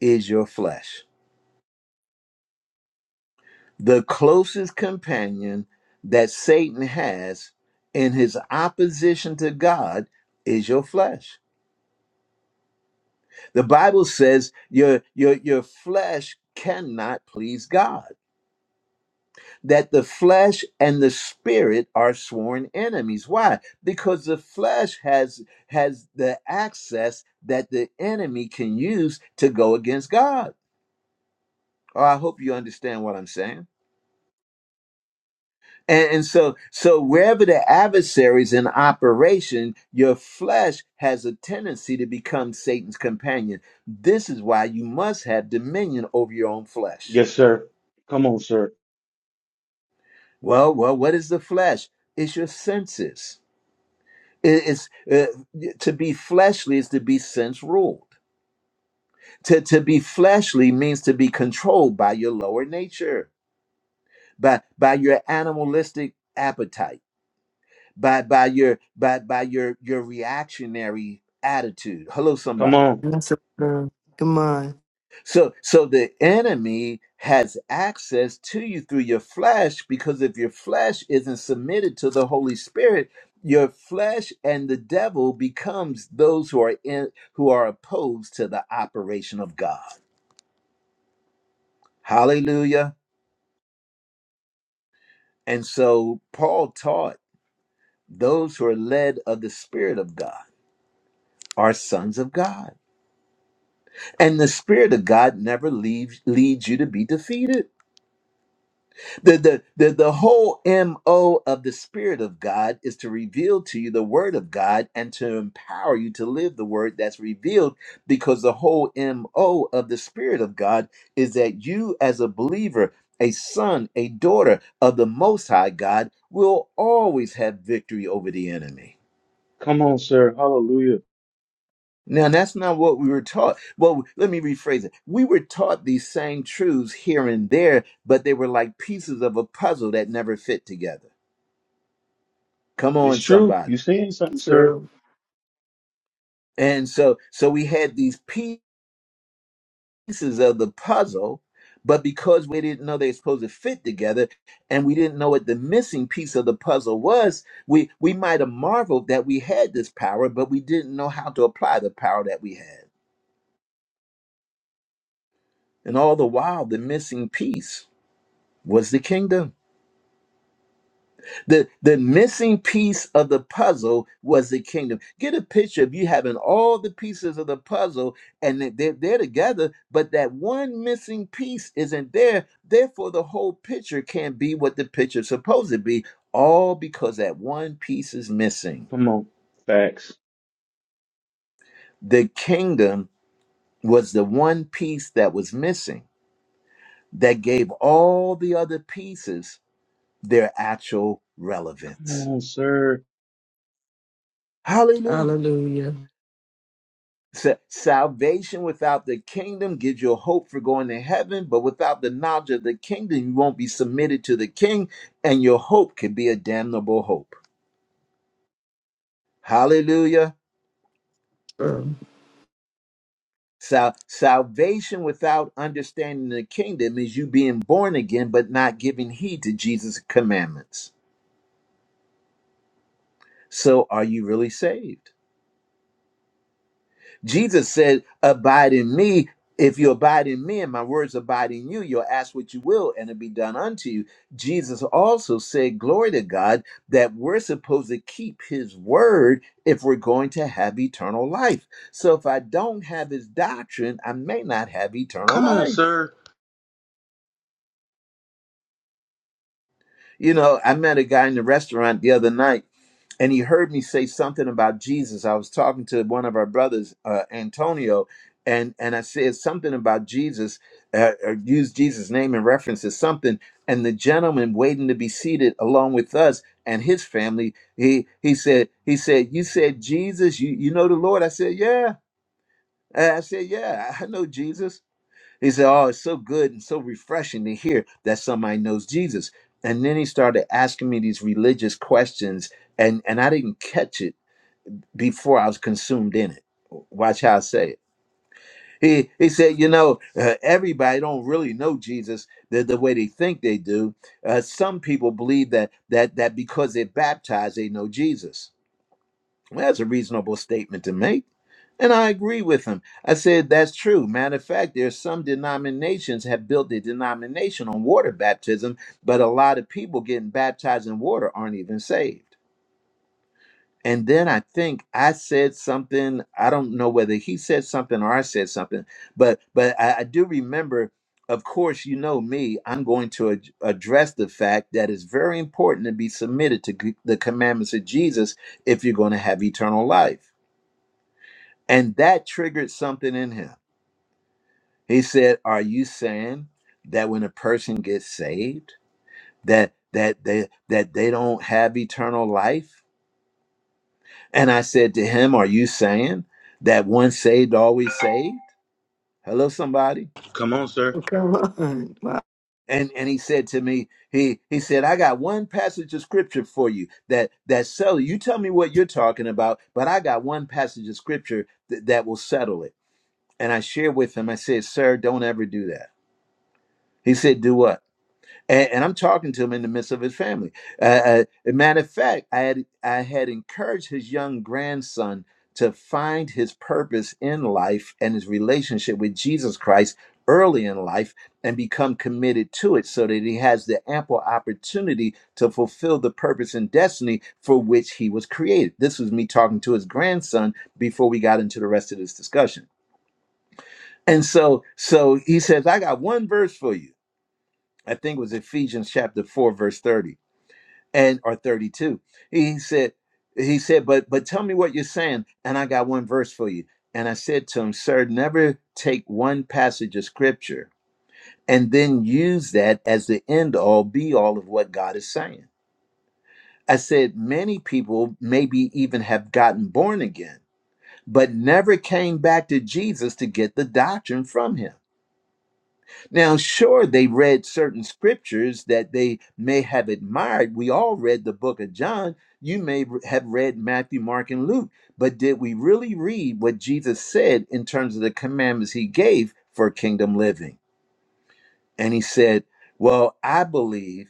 Speaker 1: is your flesh. The closest companion that Satan has in his opposition to God is your flesh. The Bible says your your your flesh cannot please God. That the flesh and the spirit are sworn enemies. Why? Because the flesh has has the access that the enemy can use to go against God. Oh, I hope you understand what I'm saying. And, and so, so wherever the adversary's in operation, your flesh has a tendency to become Satan's companion. This is why you must have dominion over your own flesh.
Speaker 3: Yes, sir. Come on, sir.
Speaker 1: Well, well, what is the flesh? It's your senses. It- It's uh, to be fleshly is to be sense ruled. To to be fleshly means to be controlled by your lower nature, by by your animalistic appetite by by your by by your your reactionary attitude hello
Speaker 3: Come
Speaker 1: somebody
Speaker 3: on.
Speaker 7: Yes, sir. Come on.
Speaker 1: so so the enemy has access to you through your flesh because if your flesh isn't submitted to the holy spirit your flesh and the devil becomes those who are in who are opposed to the operation of god hallelujah and so paul taught those who are led of the spirit of god are sons of god And the Spirit of God never leaves leads you to be defeated. The, the, the, the whole MO of the Spirit of God is to reveal to you the Word of God and to empower you to live the Word that's revealed because the whole MO of the Spirit of God is that you, as a believer, a son, a daughter of the Most High God, will always have victory over the enemy.
Speaker 3: Come on, sir. Hallelujah.
Speaker 1: Now, that's not what we were taught. Well, let me rephrase it. We were taught these same truths here and there, but they were like pieces of a puzzle that never fit together. Come
Speaker 3: It's
Speaker 1: on,
Speaker 3: true. you
Speaker 1: somebody.
Speaker 3: saying something, sir.
Speaker 4: True.
Speaker 1: And so, so we had these pieces of the puzzle, but because we didn't know they're supposed to fit together, and we didn't know what the missing piece of the puzzle was, we we might have marveled that we had this power, but we didn't know how to apply the power that we had. And all the while, the missing piece was the kingdom. The, the missing piece of the puzzle was the kingdom. Get a picture of you having all the pieces of the puzzle and they- they're, they're together, but that one missing piece isn't there. Therefore, the whole picture can't be what the picture's supposed to be, all because that one piece is missing.
Speaker 3: Come on. Facts.
Speaker 1: The kingdom was the one piece that was missing that gave all the other pieces their actual
Speaker 3: Come
Speaker 1: relevance.
Speaker 3: on, sir.
Speaker 1: Hallelujah.
Speaker 4: Hallelujah.
Speaker 1: Sa- salvation without the kingdom gives you a hope for going to heaven, but without the knowledge of the kingdom, you won't be submitted to the king, and your hope could be a damnable hope. Hallelujah.
Speaker 4: True.
Speaker 1: Sal- salvation without understanding the kingdom is you being born again, but not giving heed to Jesus' commandments. So, are you really saved? Jesus said, Abide in me. If you abide in me and my words abide in you, you'll ask what you will and it'll be done unto you. Jesus also said, Glory to God, that we're supposed to keep his word if we're going to have eternal life. So if I don't have his doctrine, I may not have eternal
Speaker 3: Come on,
Speaker 1: life.
Speaker 3: sir.
Speaker 1: You know, I met a guy in the restaurant the other night, and he heard me say something about Jesus. I was talking to one of our brothers, uh, Antonio, and and I said something about Jesus, uh, or used Jesus' name in reference to something. And the gentleman waiting to be seated along with us and his family, he he said he said, "You said Jesus, you you know the Lord." I said, "Yeah." And I said, "Yeah, I know Jesus." He said, Oh, it's so good and so refreshing to hear that somebody knows Jesus. And then he started asking me these religious questions, and, and I didn't catch it before I was consumed in it. Watch how I say it. He, he said, you know, uh, everybody don't really know Jesus the, the way they think they do. Uh, some people believe that that that because they're baptized, they know Jesus. Well, that's a reasonable statement to make. And I agree with him. I said that's true. Matter of fact, there's some denominations have built their denomination on water baptism, but a lot of people getting baptized in water aren't even saved. And then I think I said something. I don't know whether he said something or I said something, but but I, I do remember. Of course, you know me. I'm going to ad- address the fact that it's very important to be submitted to g- the commandments of Jesus if you're going to have eternal life. And that triggered something in him. He said, Are you saying that when a person gets saved, that that they that they don't have eternal life? And I said to him, Are you saying that once saved, always saved? Hello, somebody.
Speaker 3: Come on, sir.
Speaker 7: Come on. Wow.
Speaker 1: And and he said to me, he he said, I got one passage of scripture for you that that settle. You tell me what you're talking about, but I got one passage of scripture th- that will settle it. And I shared with him, I said, Sir, don't ever do that. He said, Do what? and, and I'm talking to him in the midst of his family. Uh, uh, a matter of fact, I had I had encouraged his young grandson to find his purpose in life and his relationship with Jesus Christ early in life and become committed to it so that he has the ample opportunity to fulfill the purpose and destiny for which he was created. This was me talking to his grandson before we got into the rest of this discussion. And so so he says, I got one verse for you. I think it was Ephesians chapter 4 verse 30 and or 32 he said he said but but tell me what you're saying and i got one verse for you and i said to him sir never take one passage of scripture and then use that as the end all be all of what god is saying i said many people maybe even have gotten born again but never came back to jesus to get the doctrine from him Now, sure, they read certain scriptures that they may have admired. We all read the book of John. You may have read Matthew, Mark, and Luke. But did we really read what Jesus said in terms of the commandments he gave for kingdom living? and he said, "Well, I believe."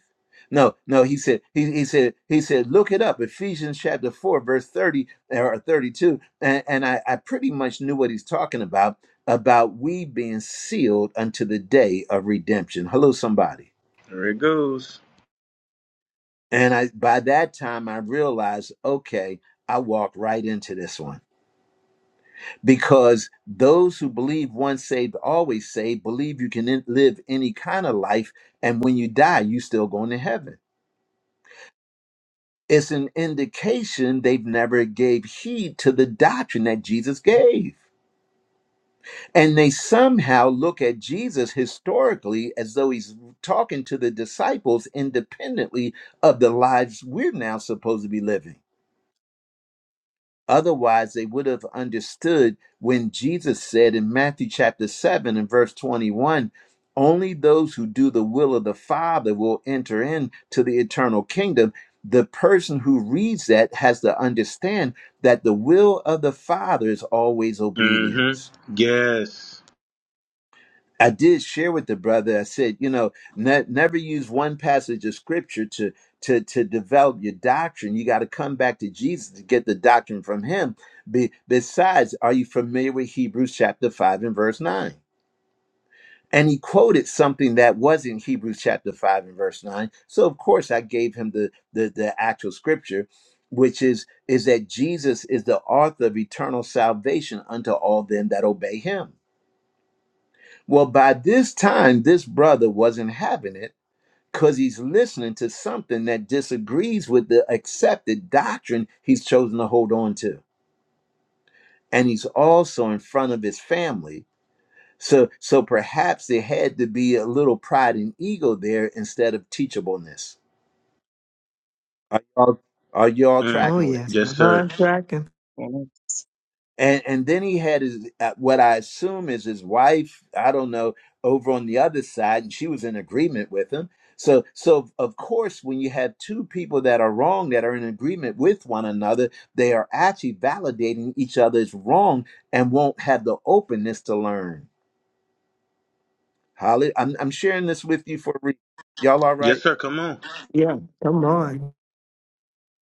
Speaker 1: No, no, he said. He, he said. He said. Look it up, Ephesians chapter four, verse thirty or thirty-two, and, and I, I pretty much knew what he's talking about about we being sealed unto the day of redemption. Hello, somebody.
Speaker 3: There it goes.
Speaker 1: And I by that time I realized, okay, I walked right into this one because those who believe once saved always saved believe you can in- live any kind of life, and when you die, you still going to heaven. It's an indication they've never gave heed to the doctrine that Jesus gave. And they somehow look at Jesus historically as though he's talking to the disciples independently of the lives we're now supposed to be living. Otherwise, they would have understood when Jesus said in Matthew chapter 7 and verse 21 only those who do the will of the Father will enter into the eternal kingdom. The person who reads that has to understand that the will of the Father is always
Speaker 3: Mm-hmm.
Speaker 1: obedience.
Speaker 3: Yes.
Speaker 1: I did share with the brother. I said, you know, ne- never use one passage of scripture to to to develop your doctrine. You got to come back to Jesus to get the doctrine from Him. Be- besides, are you familiar with Hebrews chapter five and verse nine? And he quoted something that was in Hebrews chapter five and verse nine. So of course, I gave him the the, the actual scripture, which is is that Jesus is the author of eternal salvation unto all them that obey Him. Well, by this time, this brother wasn't having it because he's listening to something that disagrees with the accepted doctrine he's chosen to hold on to. And he's also in front of his family. So, so perhaps there had to be a little pride and ego there instead of teachableness. Are y'all, are y'all
Speaker 3: Mm.
Speaker 7: Oh,
Speaker 1: tracking with me?
Speaker 7: yes.
Speaker 3: Yes,
Speaker 7: Uh-huh,
Speaker 3: sir.
Speaker 7: I'm tracking.
Speaker 5: Yes.
Speaker 1: and and then he had his uh, what I assume is his wife. I don't know over on the other side, and she was in agreement with him. So so of course, when you have two people that are wrong that are in agreement with one another, they are actually validating each other's wrong and won't have the openness to learn. Holly, I'm, I'm sharing this with you for a reason. Y'all all
Speaker 3: Yes,
Speaker 1: right?
Speaker 3: sir. Come on.
Speaker 7: Yeah. Come on.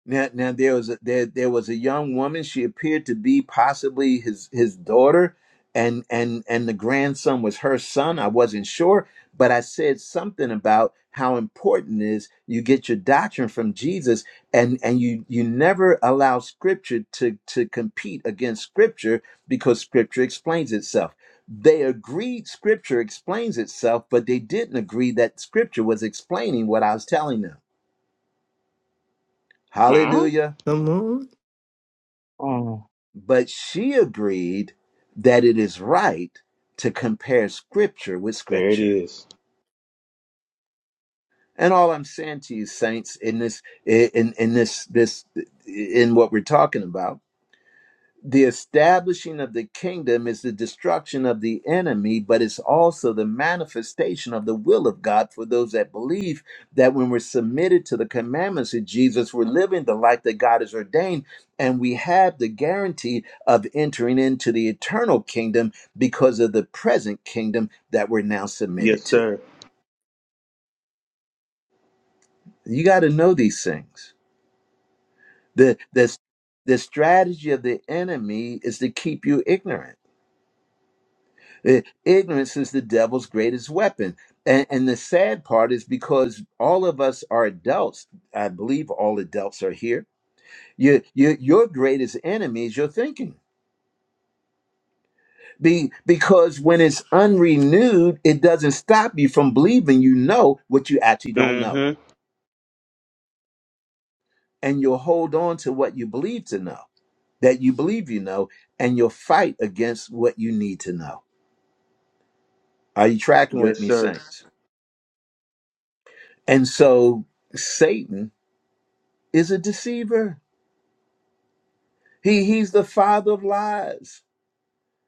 Speaker 1: Now, now there was a, there there was a young woman. She appeared to be possibly his his daughter, and and and the grandson was her son. I wasn't sure, but I said something about how important it is you get your doctrine from Jesus, and and you you never allow Scripture to to compete against Scripture because Scripture explains itself. They agreed Scripture explains itself, but they didn't agree that Scripture was explaining what I was telling them.
Speaker 3: Huh?
Speaker 1: Hallelujah.
Speaker 7: Come on.
Speaker 5: Oh,
Speaker 1: But she agreed that it is right to compare scripture with
Speaker 3: There it
Speaker 1: scripture.
Speaker 3: is.
Speaker 1: And all I'm saying to you, saints, in this, in, in this, this, in what we're talking about, the establishing of the kingdom is the destruction of the enemy, but it's also the manifestation of the will of God for those that believe that when we're submitted to the commandments of Jesus, we're living the life that God has ordained, and we have the guarantee of entering into the eternal kingdom because of the present kingdom that we're now
Speaker 3: Yes,
Speaker 1: submitted to.
Speaker 3: sir.
Speaker 1: You got to know these things. The, the, the strategy of the enemy is to keep you ignorant I- Ignorance is the devil's greatest weapon. And, and the sad part is because all of us are adults. I believe all adults are here. Your, your, your greatest enemy is your thinking. Be, because when it's unrenewed, it doesn't stop you from believing you know what you actually don't know.
Speaker 3: Mm-hmm.
Speaker 1: And you'll hold on to what you believe to know, that you believe you know, and you'll fight against what you need to know. Are you tracking with
Speaker 3: Yes,
Speaker 1: me,
Speaker 3: sir.
Speaker 1: Saints? And so Satan is a deceiver. He he's the father of lies,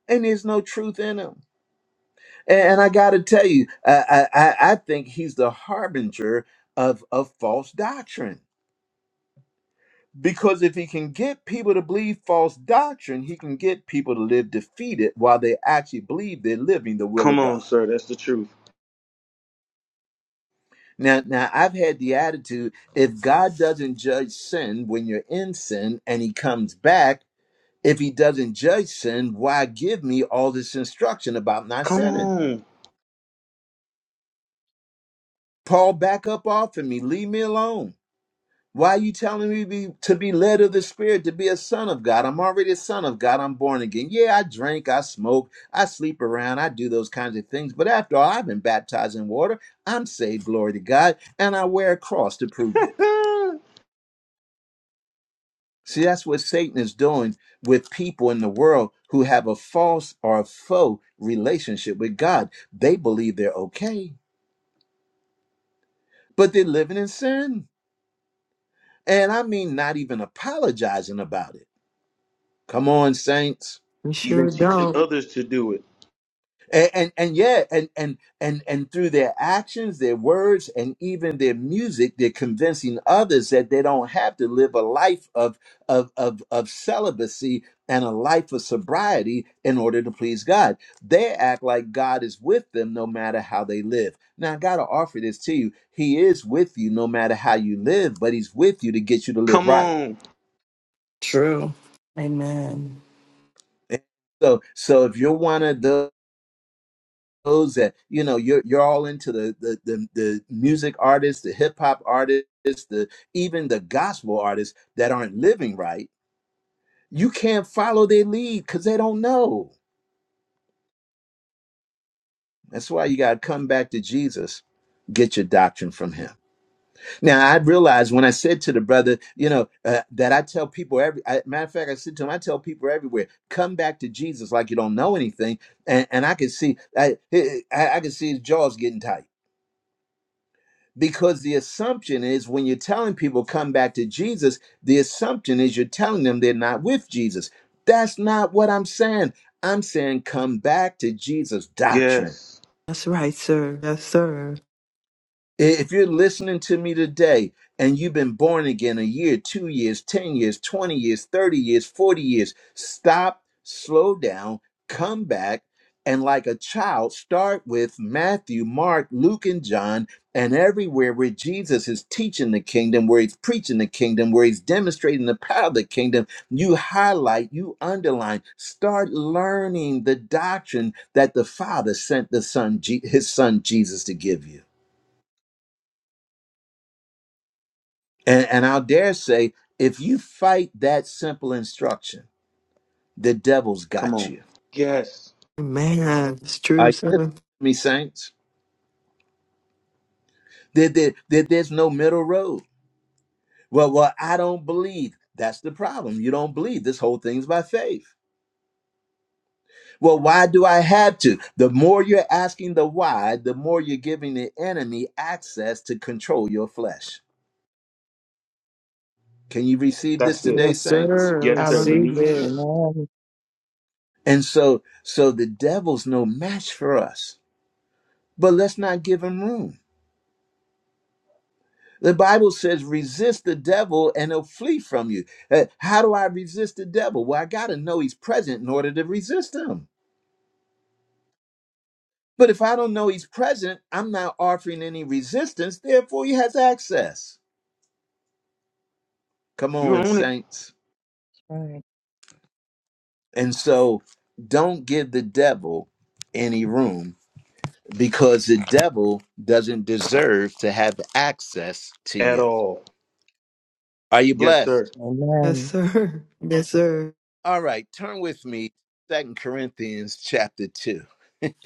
Speaker 1: and there's no truth in him. And, I got to tell you, I, I I I think he's the harbinger of of false doctrine. Because if he can get people to believe false doctrine, he can get people to live defeated while they actually believe they're living the will
Speaker 3: Come
Speaker 1: of
Speaker 3: on,
Speaker 1: God.
Speaker 3: sir. That's the truth.
Speaker 1: Now, now I've had the attitude: if God doesn't judge sin when you're in sin, and He comes back If he doesn't judge sin, why give me all this instruction about not
Speaker 3: Come
Speaker 1: sinning?
Speaker 3: on.
Speaker 1: Paul, back up off of me. Leave me alone. Why are you telling me be, to be led of the Spirit, to be a son of God? I'm already a son of God. I'm born again. Yeah, I drink, I smoke, I sleep around, I do those kinds of things. But after all, I've been baptized in water. I'm saved, glory to God, and I wear a cross to prove it. See, that's what Satan is doing with people in the world who have a false or a faux relationship with God. They believe they're okay, but they're living in sin. And I mean, not even apologizing about it. Come on, saints.
Speaker 7: You
Speaker 3: Even
Speaker 7: sure
Speaker 3: teaching
Speaker 7: don't.
Speaker 3: others to do it.
Speaker 1: and, and and yeah and and and and through their actions their words and even their music they're convincing others that they don't have to live a life of of of, of celibacy and a life of sobriety in order to please god they act like god is with them no matter how they live now i gotta offer this to you he is with you no matter how you live but he's with you to get you to live
Speaker 3: Come
Speaker 1: right
Speaker 3: on.
Speaker 4: True. Amen.
Speaker 1: so so if you're one of those those that you know you're you're all into the the the, the music artists, the hip hop artists, the even the gospel artists that aren't living right. You can't follow their lead because they don't know. That's why you got to come back to Jesus. Get your doctrine from him. Now I realized when I said to the brother, you know, uh, that I tell people every I, matter of fact, I said to him, I tell people everywhere, come back to Jesus like you don't know anything, and, and I could see, I, I I could see his jaws getting tight because the assumption is when you're telling people come back to Jesus, the assumption is you're telling them they're not with Jesus. That's not what I'm saying. I'm saying come back to Jesus doctrine.
Speaker 3: Yes.
Speaker 7: That's right, sir. Yes, sir.
Speaker 1: If you're listening to me today and you've been born again a year, two years, 10 years, 20 years, 30 years, 40 years, stop, slow down, come back, and like a child, start with Matthew, Mark, Luke, and John, and everywhere where Jesus is teaching the kingdom, where he's preaching the kingdom, where he's demonstrating the power of the kingdom, you highlight, you underline, start learning the doctrine that the Father sent the Son, Je- his Son Jesus to give you. And, and I'll dare say, if you fight that simple instruction, the devil's
Speaker 3: Come
Speaker 1: got
Speaker 3: on.
Speaker 1: you.
Speaker 3: Yes.
Speaker 7: Man, it's true,
Speaker 1: Are you listening
Speaker 7: sir.
Speaker 1: to me, saints? There, there, there- there's no middle road. Well, well, I don't believe. That's the problem. You don't believe. This whole thing's by faith. Well, why do I have to? The more you're asking the why, the more you're giving the enemy access to control your flesh. Can you receive this
Speaker 3: That's it.
Speaker 1: today,
Speaker 7: Yes,
Speaker 1: saints?
Speaker 7: sir. I
Speaker 3: Yes, sir. We
Speaker 4: Hallelujah.
Speaker 7: received
Speaker 3: need you.
Speaker 7: it.
Speaker 5: amen. That's
Speaker 1: And so, so the devil's no match for us. But let's not give him room The Bible says, resist the devil and he'll flee from you. Uh, How do I resist the devil? Well, I got to know he's present in order to resist him. But if I don't know he's present, I'm not offering any resistance. Therefore, he has access. Come
Speaker 3: You
Speaker 1: on,
Speaker 3: own it
Speaker 1: saints.
Speaker 5: right.
Speaker 1: And so don't give the devil any room because the devil doesn't deserve to have access to
Speaker 3: at
Speaker 1: you.
Speaker 3: all.
Speaker 1: Are you
Speaker 3: Yes, sir.
Speaker 1: blessed?
Speaker 7: Yes,
Speaker 5: Amen.
Speaker 7: sir. Yes, sir.
Speaker 1: All right, turn with me, Second Corinthians chapter 2.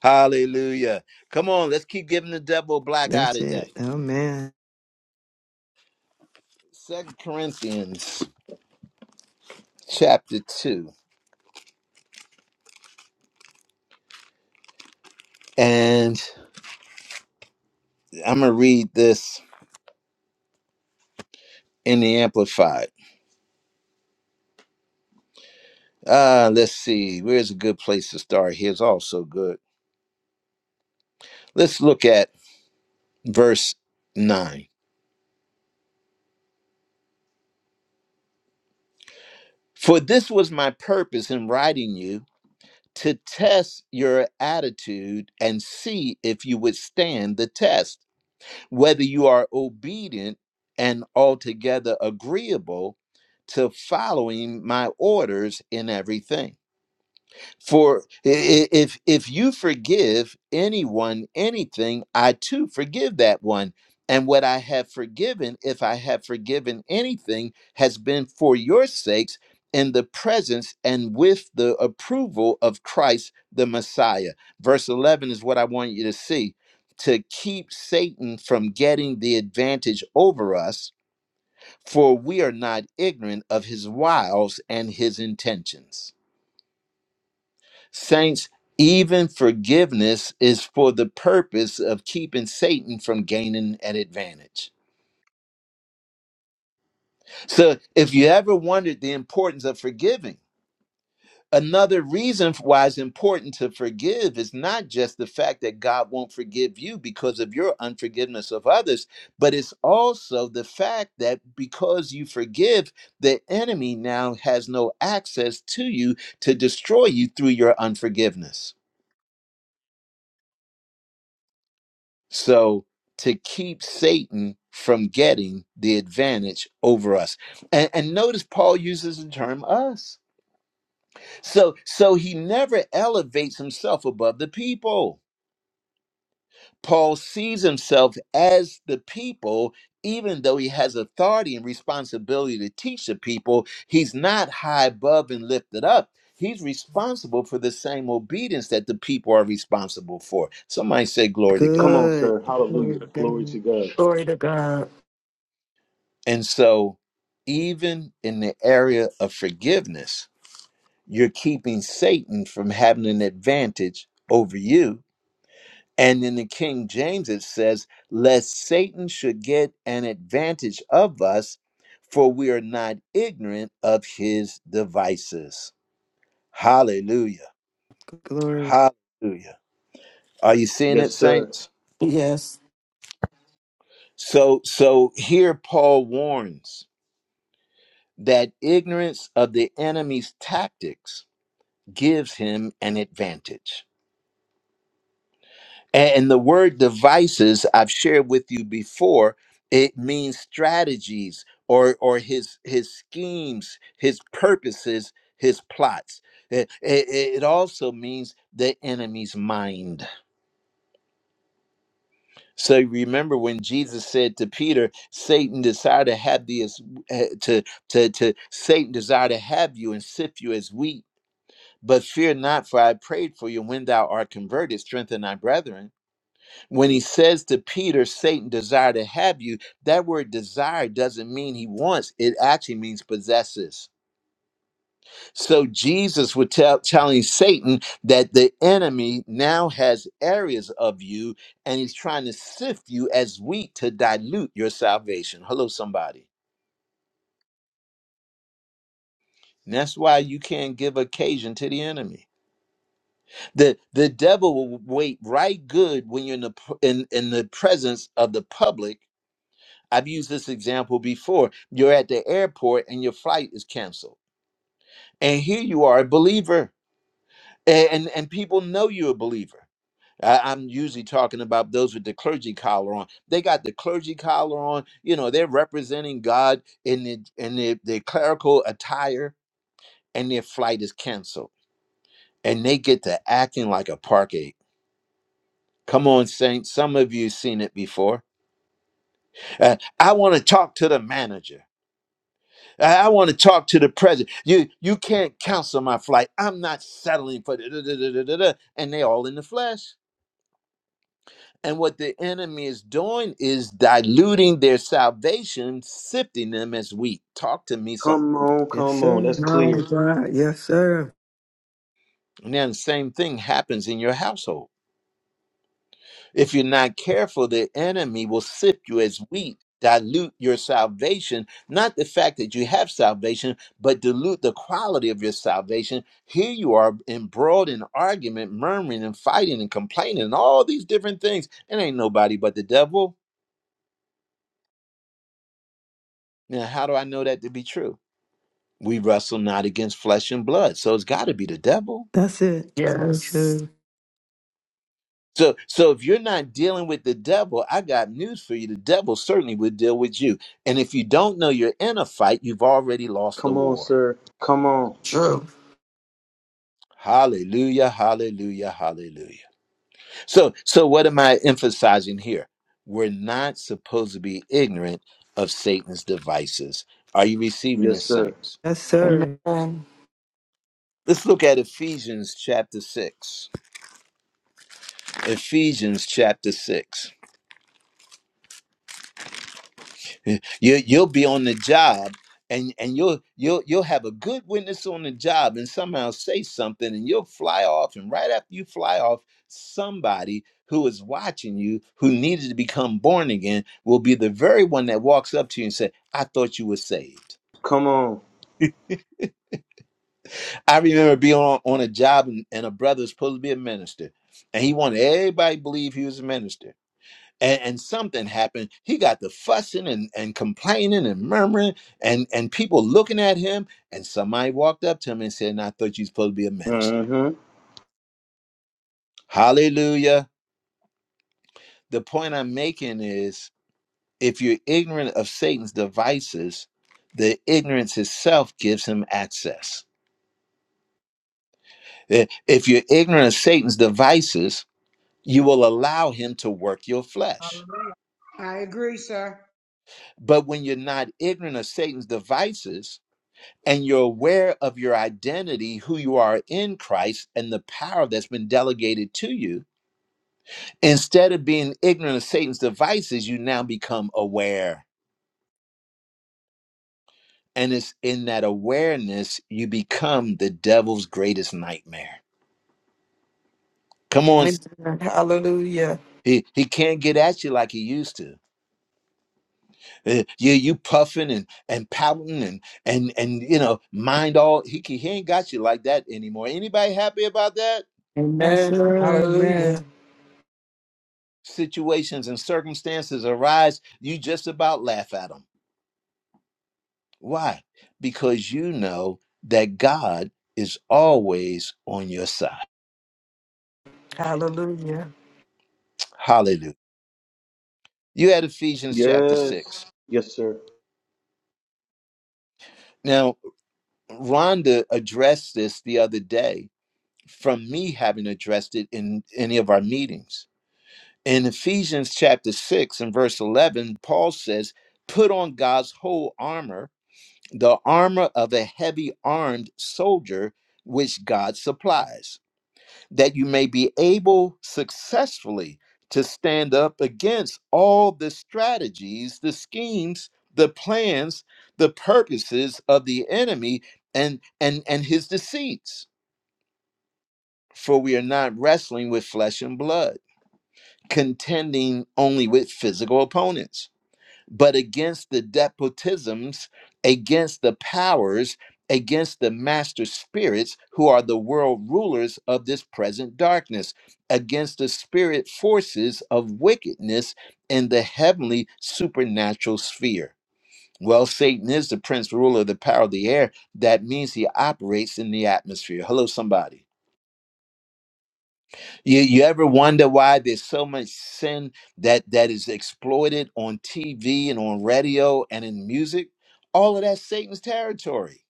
Speaker 1: Hallelujah. Come on, let's keep giving the devil a black eye
Speaker 7: That's
Speaker 1: today.
Speaker 7: it. Oh, man.
Speaker 1: Second Corinthians chapter 2. And I'm going to read this in the Amplified. Uh, let's see. Where's a good place to start? Here's also good. Let's look at verse 9. For this was my purpose in writing you to test your attitude and see if you would stand the test. whether you are obedient and altogether agreeable to following my orders in everything. For i- i- if if you forgive anyone anything, I too forgive that one. And what I have forgiven, if I have forgiven anything, has been for your sakes in the presence and with the approval of Christ the Messiah. Verse 11 is what I want you to see to keep Satan from getting the advantage over us, for we are not ignorant of his wiles and his intentions. Saints, even forgiveness is for the purpose of keeping Satan from gaining an advantage. So, if you ever wondered the importance of forgiving, another reason why it's important to forgive is not just the fact that God won't forgive you because of your unforgiveness of others, but it's also the fact that because you forgive, the enemy now has no access to you to destroy you through your unforgiveness. So to keep Satan from getting the advantage over us. And, and notice Paul uses the term us. So so he never elevates himself above the people. Paul sees himself as the people, even though he has authority and responsibility to teach the people, he's not high above and lifted up. He's responsible for the same obedience that the people are responsible for. Somebody say, Glory to God.
Speaker 3: Come on,
Speaker 7: Good.
Speaker 3: sir.
Speaker 7: Glory
Speaker 3: Hallelujah.
Speaker 7: to
Speaker 3: Glory to
Speaker 7: God.
Speaker 3: God.
Speaker 4: Glory to God.
Speaker 1: And so, even in the area of forgiveness, you're keeping Satan from having an advantage over you. And in the King James, it says, Lest Satan should get an advantage of us, for we are not ignorant of his devices. Hallelujah.
Speaker 7: Glory.
Speaker 1: Hallelujah. Are you seeing it,
Speaker 3: Yes, sir.
Speaker 1: saints?
Speaker 4: Yes.
Speaker 1: So, so here Paul warns that ignorance of the enemy's tactics gives him an advantage. And the word devices I've shared with you before, it means strategies or or his his schemes, his purposes, his plots. It, it, it also means the enemy's mind. So remember when Jesus said to Peter, Satan desired to have the as- eh, to to to Satan desired to have you and sift you as wheat, but fear not, for I prayed for you. When thou art converted, strengthen thy brethren. when he says to Peter, Satan desire to have you, that word desire doesn't mean he wants, it actually means possesses. So Jesus was tell, telling Satan that the enemy now has areas of you and he's trying to sift you as wheat to dilute your salvation. Hello, somebody. And that's why you can't give occasion to the enemy. The, the devil will wait right good when you're in the, in, in the presence of the public I've used this example before. You're at the airport and your flight is canceled. And here you are, a believer, a- and, and people know you're a believer. I, I'm usually talking about those with the clergy collar on. They got the clergy collar on. You know, they're representing God in the in the, the clerical attire, and their flight is canceled. And they get to acting like a park ape. Come on, saints. Some of you seen it before. Uh, I want to talk to the manager. I, I want to talk to the president. You you can't cancel my flight. I'm not settling for da- da- da- da- da- da- da." and they all in the flesh. And what the enemy is doing is diluting their salvation, sifting them as wheat. Talk to me some.
Speaker 3: Come on,
Speaker 7: Yes,
Speaker 3: come on.
Speaker 7: sir.
Speaker 3: That's
Speaker 7: No,
Speaker 3: clear.
Speaker 7: that's right. Yes, sir.
Speaker 1: And then the same thing happens in your household. If you're not careful, the enemy will sift you as wheat, dilute your salvation. Not the fact that you have salvation, but dilute the quality of your salvation. Here you are embroiled in argument, murmuring and fighting and complaining, and all these different things. It ain't nobody but the devil. Now, how do I know that to be true? We wrestle not against flesh and blood, so it's got to be the devil.
Speaker 7: That's it. Yes,
Speaker 4: Yes.
Speaker 7: sir.
Speaker 1: So, so if you're not dealing with the devil, I got news for you. The devil certainly would deal with you. And if you don't know you're in a fight, you've already lost the
Speaker 3: Come on,
Speaker 1: war.
Speaker 3: sir. Come on.
Speaker 4: True.
Speaker 1: Hallelujah, hallelujah, hallelujah. So, so what am I emphasizing here? We're not supposed to be ignorant of Satan's devices. Are you receiving
Speaker 3: Yes,
Speaker 1: this,
Speaker 3: sir.
Speaker 1: saints?
Speaker 7: Yes,
Speaker 4: Amen.
Speaker 7: sir.
Speaker 4: Amen.
Speaker 1: Let's look at Ephesians chapter 6. Ephesians chapter 6. You you'll be on the job and and you'll you'll you'll have a good witness on the job and somehow say something and you'll fly off and right after you fly off somebody who is watching you who needed to become born again will be the very one that walks up to you and say I thought you were saved.
Speaker 3: Come on.
Speaker 1: I remember being on, on a job and, and a brother was supposed to be a minister and he wanted everybody to believe he was a minister and, and something happened. He got the fussing and, and complaining and murmuring and, and people looking at him. And somebody walked up to him and said, "Now, I thought you were supposed to be a minister.
Speaker 3: Mm-hmm.
Speaker 1: Hallelujah. The point I'm making is if you're ignorant of Satan's devices, the ignorance itself gives him access. I- If you're ignorant of Satan's devices, you will allow him to work your flesh.
Speaker 8: Hallelujah. I agree, sir.
Speaker 1: But when you're not ignorant of Satan's devices, and you're aware of your identity, who you are in Christ, and the power that's been delegated to you, instead of being ignorant of Satan's devices, you now become aware. And it's in that awareness you become the devil's greatest nightmare. Come on.
Speaker 4: Hallelujah.
Speaker 1: He, he can't get at you like he used to. Uh, You you puffing and and pouting and and and you know mind all he can- he ain't got you like that anymore. Anybody happy about that?
Speaker 7: Yes,
Speaker 4: Amen.
Speaker 7: sir, man.
Speaker 4: Hallelujah.
Speaker 1: situations and circumstances arise, you just about laugh at them. Why? Because you know that God is always on your side.
Speaker 4: Hallelujah.
Speaker 1: Hallelujah. You had Ephesians chapter
Speaker 3: Yes.
Speaker 1: 6.
Speaker 3: Yes, sir.
Speaker 1: Now, Rhonda addressed this the other day from me having addressed it in any of our meetings. In Ephesians chapter 6 and verse 11, Paul says, Put on God's whole armor the armor of a heavy armed soldier which God supplies, that you may be able successfully to stand up against all the strategies, the schemes, the plans, the purposes of the enemy and and and his deceits. For we are not wrestling with flesh and blood, contending only with physical opponents but against the despotisms, against the powers, against the master spirits who are the world rulers of this present darkness, against the spirit forces of wickedness in the heavenly supernatural sphere. Well, Satan is the prince ruler of the power of the air. That means he operates in the atmosphere. Hello, somebody. You, you ever wonder why there's so much sin that that is exploited on TV and on radio and in music? All of that's Satan's territory.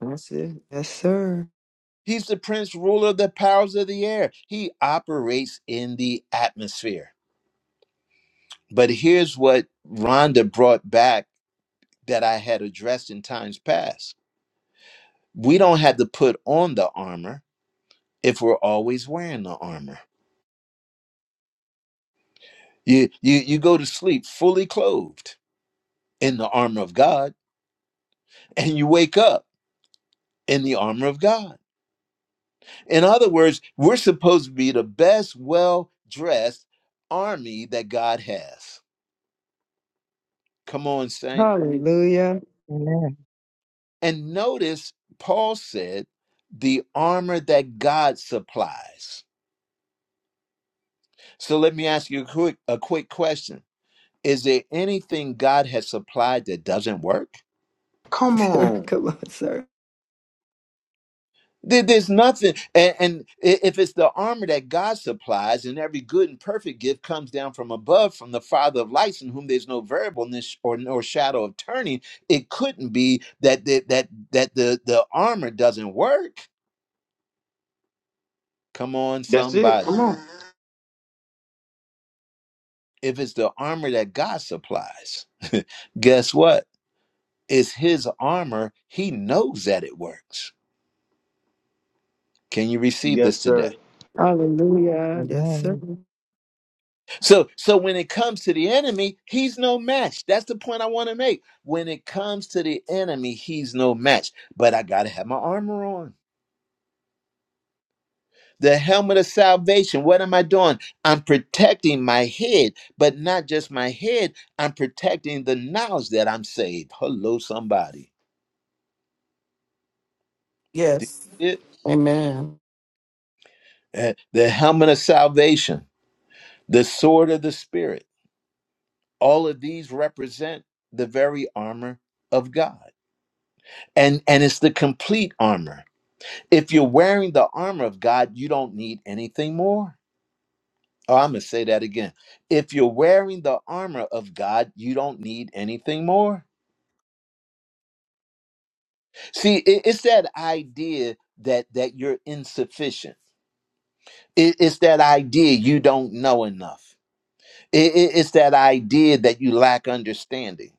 Speaker 7: That's it. Yes, sir.
Speaker 1: He's the prince ruler of the powers of the air. He operates in the atmosphere. But here's what Rhonda brought back that I had addressed in times past. We don't have to put on the armor if we're always wearing the armor. You you you go to sleep fully clothed in the armor of God and you wake up in the armor of God. In other words, we're supposed to be the best, well dressed army that God has. Come on, Saint.
Speaker 7: Hallelujah.
Speaker 5: Amen.
Speaker 1: And notice Paul said, the armor that God supplies. So let me ask you a quick, a quick question. Is there anything God has supplied that doesn't work?
Speaker 3: Come
Speaker 7: Sir,
Speaker 3: on.
Speaker 7: Come on, sir.
Speaker 1: There- There's nothing, and, and i- if it's the armor that God supplies, and every good and perfect gift comes down from above, from the Father of lights, in whom there's no variableness or nor shadow of turning, it couldn't be that the, that that the the armor doesn't work. Come on,
Speaker 3: That's it. Come
Speaker 1: somebody!
Speaker 3: on.
Speaker 1: If it's the armor that God supplies, guess what? It's His armor. He knows that it works. Can you receive
Speaker 3: Yes,
Speaker 1: this today?
Speaker 3: sir.
Speaker 7: Hallelujah. Yes, sir.
Speaker 5: Amen.
Speaker 1: So so when it comes to the enemy, he's no match. That's the point I want to make. When it comes to the enemy, he's no match. But I got to have my armor on. The helmet of salvation. What am I doing? I'm protecting my head, but not just my head. I'm protecting the knowledge that I'm saved. Hello, somebody. Do
Speaker 4: Yes.
Speaker 1: you get
Speaker 4: Amen.
Speaker 1: it? Uh, The helmet of salvation, the sword of the spirit. All of these represent the very armor of God. And and it's the complete armor If you're wearing the armor of God, you don't need anything more. Oh, I'm going to say that again. If you're wearing the armor of God, you don't need anything more. See, it- it's that idea that that you're insufficient. It- it's that idea you don't know enough. It- it- it's that idea that you lack understanding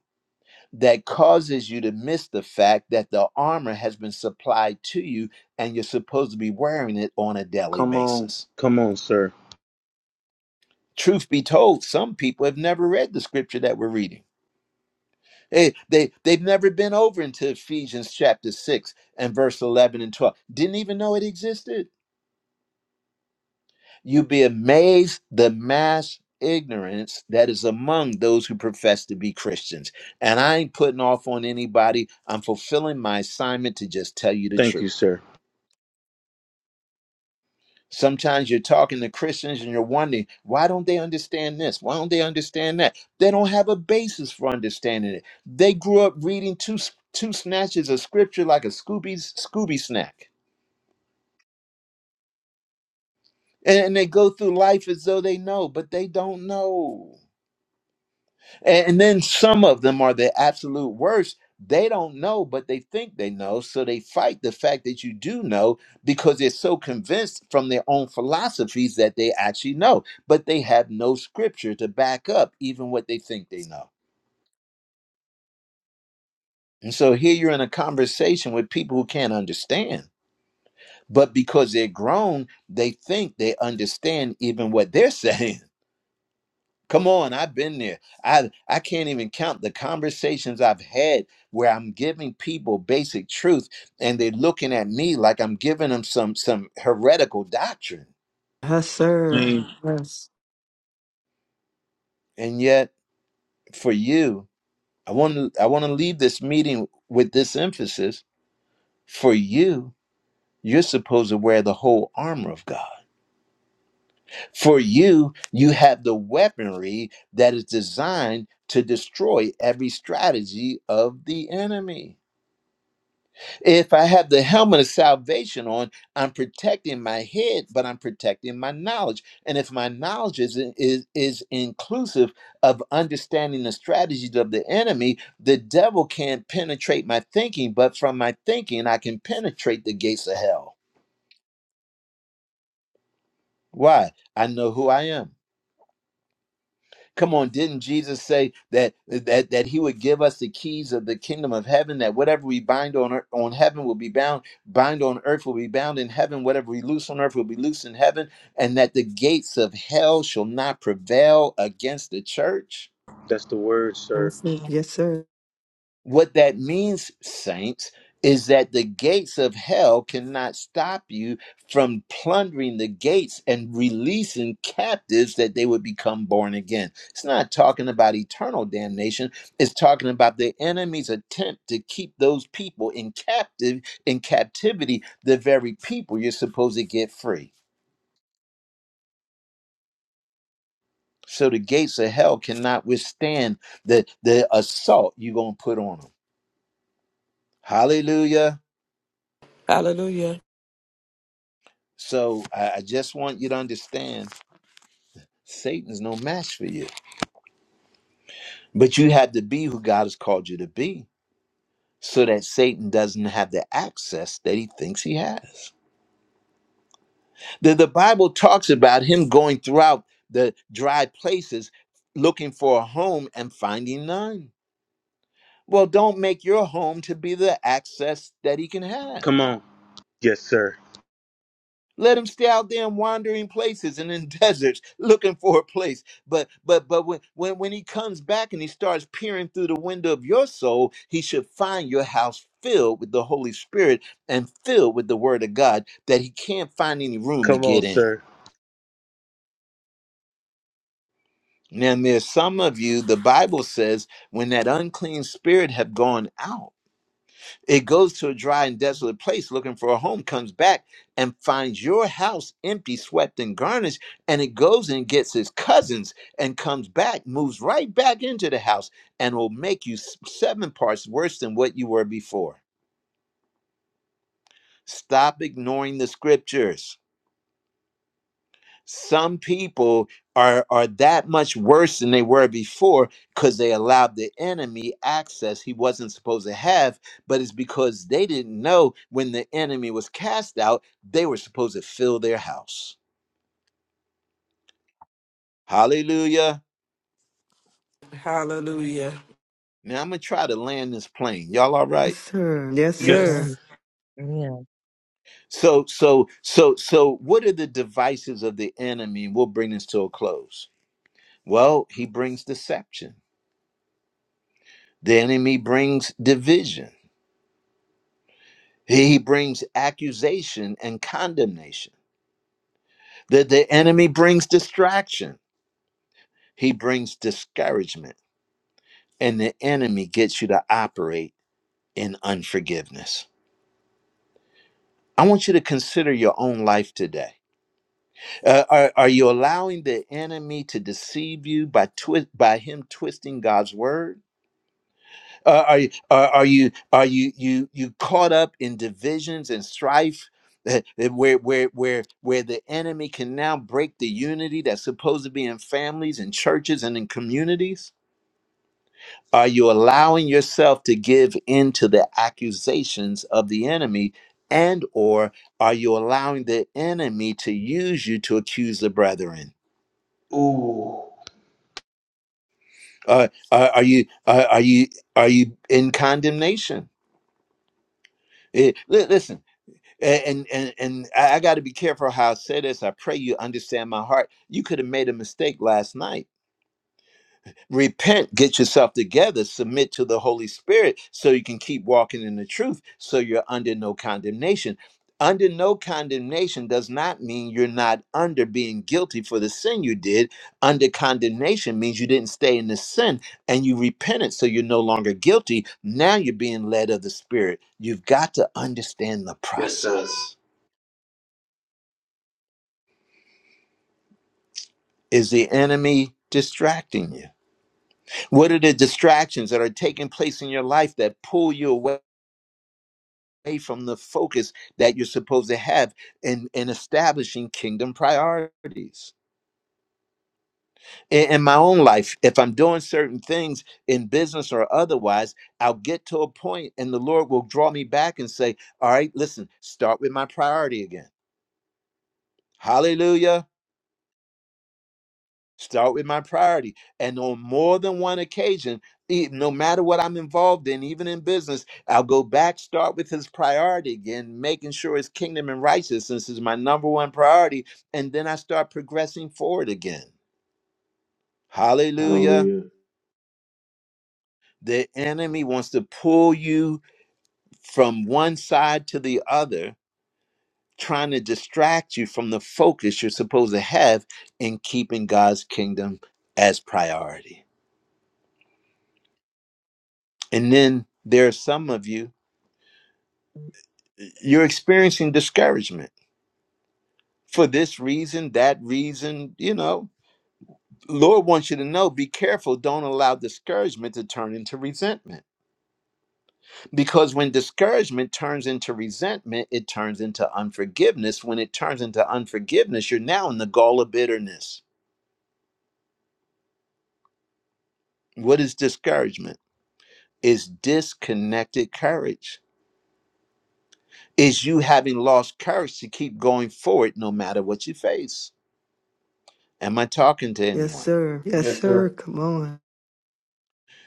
Speaker 1: that causes you to miss the fact that the armor has been supplied to you and you're supposed to be wearing it on a daily
Speaker 3: Come on.
Speaker 1: basis.
Speaker 3: Come on, sir.
Speaker 1: Truth be told, some people have never read the scripture that we're reading. They, they, they've never been over into Ephesians chapter 6 and verse 11 and 12. Didn't even know it existed. You'd be amazed the mass ignorance that is among those who profess to be Christians. And I ain't putting off on anybody. I'm fulfilling my assignment to just tell you the
Speaker 3: Thank you,
Speaker 1: truth.
Speaker 3: sir.
Speaker 1: Sometimes you're talking to Christians and you're wondering, why don't they understand this? Why don't they understand that? They don't have a basis for understanding it. They grew up reading two, two snatches of scripture like a Scooby, Scooby snack. And, and they go through life as though they know, but they don't know. And, and then some of them are the absolute worst. They don't know, but they think they know. So they fight the fact that you do know because they're so convinced from their own philosophies that they actually know. But they have no scripture to back up even what they think they know. And so here you're in a conversation with people who can't understand. But because they're grown, they think they understand even what they're saying. Come on, I've been there. I I can't even count the conversations I've had where I'm giving people basic truth and they're looking at me like I'm giving them some some heretical doctrine.
Speaker 7: Yes, sir.
Speaker 3: Amen.
Speaker 7: Yes.
Speaker 1: And yet for you, I want to I want to leave this meeting with this emphasis. For you, you're supposed to wear the whole armor of God. For you, you have the weaponry that is designed to destroy every strategy of the enemy. If I have the helmet of salvation on, I'm protecting my head, but I'm protecting my knowledge. And if my knowledge is, is, is inclusive of understanding the strategies of the enemy, the devil can't penetrate my thinking, but from my thinking, I can penetrate the gates of hell. Why? I know who I am. Come on, didn't Jesus say that that that he would give us the keys of the kingdom of heaven that whatever we bind on earth, on heaven will be bound, bind on earth will be bound in heaven, whatever we loose on earth will be loose in heaven, and that the gates of hell shall not prevail against the church?
Speaker 3: That's the word, sir.
Speaker 7: That's it. Yes, sir.
Speaker 1: What that means, saints, is that the gates of hell cannot stop you from plundering the gates and releasing captives that they would become born again. It's not talking about eternal damnation, it's talking about the enemy's attempt to keep those people in captive in captivity, the very people you're supposed to get free. So the gates of hell cannot withstand the the assault you're going to put on them. Hallelujah.
Speaker 4: Hallelujah.
Speaker 1: So I, I just want you to understand Satan's no match for you. But you have to be who God has called you to be so that Satan doesn't have the access that he thinks he has. The, the Bible talks about him going throughout the dry places looking for a home and finding none. Well, don't make your home to be the access that he can have.
Speaker 3: Come on. Yes, sir.
Speaker 1: Let him stay out there in wandering places and in deserts looking for a place. But but but when, when when he comes back and he starts peering through the window of your soul, he should find your house filled with the Holy Spirit and filled with the word of God that he can't find any room to
Speaker 3: Come on,
Speaker 1: get in.
Speaker 3: sir.
Speaker 1: Now there's some of you, the Bible says, when that unclean spirit have gone out. It goes to a dry and desolate place looking for a home, comes back and finds your house empty, swept, and garnished. And it goes and gets his cousins and comes back, moves right back into the house, and will make you s- seven parts worse than what you were before. Stop ignoring the scriptures some people are are that much worse than they were before because they allowed the enemy access he wasn't supposed to have but it's because they didn't know when the enemy was cast out they were supposed to fill their house hallelujah
Speaker 4: Hallelujah.
Speaker 1: now i'm gonna try to land this plane y'all all
Speaker 7: Yes,
Speaker 1: right
Speaker 7: sir. Yes,
Speaker 3: Yes. Sir.
Speaker 7: sir.
Speaker 5: Amen.
Speaker 4: Yes.
Speaker 5: Amen.
Speaker 1: so so so so what are the devices of the enemy we'll bring this to a close well he brings deception the enemy brings division He brings accusation and condemnation. The, the enemy brings distraction. He brings discouragement. And the enemy gets you to operate in unforgiveness. I want you to consider your own life today. Uh, are, are you allowing the enemy to deceive you by, twi- by him twisting God's word? Uh, are you are, are you are you you you caught up in divisions and strife? eh, eh, Where where where where the enemy can now break the unity that's supposed to be in families and churches and in communities? Are you allowing yourself to give in to the accusations of the enemy? And or are you allowing the enemy to use you to accuse the brethren?
Speaker 3: Ooh.
Speaker 1: Uh, are, are you are, are you are you in condemnation? Eh, li- Listen, and and and I, I got to be careful how I say this. I pray you understand my heart. You could have made a mistake last night. Repent, get yourself together, submit to the Holy Spirit, so you can keep walking in the truth. So you're under no condemnation. Under no condemnation does not mean you're not under being guilty for the sin you did. Under condemnation means you didn't stay in the sin and you repented, so you're no longer guilty. Now you're being led of the Spirit. You've got to understand the
Speaker 3: Yes, sir.
Speaker 1: process. Is the enemy distracting you? What are the distractions that are taking place in your life that pull you away from the focus that you're supposed to have in, in establishing kingdom priorities? In, in my own life, if I'm doing certain things in business or otherwise, I'll get to a point and the Lord will draw me back and say, All right, listen, start with my priority again. Hallelujah. Start with my priority. And on more than one occasion, e- no matter what I'm involved in, even in business, I'll go back, start with his priority again, making sure his kingdom and righteousness is my number one priority. And then I start progressing forward again. Hallelujah.
Speaker 3: Hallelujah.
Speaker 1: The enemy wants to pull you from one side to the other, trying to distract you from the focus you're supposed to have in keeping God's kingdom as priority. And then there are some of you You're experiencing discouragement for this reason, that reason, you know. Lord wants you to know be careful. Don't allow discouragement to turn into resentment. Because when discouragement turns into resentment, it turns into unforgiveness. When it turns into unforgiveness, you're now in the gall of bitterness. What is discouragement? Is disconnected courage. Is you having lost courage to keep going forward no matter what you face. Am I talking to
Speaker 7: Yes,
Speaker 1: anyone?
Speaker 7: sir. Yes,
Speaker 3: Yes,
Speaker 7: sir.
Speaker 3: sir.
Speaker 7: Come on.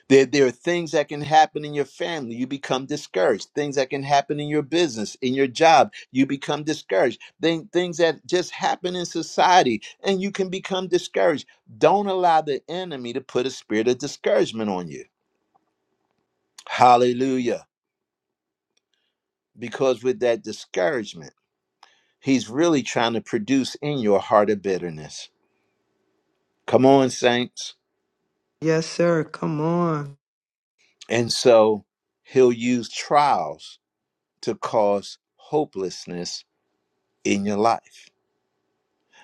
Speaker 1: There, there are things that can happen in your family. You become discouraged. Things that can happen in your business, in your job. You become discouraged. Thing- things that just happen in society and you can become discouraged. Don't allow the enemy to put a spirit of discouragement on you. Hallelujah. Because with that discouragement, he's really trying to produce in your heart a bitterness. Come on, saints.
Speaker 7: Yes, sir. Come on.
Speaker 1: And so he'll use trials to cause hopelessness in your life.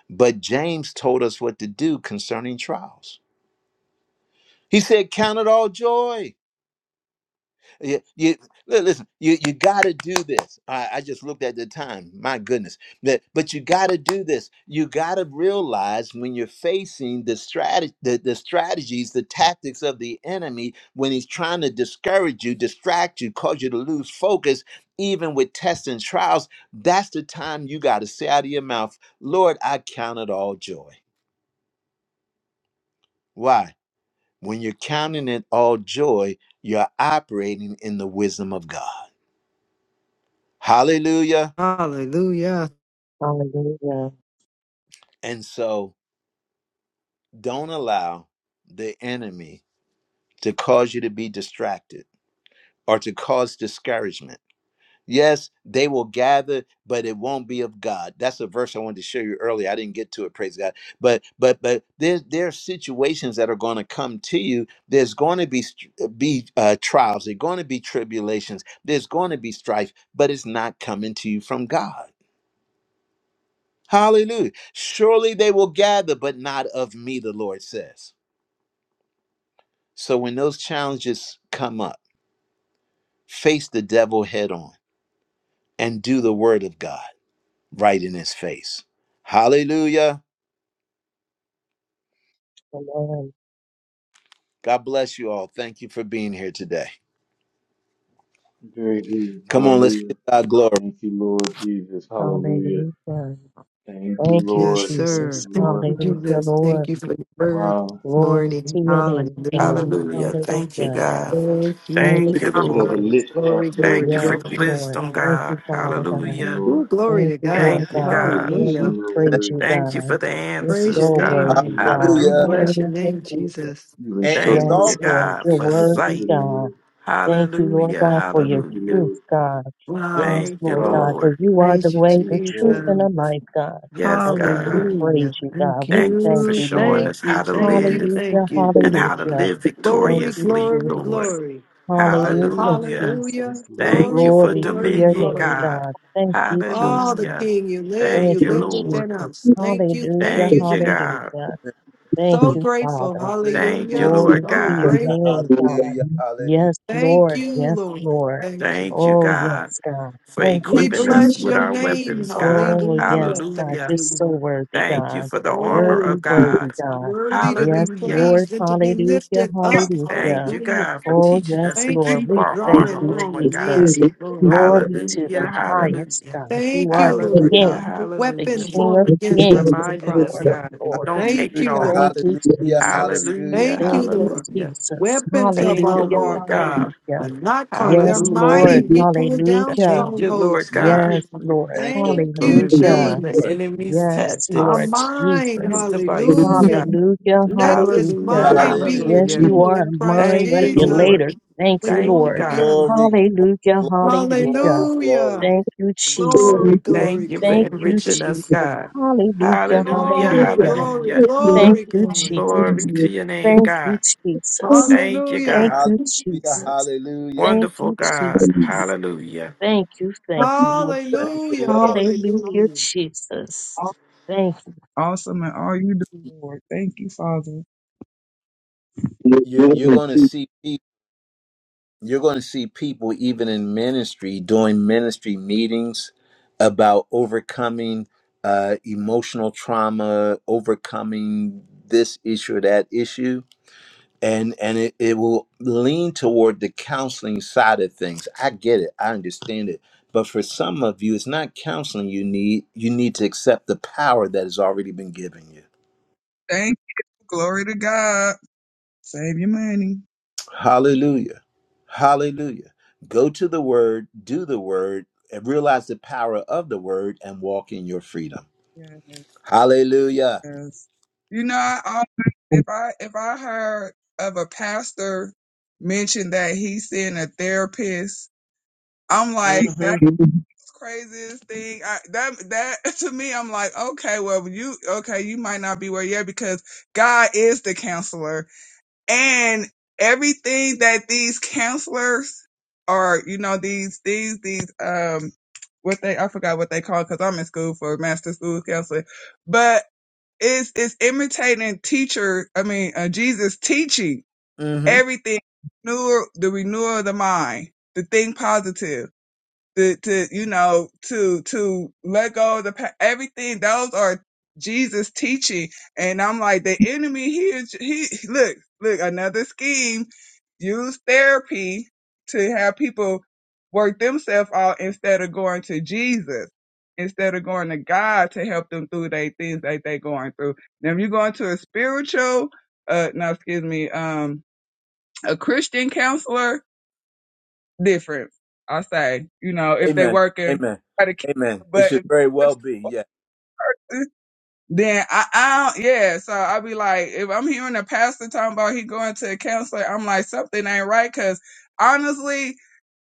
Speaker 1: But James told us what to do concerning trials. He said, Count it all joy. You, you- li- listen, you, you got to do this. I, I just looked at the time. My goodness. That, but you got to do this. You got to realize when you're facing the, strat- the, the strategies, the tactics of the enemy, when he's trying to discourage you, distract you, cause you to lose focus, even with tests and trials, that's the time you got to say out of your mouth, Lord, I count it all joy. Why? When you're counting it all joy, you're operating in the wisdom of God. Hallelujah.
Speaker 7: Hallelujah.
Speaker 5: Hallelujah.
Speaker 1: And so don't allow the enemy to cause you to be distracted or to cause discouragement Yes, they will gather, but it won't be of God. That's a verse I wanted to show you earlier. I didn't get to it, praise God. But but but there's there are situations that are going to come to you. There's going to be st- be uh, trials. There's going to be tribulations. There's going to be strife, but it's not coming to you from God. Hallelujah. Surely they will gather, but not of me, the Lord says. So when those challenges come up, face the devil head on and do the word of God right in his face. Hallelujah.
Speaker 5: Amen.
Speaker 1: God bless you all. Thank you for being here today.
Speaker 3: Very good.
Speaker 1: Come on, let's
Speaker 3: Hallelujah.
Speaker 1: give God glory.
Speaker 3: Thank you, Lord Jesus. Hallelujah.
Speaker 5: Hallelujah.
Speaker 3: Thank you,
Speaker 5: Thank you,
Speaker 7: Yes,
Speaker 3: Lord. Thank you,
Speaker 5: Jesus.
Speaker 7: sir. Thank
Speaker 3: Lord.
Speaker 7: you,
Speaker 5: Hallelujah,
Speaker 3: Thank you.
Speaker 7: Jesus. Thank you
Speaker 5: Lord.
Speaker 7: for the word
Speaker 3: Wow.
Speaker 7: this
Speaker 5: Glory to
Speaker 7: morning.
Speaker 5: your name, God.
Speaker 7: Hallelujah.
Speaker 4: Hallelujah. Thank you,
Speaker 5: Hallelujah.
Speaker 4: God.
Speaker 7: Thank
Speaker 5: Thank
Speaker 7: you.
Speaker 4: Thank
Speaker 5: you,
Speaker 4: you,
Speaker 3: We have
Speaker 4: Lord.
Speaker 3: a
Speaker 5: Jesus.
Speaker 3: lit path,
Speaker 7: Glory,
Speaker 3: Lord.
Speaker 7: glory,
Speaker 4: Thank you
Speaker 5: Yes,
Speaker 3: Thank
Speaker 4: for
Speaker 7: glory.
Speaker 4: the
Speaker 3: you.
Speaker 5: Lord.
Speaker 4: wisdom,
Speaker 5: Thank you,
Speaker 4: God.
Speaker 5: Father
Speaker 3: Thank you,
Speaker 5: God.
Speaker 4: Hallelujah.
Speaker 7: Ooh,
Speaker 3: Lord.
Speaker 7: glory
Speaker 5: Thank
Speaker 7: to
Speaker 5: you, Lord
Speaker 7: God.
Speaker 4: Thank you,
Speaker 3: For
Speaker 5: God.
Speaker 4: God.
Speaker 3: the
Speaker 5: Lord,
Speaker 3: peace
Speaker 5: we
Speaker 3: in
Speaker 7: Hallelujah.
Speaker 3: your
Speaker 5: praise
Speaker 3: word.
Speaker 5: you,
Speaker 4: Thank you
Speaker 5: God.
Speaker 4: for the
Speaker 5: You're
Speaker 7: Praise
Speaker 4: answers,
Speaker 7: your
Speaker 5: so
Speaker 3: Thank
Speaker 5: worthy,
Speaker 7: name,
Speaker 4: God.
Speaker 3: you,
Speaker 7: Lord
Speaker 3: Lord.
Speaker 7: God.
Speaker 5: God.
Speaker 7: We
Speaker 1: Hallelujah.
Speaker 4: Hallelujah.
Speaker 7: bless your
Speaker 5: Hallelujah,
Speaker 7: name,
Speaker 5: Jesus.
Speaker 7: Jesus.
Speaker 3: You've
Speaker 1: And, and it's
Speaker 3: instructed
Speaker 4: Thank
Speaker 1: all
Speaker 3: us
Speaker 4: you,
Speaker 5: Yes,
Speaker 1: about
Speaker 5: Lord.
Speaker 4: God,
Speaker 5: You're
Speaker 1: faith.
Speaker 3: in
Speaker 4: for
Speaker 3: righteous
Speaker 5: worthy,
Speaker 4: sight.
Speaker 3: living,
Speaker 5: God.
Speaker 3: Lord.
Speaker 5: Thank you, Lord
Speaker 4: Hallelujah.
Speaker 5: God, for
Speaker 3: Thank
Speaker 5: your
Speaker 3: you,
Speaker 4: Hallelujah.
Speaker 5: truth,
Speaker 3: Lord.
Speaker 5: God.
Speaker 7: Wow.
Speaker 5: Yes,
Speaker 4: Thank you,
Speaker 5: Lord God,
Speaker 3: Wow.
Speaker 5: because
Speaker 4: Lord.
Speaker 5: you are the
Speaker 7: Praise you,
Speaker 5: way, the truth,
Speaker 3: Yes,
Speaker 5: and
Speaker 7: Jesus.
Speaker 5: the life, God.
Speaker 4: Yes,
Speaker 5: And Lord, we
Speaker 4: God.
Speaker 3: yes.
Speaker 5: praise
Speaker 7: Hallelujah.
Speaker 5: you, God.
Speaker 7: Thank
Speaker 5: We
Speaker 4: Thank you
Speaker 5: thank
Speaker 4: for
Speaker 7: you.
Speaker 5: you,
Speaker 4: showing
Speaker 5: Lord.
Speaker 4: us
Speaker 7: Thank you.
Speaker 4: how to
Speaker 7: Thank you.
Speaker 4: live
Speaker 5: Hallelujah,
Speaker 7: Thank you.
Speaker 3: Thank you,
Speaker 4: and
Speaker 3: Lord.
Speaker 4: how to
Speaker 3: Jesus.
Speaker 5: hallelujah.
Speaker 4: live
Speaker 5: Thank
Speaker 7: Glory,
Speaker 5: you,
Speaker 4: victoriously,
Speaker 7: glory,
Speaker 4: Lord.
Speaker 5: Jesus.
Speaker 7: glory.
Speaker 5: Hallelujah,
Speaker 1: Hallelujah.
Speaker 4: Hallelujah.
Speaker 7: Hallelujah.
Speaker 3: Thank
Speaker 5: Jesus.
Speaker 3: you, Lord.
Speaker 4: Thank
Speaker 3: Thank
Speaker 4: you
Speaker 7: Glory,
Speaker 3: you,
Speaker 4: for
Speaker 5: Glory
Speaker 3: Lord.
Speaker 5: to
Speaker 7: glory,
Speaker 5: your
Speaker 4: dominion,
Speaker 5: name,
Speaker 7: glory.
Speaker 4: God.
Speaker 5: God. Thank you,
Speaker 7: Oh,
Speaker 5: Jesus.
Speaker 7: the
Speaker 4: Hallelujah.
Speaker 7: King, you live,
Speaker 3: Mm-hmm.
Speaker 5: Thank
Speaker 7: you
Speaker 4: Thank you,
Speaker 5: you,
Speaker 7: live
Speaker 4: Lord.
Speaker 7: within
Speaker 5: Jesus.
Speaker 7: us. Thank you, thank
Speaker 5: Hallelujah,
Speaker 7: you,
Speaker 4: Thank you,
Speaker 7: thank you.
Speaker 4: God.
Speaker 5: hallelujah. Thank
Speaker 7: So
Speaker 5: you,
Speaker 7: grateful.
Speaker 5: Father.
Speaker 4: Thank you,
Speaker 1: Hallelujah.
Speaker 7: Hallelujah.
Speaker 5: Glory
Speaker 4: Lord
Speaker 7: So
Speaker 5: to your
Speaker 4: God.
Speaker 7: grateful.
Speaker 5: name, God.
Speaker 1: Hallelujah. Hallelujah.
Speaker 5: Yes,
Speaker 7: Thank
Speaker 5: Lord.
Speaker 7: you,
Speaker 5: Yes,
Speaker 7: Lord.
Speaker 5: Lord.
Speaker 7: Thank you.
Speaker 4: Thank you,
Speaker 5: Oh,
Speaker 4: God,
Speaker 5: yes, God.
Speaker 4: for
Speaker 5: Thank you,
Speaker 7: We
Speaker 4: equipping us
Speaker 7: bless
Speaker 4: with
Speaker 5: Jesus.
Speaker 7: your
Speaker 4: our
Speaker 7: name.
Speaker 4: weapons, God.
Speaker 5: Oh,
Speaker 7: Hallelujah.
Speaker 5: yes, God.
Speaker 7: Thank
Speaker 4: Hallelujah.
Speaker 5: You're
Speaker 7: you,
Speaker 5: so
Speaker 7: Lord.
Speaker 5: worthy,
Speaker 4: Thank you
Speaker 5: God.
Speaker 4: for the armor
Speaker 7: Oh,
Speaker 5: Worthy,
Speaker 4: of
Speaker 5: worthy,
Speaker 4: God.
Speaker 7: it's
Speaker 5: God.
Speaker 7: worthy to
Speaker 5: Yes,
Speaker 7: be
Speaker 4: Hallelujah.
Speaker 5: Lord.
Speaker 7: praised and to be
Speaker 5: Hallelujah.
Speaker 7: lifted up.
Speaker 4: Thank
Speaker 5: Hallelujah.
Speaker 4: you,
Speaker 7: Hallelujah.
Speaker 4: God, for
Speaker 5: Oh,
Speaker 4: teaching us
Speaker 5: yes,
Speaker 4: to
Speaker 7: Thank
Speaker 5: Lord.
Speaker 7: you
Speaker 4: keep
Speaker 7: for
Speaker 5: We
Speaker 4: our
Speaker 5: thank
Speaker 4: armor
Speaker 7: drawing
Speaker 5: you,
Speaker 4: on,
Speaker 7: on
Speaker 4: God.
Speaker 5: Jesus.
Speaker 7: men.
Speaker 10: Hmm.
Speaker 7: Lord.
Speaker 5: Glory to
Speaker 4: Hallelujah.
Speaker 5: the highest
Speaker 4: Hallelujah.
Speaker 5: God. You
Speaker 7: Thank
Speaker 5: are
Speaker 7: you,
Speaker 5: the
Speaker 7: Lord
Speaker 4: Hallelujah.
Speaker 7: God.
Speaker 5: King,
Speaker 7: The
Speaker 5: the
Speaker 7: weapon
Speaker 4: Hallelujah.
Speaker 5: King of
Speaker 7: formed
Speaker 4: You
Speaker 7: against
Speaker 5: Kings,
Speaker 7: us will
Speaker 4: reminded us,
Speaker 5: Lord of
Speaker 7: prosper.
Speaker 4: God, that we
Speaker 5: Lords.
Speaker 4: don't
Speaker 1: Hallelujah.
Speaker 7: Thank
Speaker 4: take it
Speaker 7: you,
Speaker 1: Hallelujah.
Speaker 4: off.
Speaker 5: Thank
Speaker 7: Lord.
Speaker 5: you,
Speaker 1: Hallelujah.
Speaker 5: Jesus.
Speaker 1: Hallelujah.
Speaker 4: Hallelujah.
Speaker 7: Thank
Speaker 5: Thank
Speaker 7: you,
Speaker 5: you,
Speaker 7: Lord.
Speaker 4: Hallelujah.
Speaker 5: Jesus.
Speaker 7: Weapons of
Speaker 4: Thank you,
Speaker 7: our
Speaker 5: Hallelujah.
Speaker 4: Lord
Speaker 7: warfare
Speaker 4: God.
Speaker 5: Hallelujah.
Speaker 7: are not carnal. They're
Speaker 5: Yes,
Speaker 4: Hallelujah.
Speaker 5: Lord.
Speaker 7: mighty. We pull down
Speaker 5: Hallelujah.
Speaker 4: Thank you, Lord
Speaker 7: strongholds. Thank
Speaker 4: God.
Speaker 5: Yes,
Speaker 7: you, Lord.
Speaker 5: Lord.
Speaker 1: Thank you,
Speaker 7: Thank
Speaker 4: for
Speaker 7: you,
Speaker 4: revealing
Speaker 5: Hallelujah.
Speaker 4: the
Speaker 7: Jesus.
Speaker 1: Lord.
Speaker 4: enemy's
Speaker 5: Yes,
Speaker 7: Our
Speaker 5: Lord
Speaker 4: tactics,
Speaker 7: mind,
Speaker 5: Jesus.
Speaker 4: his devices, God.
Speaker 7: hallelujah.
Speaker 5: Hallelujah.
Speaker 7: Let this
Speaker 4: Hallelujah,
Speaker 5: Hallelujah.
Speaker 7: mind
Speaker 1: Hallelujah.
Speaker 7: be
Speaker 5: Yes,
Speaker 7: in
Speaker 4: hallelujah.
Speaker 5: you
Speaker 7: you
Speaker 5: are a
Speaker 7: in Christ
Speaker 5: mind
Speaker 4: Thank you,
Speaker 7: Jesus.
Speaker 4: Lord.
Speaker 5: regulator. Thank you,
Speaker 4: Thank you,
Speaker 5: Lord.
Speaker 4: God.
Speaker 7: Hallelujah.
Speaker 1: Glory, glory,
Speaker 5: Hallelujah.
Speaker 1: glory, glory,
Speaker 5: Hallelujah.
Speaker 1: glory.
Speaker 7: Hallelujah.
Speaker 5: Thank you, Jesus.
Speaker 7: Glory, glory,
Speaker 4: Thank you for
Speaker 5: Thank
Speaker 7: glory.
Speaker 5: you,
Speaker 4: enriching us,
Speaker 5: Jesus.
Speaker 4: God.
Speaker 5: Hallelujah.
Speaker 4: Hallelujah,
Speaker 7: Glory,
Speaker 5: Hallelujah.
Speaker 7: glory,
Speaker 4: hallelujah.
Speaker 5: Thank
Speaker 7: glory,
Speaker 5: you,
Speaker 7: glory.
Speaker 5: Jesus.
Speaker 4: Glory to your name,
Speaker 5: Thank
Speaker 4: God.
Speaker 5: you, Jesus.
Speaker 4: Thank you,
Speaker 5: Thank
Speaker 7: Hallelujah.
Speaker 4: God.
Speaker 5: you,
Speaker 1: Hallelujah.
Speaker 5: Jesus.
Speaker 1: Hallelujah.
Speaker 5: Thank
Speaker 4: Wonderful
Speaker 5: you,
Speaker 4: God.
Speaker 5: Jesus.
Speaker 4: Hallelujah.
Speaker 5: Thank you, thank you, Lord.
Speaker 1: Thank you,
Speaker 7: Hallelujah.
Speaker 1: Lord.
Speaker 5: Hallelujah,
Speaker 7: Hallelujah.
Speaker 5: Jesus. Thank
Speaker 10: Awesome and all you do, Lord. Thank you, Father. Thank
Speaker 1: You're, you're going to see people. You're going to see people, even in ministry, doing ministry meetings about overcoming uh, emotional trauma, overcoming this issue or that issue. And, and it, it will lean toward the counseling side of things. I get it. I understand it. But for some of you, it's not counseling you need. You need to accept the power that has already been given you.
Speaker 10: you. Glory to God. Save your money.
Speaker 1: Hallelujah. Hallelujah. Go to the word, do the word, and realize the power of the word and walk in your freedom. Hallelujah.
Speaker 10: Yes. You know, I always, if I if I heard of a pastor mention that he's seeing a therapist, I'm
Speaker 1: hmm
Speaker 10: like, that's the craziest thing. I, that that to me, I'm like, okay, well, you okay, you might not be where you're at because God is the counselor. And everything that these counselors are, you know, these, these, these, um, what they, I forgot what they call because I'm in school for master school counselor, but it's, it's imitating teacher, I mean, uh, Jesus teaching
Speaker 1: hmm
Speaker 10: everything, renewal, the renewal of the mind, the think positive to, to you know to to let go of the pa- everything those are jesus teaching and i'm like the enemy here he look look another scheme use therapy to have people work themselves out instead of going to jesus instead of going to god to help them through their things that they're going through now if you're going to a spiritual uh no excuse me um a christian counselor different. I say, you know, if they
Speaker 1: Amen.
Speaker 10: working,
Speaker 1: Amen.
Speaker 10: try to keep.
Speaker 1: Amen.
Speaker 10: it,
Speaker 1: It
Speaker 10: But if
Speaker 1: should very well be. Yeah.
Speaker 10: then I, I don't, yeah. So I be like, if I'm hearing a pastor talking about he going to a counselor, I'm like, something ain't right. Cause honestly,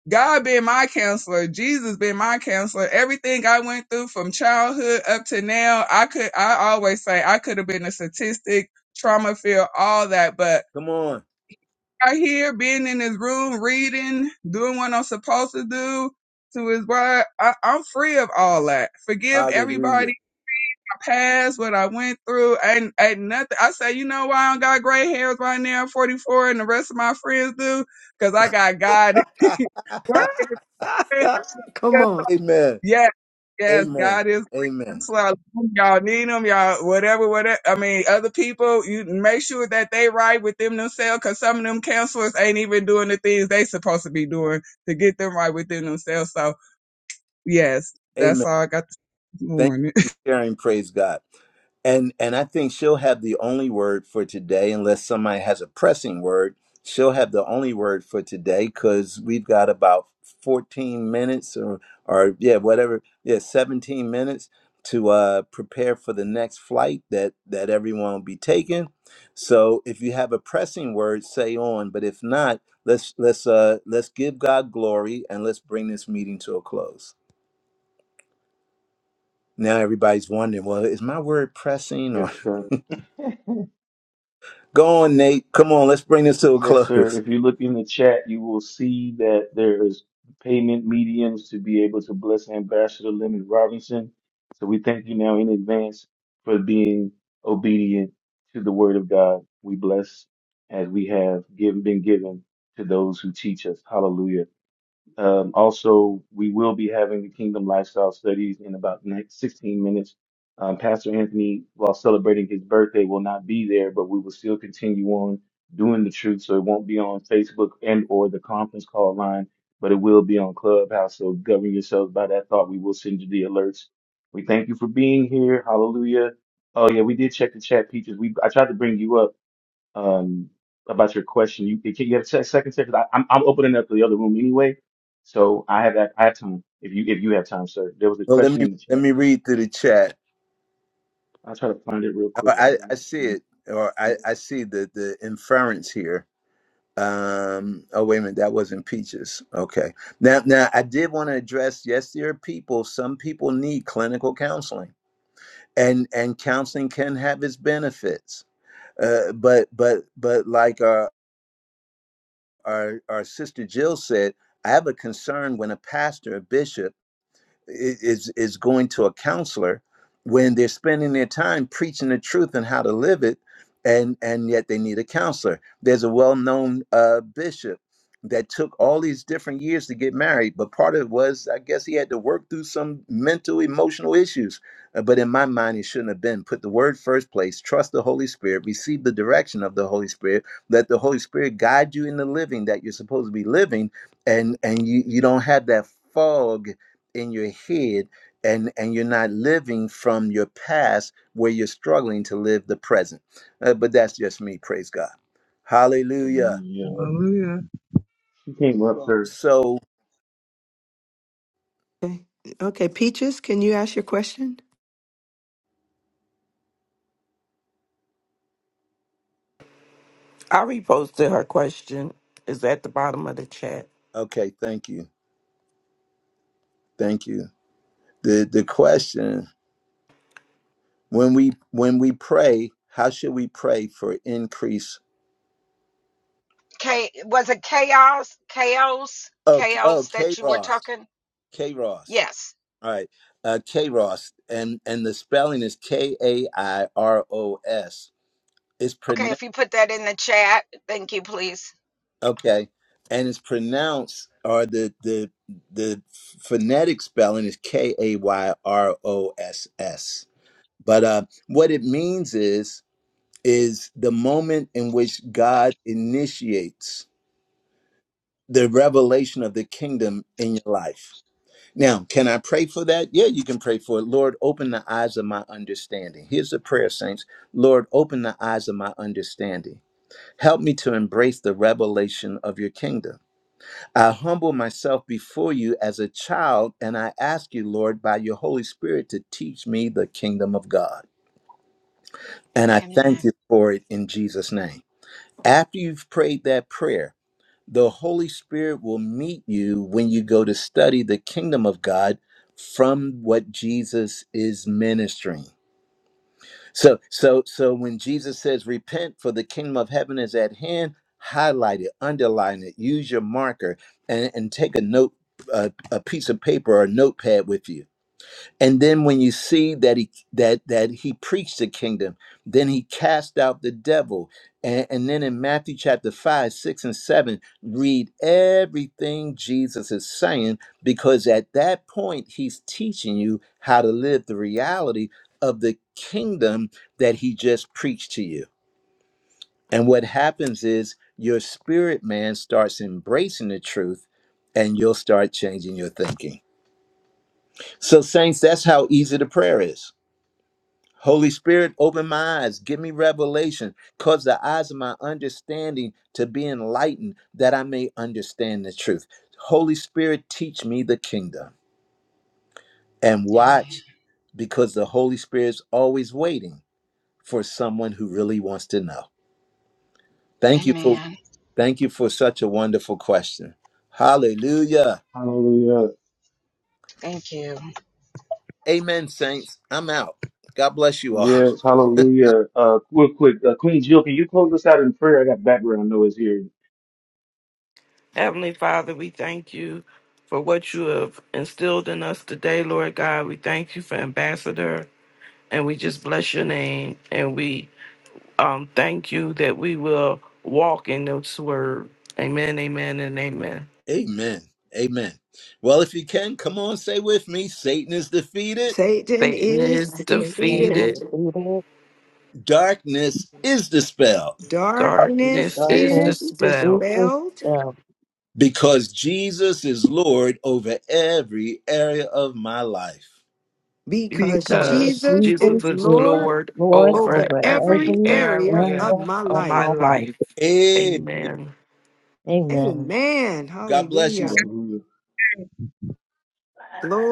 Speaker 10: God being my counselor, Jesus being my counselor, everything I went through from childhood up to now, I could, I always say I could have been a statistic, trauma field, all that. But
Speaker 1: Come on.
Speaker 10: out here being in his room reading, doing what I'm supposed to do to his word. I, I'm free of all that. Forgive
Speaker 1: Hallelujah.
Speaker 10: everybody. I passed what I went through. And ain't nothing. I say, you know why I don't got gray hairs right now, I'm 44, and the rest of my friends do? Because I got God.
Speaker 7: Come on.
Speaker 1: Amen.
Speaker 10: Yes, yes,
Speaker 1: Amen.
Speaker 10: God is
Speaker 1: Amen.
Speaker 10: counselor. Y'all need them, y'all, whatever, whatever. I mean, other people, you make sure that they right with them themselves, because some of them counselors ain't even doing the things they supposed to be doing to get them right within themselves. So, yes,
Speaker 1: Amen.
Speaker 10: that's all I got this
Speaker 1: Thank
Speaker 10: morning.
Speaker 1: you for sharing. Praise God. And and I think she'll have the only word for today, unless somebody has a pressing word. She'll have the only word for today because we've got about 14 minutes or or yeah, whatever, yeah, 17 minutes to uh, prepare for the next flight that that everyone will be taking. So if you have a pressing word, say on. But if not, let's let's uh, let's give God glory and let's bring this meeting to a close. Now everybody's wondering, well, is my word pressing or
Speaker 3: Yes, sir.
Speaker 1: go on, Nate? Come on, let's bring this to a
Speaker 3: Yes, sir.
Speaker 1: close.
Speaker 3: If you look in the chat, you will see that there is payment mediums to be able to bless Ambassador Leonard Robinson. So we thank you now in advance for being obedient to the word of God. We bless as we have given, been given to those who teach us. Hallelujah. Um, also, we will be having the Kingdom Lifestyle Studies in about next 16 minutes. Um, Pastor Anthony, while celebrating his birthday, will not be there, but we will still continue on doing the truth. So it won't be on Facebook and or the conference call line, but it will be on Clubhouse. So govern yourselves by that thought. We will send you the alerts. We thank you for being here. Hallelujah. Oh yeah, we did check the chat, Peaches. We I tried to bring you up um, about your question. You can you have a sec- second second? I, I'm I'm opening up the other room anyway, so I have that. I have time if you if you have time, sir. There was a
Speaker 1: Well, let
Speaker 3: question
Speaker 1: me
Speaker 3: in the
Speaker 1: let
Speaker 3: chat.
Speaker 1: me read through the chat.
Speaker 3: I'll try to find it real
Speaker 1: Oh,
Speaker 3: quick. I
Speaker 1: I,
Speaker 3: believe
Speaker 1: I see
Speaker 3: she
Speaker 1: it, or I, I see the the inference here. Um, oh wait a minute, that wasn't peaches. Okay, now now I did want to address. Yes, there are people. Some people need clinical counseling, and and counseling can have its benefits. Uh, but but but like uh. our, our sister Jill said, I have a concern when a pastor, a bishop, is is going to a counselor when they're spending their time preaching the truth and how to live it and and yet they need a counselor there's a well-known uh, bishop that took all these different years to get married but part of it was i guess he had to work through some mental emotional issues Uh, but in my mind he shouldn't have been put the word first place trust the holy spirit receive the direction of the holy spirit let the holy spirit guide you in the living that you're supposed to be living and and you you don't have that fog in your head and and you're not living from your past where you're struggling to live the present Uh, but that's just me praise god hallelujah
Speaker 3: hallelujah.
Speaker 10: Hallelujah.
Speaker 3: She came up, sir.
Speaker 1: so
Speaker 7: Okay. Okay, Peaches, can you ask your question?
Speaker 4: I reposted her question. Is at the bottom of the chat.
Speaker 1: okay thank you thank you the the question when we when we pray how should we pray for increase
Speaker 11: K was it chaos, chaos,
Speaker 1: oh oh
Speaker 11: chaos
Speaker 1: k
Speaker 11: that you were
Speaker 1: ross
Speaker 11: talking?
Speaker 1: k ross
Speaker 11: Yes.
Speaker 1: all right uh k ross and and the spelling is k a i r o s It's pronounced.
Speaker 11: Okay, if you put that in the chat, thank you, please.
Speaker 1: Okay. And it's pronounced or the the the phonetic spelling is K A Y R O S S. But uh what it means is is the moment in which God initiates the revelation of the kingdom in your life. Now, can I pray for that? Yeah, you can pray for it. Lord, open the eyes of my understanding. Here's the prayer, saints. Lord, open the eyes of my understanding. Help me to embrace the revelation of your kingdom. I humble myself before you as a child, and I ask you, Lord, by your Holy Spirit to teach me the kingdom of God. And I
Speaker 11: Amen.
Speaker 1: thank you for it in Jesus' name. After you've prayed that prayer, the Holy Spirit will meet you when you go to study the kingdom of God from what Jesus is ministering. So so so when Jesus says repent for the kingdom of heaven is at hand, highlight it, underline it, use your marker and, and take a note uh, a piece of paper or a notepad with you and then when you see that he that that he preached the kingdom then he cast out the devil and, and then in matthew chapter 5 6 and 7 read everything jesus is saying because at that point he's teaching you how to live the reality of the kingdom that he just preached to you and what happens is your spirit man starts embracing the truth and you'll start changing your thinking so saints that's how easy the prayer is Holy Spirit, open my eyes, give me revelation, cause the eyes of my understanding to be enlightened, that I may understand the truth. Holy Spirit, teach me the kingdom and watch,
Speaker 11: Amen.
Speaker 1: because the Holy Spirit's always waiting for someone who really wants to know. Thank you for
Speaker 11: Amen.
Speaker 1: thank you for such a wonderful question. Hallelujah.
Speaker 3: Hallelujah.
Speaker 11: Thank you.
Speaker 1: Amen, saints. I'm out. God bless you all.
Speaker 3: Yes, hallelujah. Uh, real quick, uh, Queen Jill, can you close us out in prayer? I got background noise here.
Speaker 4: Heavenly Father, we thank you for what you have instilled in us today, Lord God. We thank you for Ambassador. and we just bless your name and we um thank you that we will walk in this word. Amen, amen, and amen.
Speaker 1: Amen. Amen. Well, if you can, come on, say with me, Satan is defeated.
Speaker 7: Satan
Speaker 4: Satan
Speaker 7: is
Speaker 4: is
Speaker 5: you, Lord.
Speaker 7: defeated.
Speaker 4: defeated,
Speaker 5: The leader
Speaker 1: Darkness is dispelled
Speaker 7: Darkness
Speaker 4: darkness is
Speaker 5: darkness
Speaker 7: is
Speaker 5: is
Speaker 4: dispelled
Speaker 7: dispelled
Speaker 5: dispelled.
Speaker 1: because Jesus is Lord over every area of my life.
Speaker 7: because
Speaker 5: And
Speaker 4: because
Speaker 7: Jesus
Speaker 4: Jesus
Speaker 7: is
Speaker 5: Jesus
Speaker 4: is
Speaker 5: is
Speaker 7: Lord
Speaker 4: Lord
Speaker 5: Lord
Speaker 4: over
Speaker 7: over
Speaker 5: over
Speaker 4: every
Speaker 7: every
Speaker 5: every
Speaker 7: area
Speaker 4: area
Speaker 7: of
Speaker 5: area
Speaker 7: my
Speaker 4: of
Speaker 5: of
Speaker 4: my
Speaker 7: life.
Speaker 5: my life.
Speaker 4: life.
Speaker 1: Hey,
Speaker 4: Amen.
Speaker 5: Amen.
Speaker 7: Amen.
Speaker 1: God bless you.
Speaker 7: Hallelujah.
Speaker 3: Hallelujah.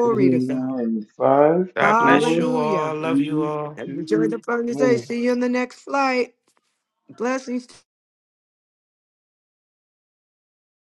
Speaker 3: Closing
Speaker 7: to
Speaker 3: us
Speaker 7: God.
Speaker 3: now in five,
Speaker 4: God bless
Speaker 3: four,
Speaker 4: you all.
Speaker 7: Hallelujah.
Speaker 4: Love you
Speaker 3: three,
Speaker 4: all.
Speaker 7: Enjoy the
Speaker 3: two,
Speaker 7: fun today.
Speaker 3: one.
Speaker 7: See you on the next flight. Blessings.